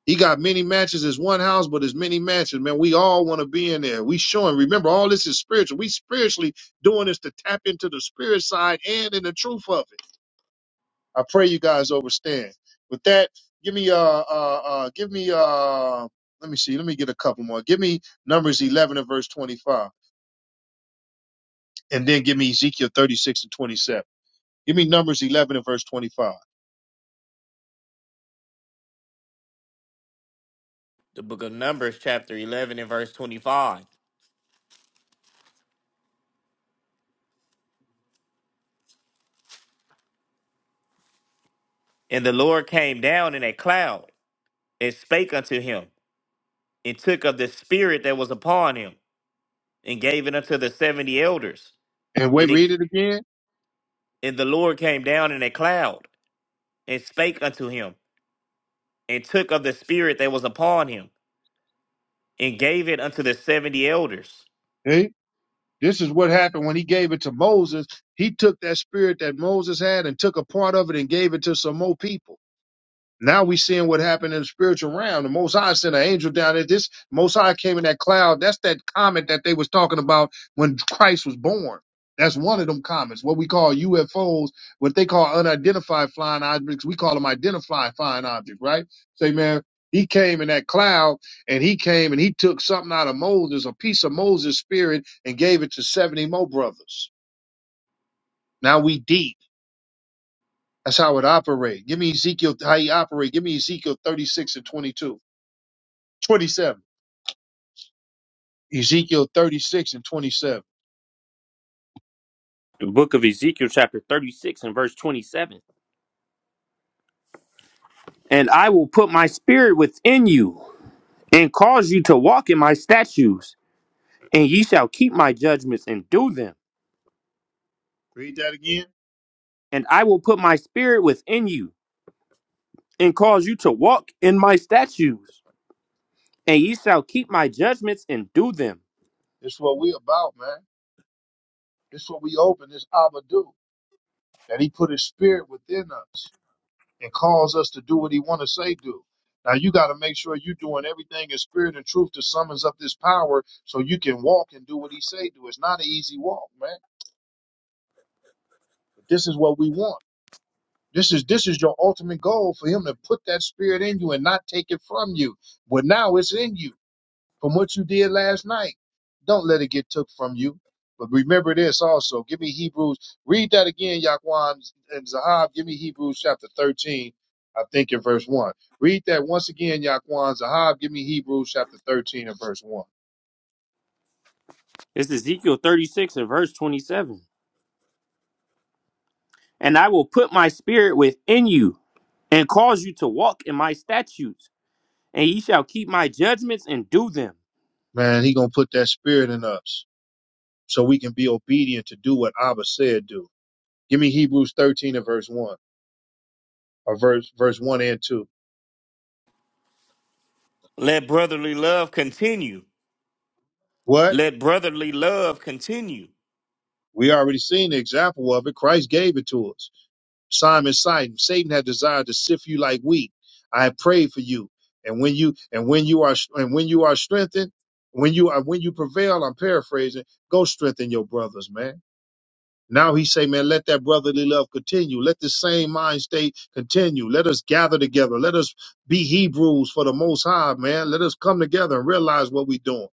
Speaker 1: He got many matches. It's one house, but it's many matches, man. We all want to be in there. We showing. Remember, all this is spiritual. We spiritually doing this to tap into the spirit side and in the truth of it. I pray you guys understand. With that, give me uh uh uh give me uh let me see, let me get a couple more. Give me Numbers eleven and verse twenty-five, and then give me Ezekiel thirty-six and twenty-seven. Give me Numbers 11 and verse 25.
Speaker 3: The book of Numbers, chapter 11, and verse 25. And the Lord came down in a cloud, and spake unto him, and took of the spirit that was upon him, and gave it unto the seventy elders.
Speaker 1: And wait,
Speaker 3: And,
Speaker 1: read
Speaker 3: it,
Speaker 1: it again.
Speaker 3: and the Lord came down in a cloud, and spake unto him, and took of the spirit that was upon him, and gave it unto the seventy elders.
Speaker 1: Hey, this is what happened when he gave it to Moses. He took that spirit that Moses had and took a part of it and gave it to some more people. Now we seeing what happened in the spiritual realm. The Most High sent an angel down there. This Most High came in that cloud. That's that comet that they was talking about when Christ was born. That's one of them comets, what we call UFOs, what they call unidentified flying objects. We call them identified flying objects, right? Say, man, he came in that cloud and he came and he took something out of Moses, a piece of Moses' spirit, and gave it to 70 more brothers. Now we deep. That's how it operates. Give me Ezekiel, how he operates. Give me Ezekiel 36 and 22. 27. Ezekiel 36 and 27.
Speaker 2: The book of Ezekiel, chapter 36, and verse 27. And I will put my spirit within you, and cause you to walk in my statutes, and ye shall keep my judgments and do them.
Speaker 1: Read that again.
Speaker 2: And I will put my spirit within you, and cause you to walk in my statutes, and ye shall keep my judgments and do them.
Speaker 1: It's what we about, man. It's what we open. This Abba do. That he put his spirit within us and calls us to do what he want to say do. Now you got to make sure you're doing everything in spirit and truth to summons up this power so you can walk and do what he say do. It's not an easy walk, man. But this is what we want. This is this is your ultimate goal for him to put that spirit in you and not take it from you. But now it's in you. from what you did last night. Don't let it get took from you. But remember this also. Give me Hebrews. Read that again, Yaquan and Zahab. Give me Hebrews chapter 13, I think in verse 1. Read that once again, Yaquan. Zahab, give me Hebrews chapter 13 and verse 1.
Speaker 2: It's Ezekiel 36 and verse 27. And I will put my spirit within you, and cause you to walk in my statutes and ye shall keep my judgments and do them.
Speaker 1: Man, he going to put that spirit in us so we can be obedient to do what Abba said do. Give me Hebrews 13 and verse 1 or verse, verse 1 and 2.
Speaker 3: Let brotherly love continue.
Speaker 1: What?
Speaker 3: Let brotherly love continue.
Speaker 1: We already seen the example of it. Christ gave it to us. Simon, Simon, Satan had desired to sift you like wheat. I have prayed for you, and when you and when you are and when you are strengthened, when you are when you prevail, I'm paraphrasing. Go strengthen your brothers, man. Now he say, man, let that brotherly love continue. Let this same mind state continue. Let us gather together. Let us be Hebrews for the Most High, man. Let us come together and realize what we're doing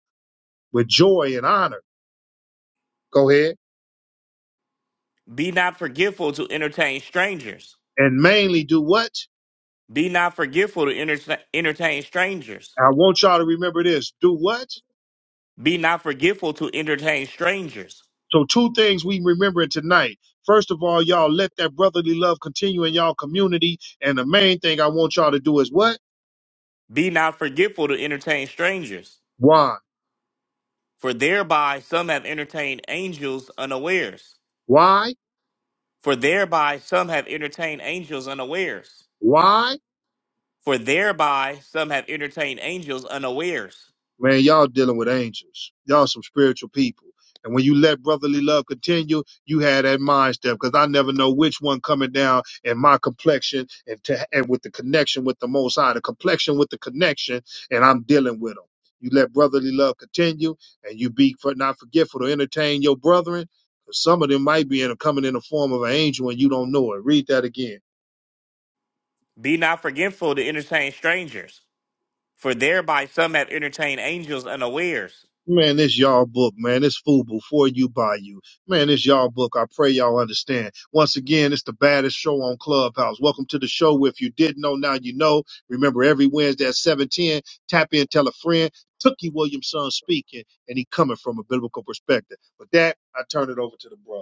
Speaker 1: with joy and honor. Go ahead
Speaker 3: Be not forgetful to entertain strangers.
Speaker 1: and mainly do what?
Speaker 3: Be not forgetful to enter- entertain strangers.
Speaker 1: I want y'all to remember this. Do what?
Speaker 3: Be not forgetful to entertain strangers.
Speaker 1: So two things we remembering tonight. First of all, y'all let that brotherly love continue in y'all community. And the main thing I want y'all to do is what?
Speaker 3: Be not forgetful to entertain strangers.
Speaker 1: Why?
Speaker 3: For thereby some have entertained angels unawares.
Speaker 1: Why?
Speaker 3: For thereby some have entertained angels unawares.
Speaker 1: Why?
Speaker 3: For thereby some have entertained angels unawares.
Speaker 1: Man, y'all dealing with angels. Y'all some spiritual people. And when you let brotherly love continue, you had that mind step because I never know which one coming down in my complexion and to, and with the connection with the Most High, the complexion with the connection, and I'm dealing with them. You let brotherly love continue, and you be for not forgetful to entertain your brethren. Cause Some of them might be in a, coming in the form of an angel, and you don't know it. Read that again.
Speaker 3: Be not forgetful to entertain strangers. For thereby some have entertained angels unawares.
Speaker 1: Man, it's y'all book, man. It's food before you buy you. Man, it's y'all book. I pray y'all understand. Once again, it's the baddest show on Clubhouse. Welcome to the show. If you didn't know, now you know. Remember, every Wednesday at 710, tap in, tell a friend. Tookie Williamson speaking, and he coming from a biblical perspective. With that, I turn it over to the brother.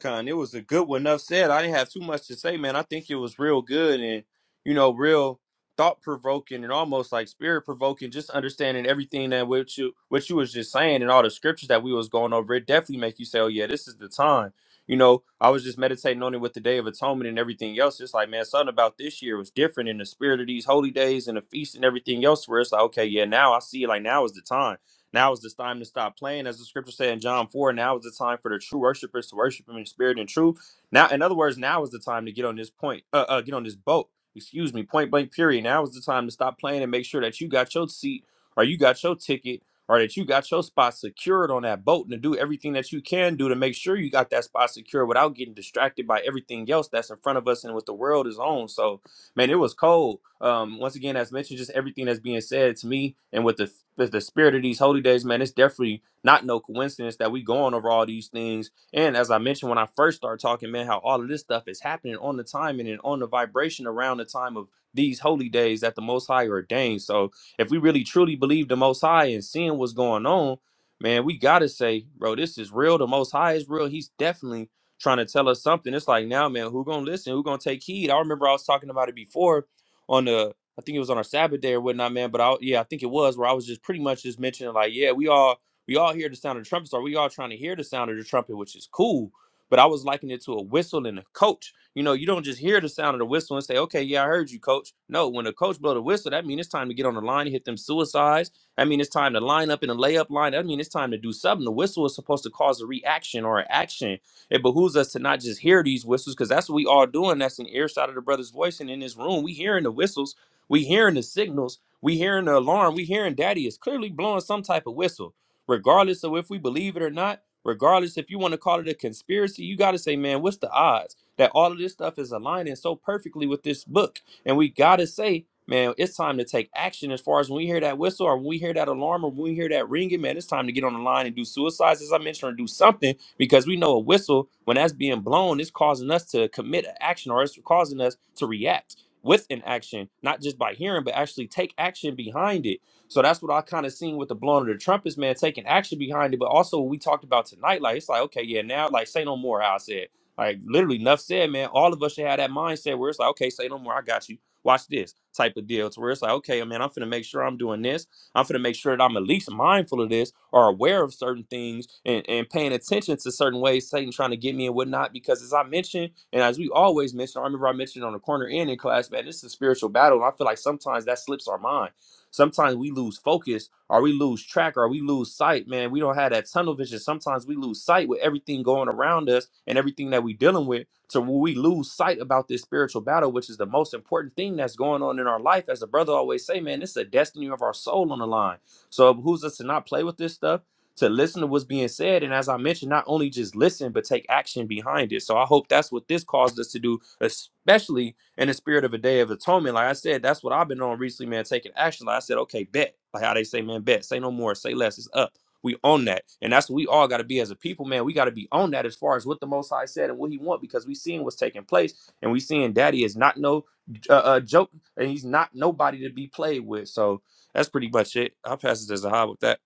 Speaker 2: Con, it was a good one. Enough said. I didn't have too much to say, man. I think it was real good and you know, real thought provoking and almost like spirit provoking. Just understanding everything that what you what you was just saying and all the scriptures that we was going over. It definitely make you say, "Oh yeah, this is the time." You know, I was just meditating on it with the Day of Atonement and everything else. It's like, man, something about this year was different in the spirit of these holy days and the feast and everything else. Where it's like, okay, yeah, now I see. Like now is the time. Now is the time to stop playing, as the scripture said in John 4. Now is the time for the true worshipers to worship him in spirit and truth. Now, in other words, now is the time to get on this point, uh, uh get on this boat. Excuse me, point blank period. Now is the time to stop playing and make sure that you got your seat or you got your ticket or that you got your spot secured on that boat and to do everything that you can do to make sure you got that spot secured without getting distracted by everything else that's in front of us and what the world is on. So man, it was cold. Um, once again, as mentioned, just everything that's being said to me and with the with the spirit of these holy days, man, it's definitely not no coincidence that we going over all these things. And as I mentioned when I first started talking, man, how all of this stuff is happening on the timing and on the vibration around the time of these holy days that the Most High ordained. So if we really truly believe the Most High and seeing what's going on, man, we gotta say, bro, this is real. The Most High is real. He's definitely trying to tell us something. It's like now, man, who gonna listen? Who gonna take heed? I remember I was talking about it before on the, I think it was on our Sabbath day or whatnot, man. But I, yeah, I think it was where I was just pretty much just mentioning like, yeah, we all we all hear the sound of the trumpet. Or we all trying to hear the sound of the trumpet, which is cool. But I was likening it to a whistle and a coach. You know, you don't just hear the sound of the whistle and say, "Okay, yeah, I heard you, coach." No, when the coach blow the whistle, that means it's time to get on the line, and hit them suicides. I mean, it's time to line up in a layup line. I mean, it's time to do something. The whistle is supposed to cause a reaction or an action it behooves us to not just hear these whistles, because that's what we all doing. That's an earshot of the brother's voice, and in this room, we hearing the whistles, we hearing the signals, we hearing the alarm, we hearing Daddy is clearly blowing some type of whistle, regardless of if we believe it or not. Regardless if you want to call it a conspiracy, you got to say, man, what's the odds that all of this stuff is aligning so perfectly with this book? And we got to say, man, it's time to take action as far as when we hear that whistle or when we hear that alarm or when we hear that ringing, man, it's time to get on the line and do suicides, as I mentioned, or do something because we know a whistle when that's being blown it's causing us to commit an action or it's causing us to react with an action not just by hearing but actually take action behind it so that's what i kind of seen with the blowing of the trumpets man taking action behind it but also what we talked about tonight like it's like okay yeah now like say no more how i said like literally enough said man all of us should have that mindset where it's like okay say no more i got you watch this type of deal to where it's like okay man i'm finna make sure i'm doing this I'm going to make sure that I'm at least mindful of this or aware of certain things and, and paying attention to certain ways Satan trying to get me and whatnot. Because as I mentioned, and as we always mention, I remember I mentioned on the corner end in class, man, this is a spiritual battle. And I feel like sometimes that slips our mind. Sometimes we lose focus or we lose track or we lose sight, man. We don't have that tunnel vision. Sometimes we lose sight with everything going around us and everything that we are dealing with. So when we lose sight about this spiritual battle, which is the most important thing that's going on in our life, as the brother always say, man, it's the destiny of our soul on the line. So it behooves us to not play with this stuff, to listen to what's being said, and as I mentioned, not only just listen but take action behind it. So I hope that's what this caused us to do, especially in the spirit of a day of atonement. Like I said, that's what I've been on recently, man, taking action. Like I said, okay, bet. Like how they say, man, bet. Say no more. Say less. It's up. We own that. And that's what we all got to be as a people, man. We got to be on that as far as what the Most High said and what He want because we seeing what's taking place and we seeing Daddy is not no uh, uh, joke and he's not nobody to be played with. So that's pretty much it. I'll pass it to Zahab with that.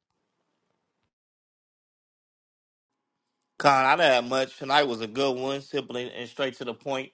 Speaker 3: Con, I didn't have much. Tonight was a good one, simply and and straight to the point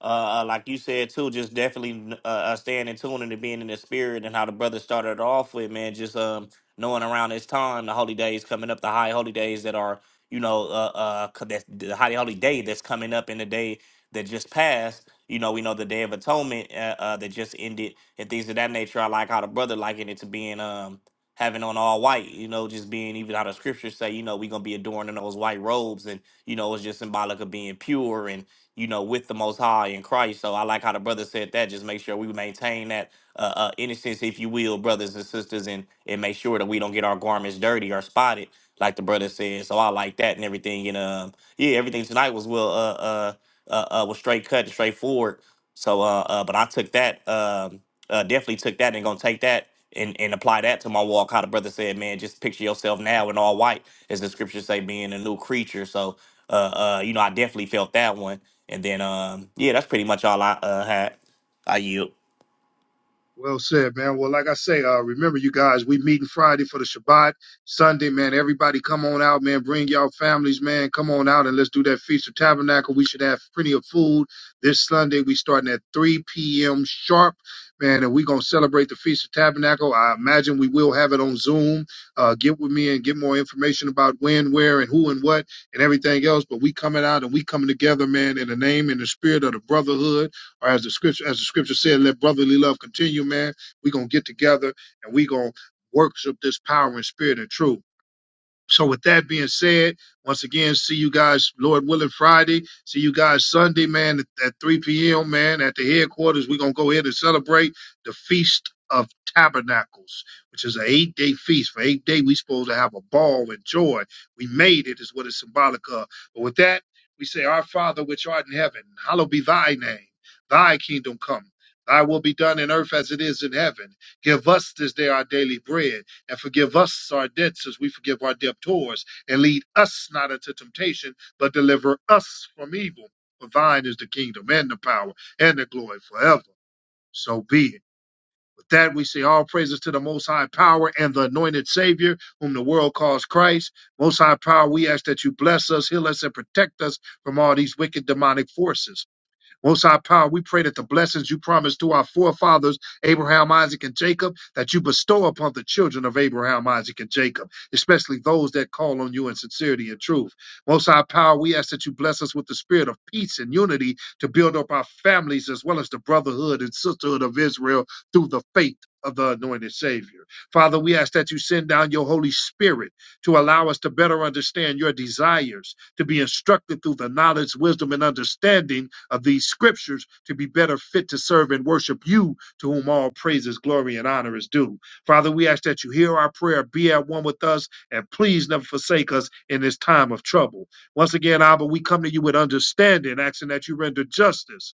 Speaker 3: uh, uh, like you said too, just definitely uh, uh, staying in tune and being in the spirit and how the brother started off with, man, just um knowing around this time the holy days coming up, the high holy days that are you know uh uh co- that's the high holy day that's coming up in the day that just passed. You know, we know the Day of Atonement uh, uh, that just ended and things of that nature. I like how the brother likened it to being um having on all white, you know, just being even how the scriptures say, you know, we're gonna be adorned in those white robes and you know, it's just symbolic of being pure and you know, with the Most High in Christ. So I like how the brother said that. Just make sure we maintain that uh, uh, innocence, if you will, brothers and sisters, and and make sure that we don't get our garments dirty or spotted, like the brother said. So I like that and everything. And um, yeah, everything tonight was well, uh, uh, uh, uh was straight cut and straightforward. So, uh, uh, but I took that, um, uh, definitely took that and gonna take that and, and apply that to my walk. How the brother said, man, just picture yourself now in all white, as the scriptures say, being a new creature. So, uh, uh, you know, I definitely felt that one. And then, um, yeah, that's pretty much all I uh, had. I yield.
Speaker 1: Well said, man. Well, like I say, uh, remember you guys, we meeting Friday for the Shabbat. Sunday, man, everybody come on out, man. Bring y'all families, man. Come on out and let's do that Feast of Tabernacle. We should have plenty of food. This Sunday, we starting at 3 p.m. sharp, man, and we going to celebrate the Feast of Tabernacle. I imagine we will have it on Zoom. Uh, get with me and get more information about when, where, and who and what and everything else. But we coming out and we coming together, man, in the name and the spirit of the brotherhood or as the scripture as the scripture said, let brotherly love continue, man. We're gonna get together and we're gonna worship this power and spirit and truth. So with that being said, once again, see you guys, Lord willing, Friday. See you guys Sunday, man, at, at 3 p.m., man, at the headquarters. We're going to go ahead and celebrate the Feast of Tabernacles, which is an eight-day feast. For eight days, we supposed to have a ball and joy. We made it is what it's symbolic of. But with that, we say, Our Father, which art in heaven, hallowed be thy name. Thy kingdom come. Thy will be done in earth as it is in heaven. Give us this day our daily bread and forgive us our debts as we forgive our debtors, and lead us not into temptation, but deliver us from evil. For thine is the kingdom and the power and the glory forever. So be it. With that, we say all praises to the Most High Power and the anointed Savior, whom the world calls Christ. Most High Power, we ask that you bless us, heal us, and protect us from all these wicked demonic forces. Most High Power, we pray that the blessings you promised to our forefathers, Abraham, Isaac, and Jacob, that you bestow upon the children of Abraham, Isaac, and Jacob, especially those that call on you in sincerity and truth. Most High Power, we ask that you bless us with the spirit of peace and unity to build up our families as well as the brotherhood and sisterhood of Israel through the faith of the anointed Savior. Father, we ask that you send down your Holy Spirit to allow us to better understand your desires to be instructed through the knowledge, wisdom, and understanding of these scriptures to be better fit to serve and worship you, to whom all praises, glory, and honor is due. Father, we ask that you hear our prayer, be at one with us, and please never forsake us in this time of trouble. Once again, Abba, we come to you with understanding, asking that you render justice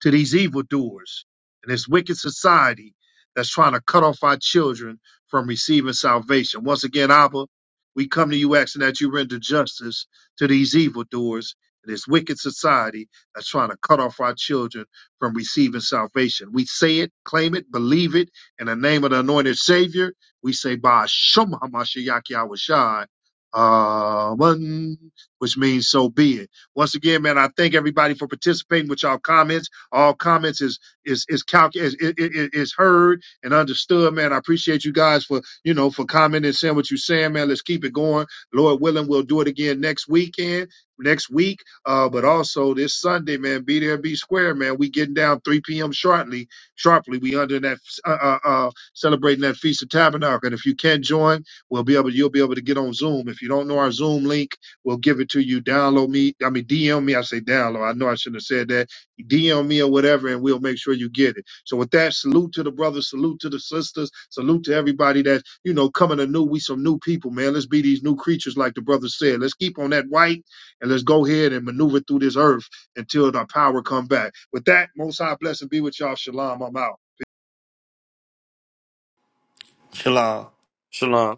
Speaker 1: to these evildoers and this wicked society that's trying to cut off our children from receiving salvation. Once again, Abba, we come to you asking that you render justice to these evildoers and this wicked society that's trying to cut off our children from receiving salvation. We say it, claim it, believe it in the name of the anointed Savior. We say, by Shem HaMashiach Yahweh Shai, Amen, which means so be it. Once again, man, I thank everybody for participating with y'all comments. All comments is is is calc is, is, is heard and understood, man. I appreciate you guys for you know for commenting, saying what you're saying, man. Let's keep it going. Lord willing, we'll do it again next weekend, next week. Uh, but also this Sunday, man, be there, be square, man. We getting down 3 p.m. sharply, sharply. We under that uh, uh, uh celebrating that feast of tabernacle. And if you can join, we'll be able you'll be able to get on Zoom. If you don't know our Zoom link, we'll give it to you. Download me, I mean DM me. I say download. I know I shouldn't have said that DM me or whatever, and we'll make sure you get it. So with that, salute to the brothers, salute to the sisters, salute to everybody that you know coming anew. We some new people, man. Let's be these new creatures, like the brother said. Let's keep on that white, and let's go ahead and maneuver through this earth until our power come back. With that, Most High blessing be with y'all. Shalom. I'm out.
Speaker 3: Shalom.
Speaker 2: Shalom.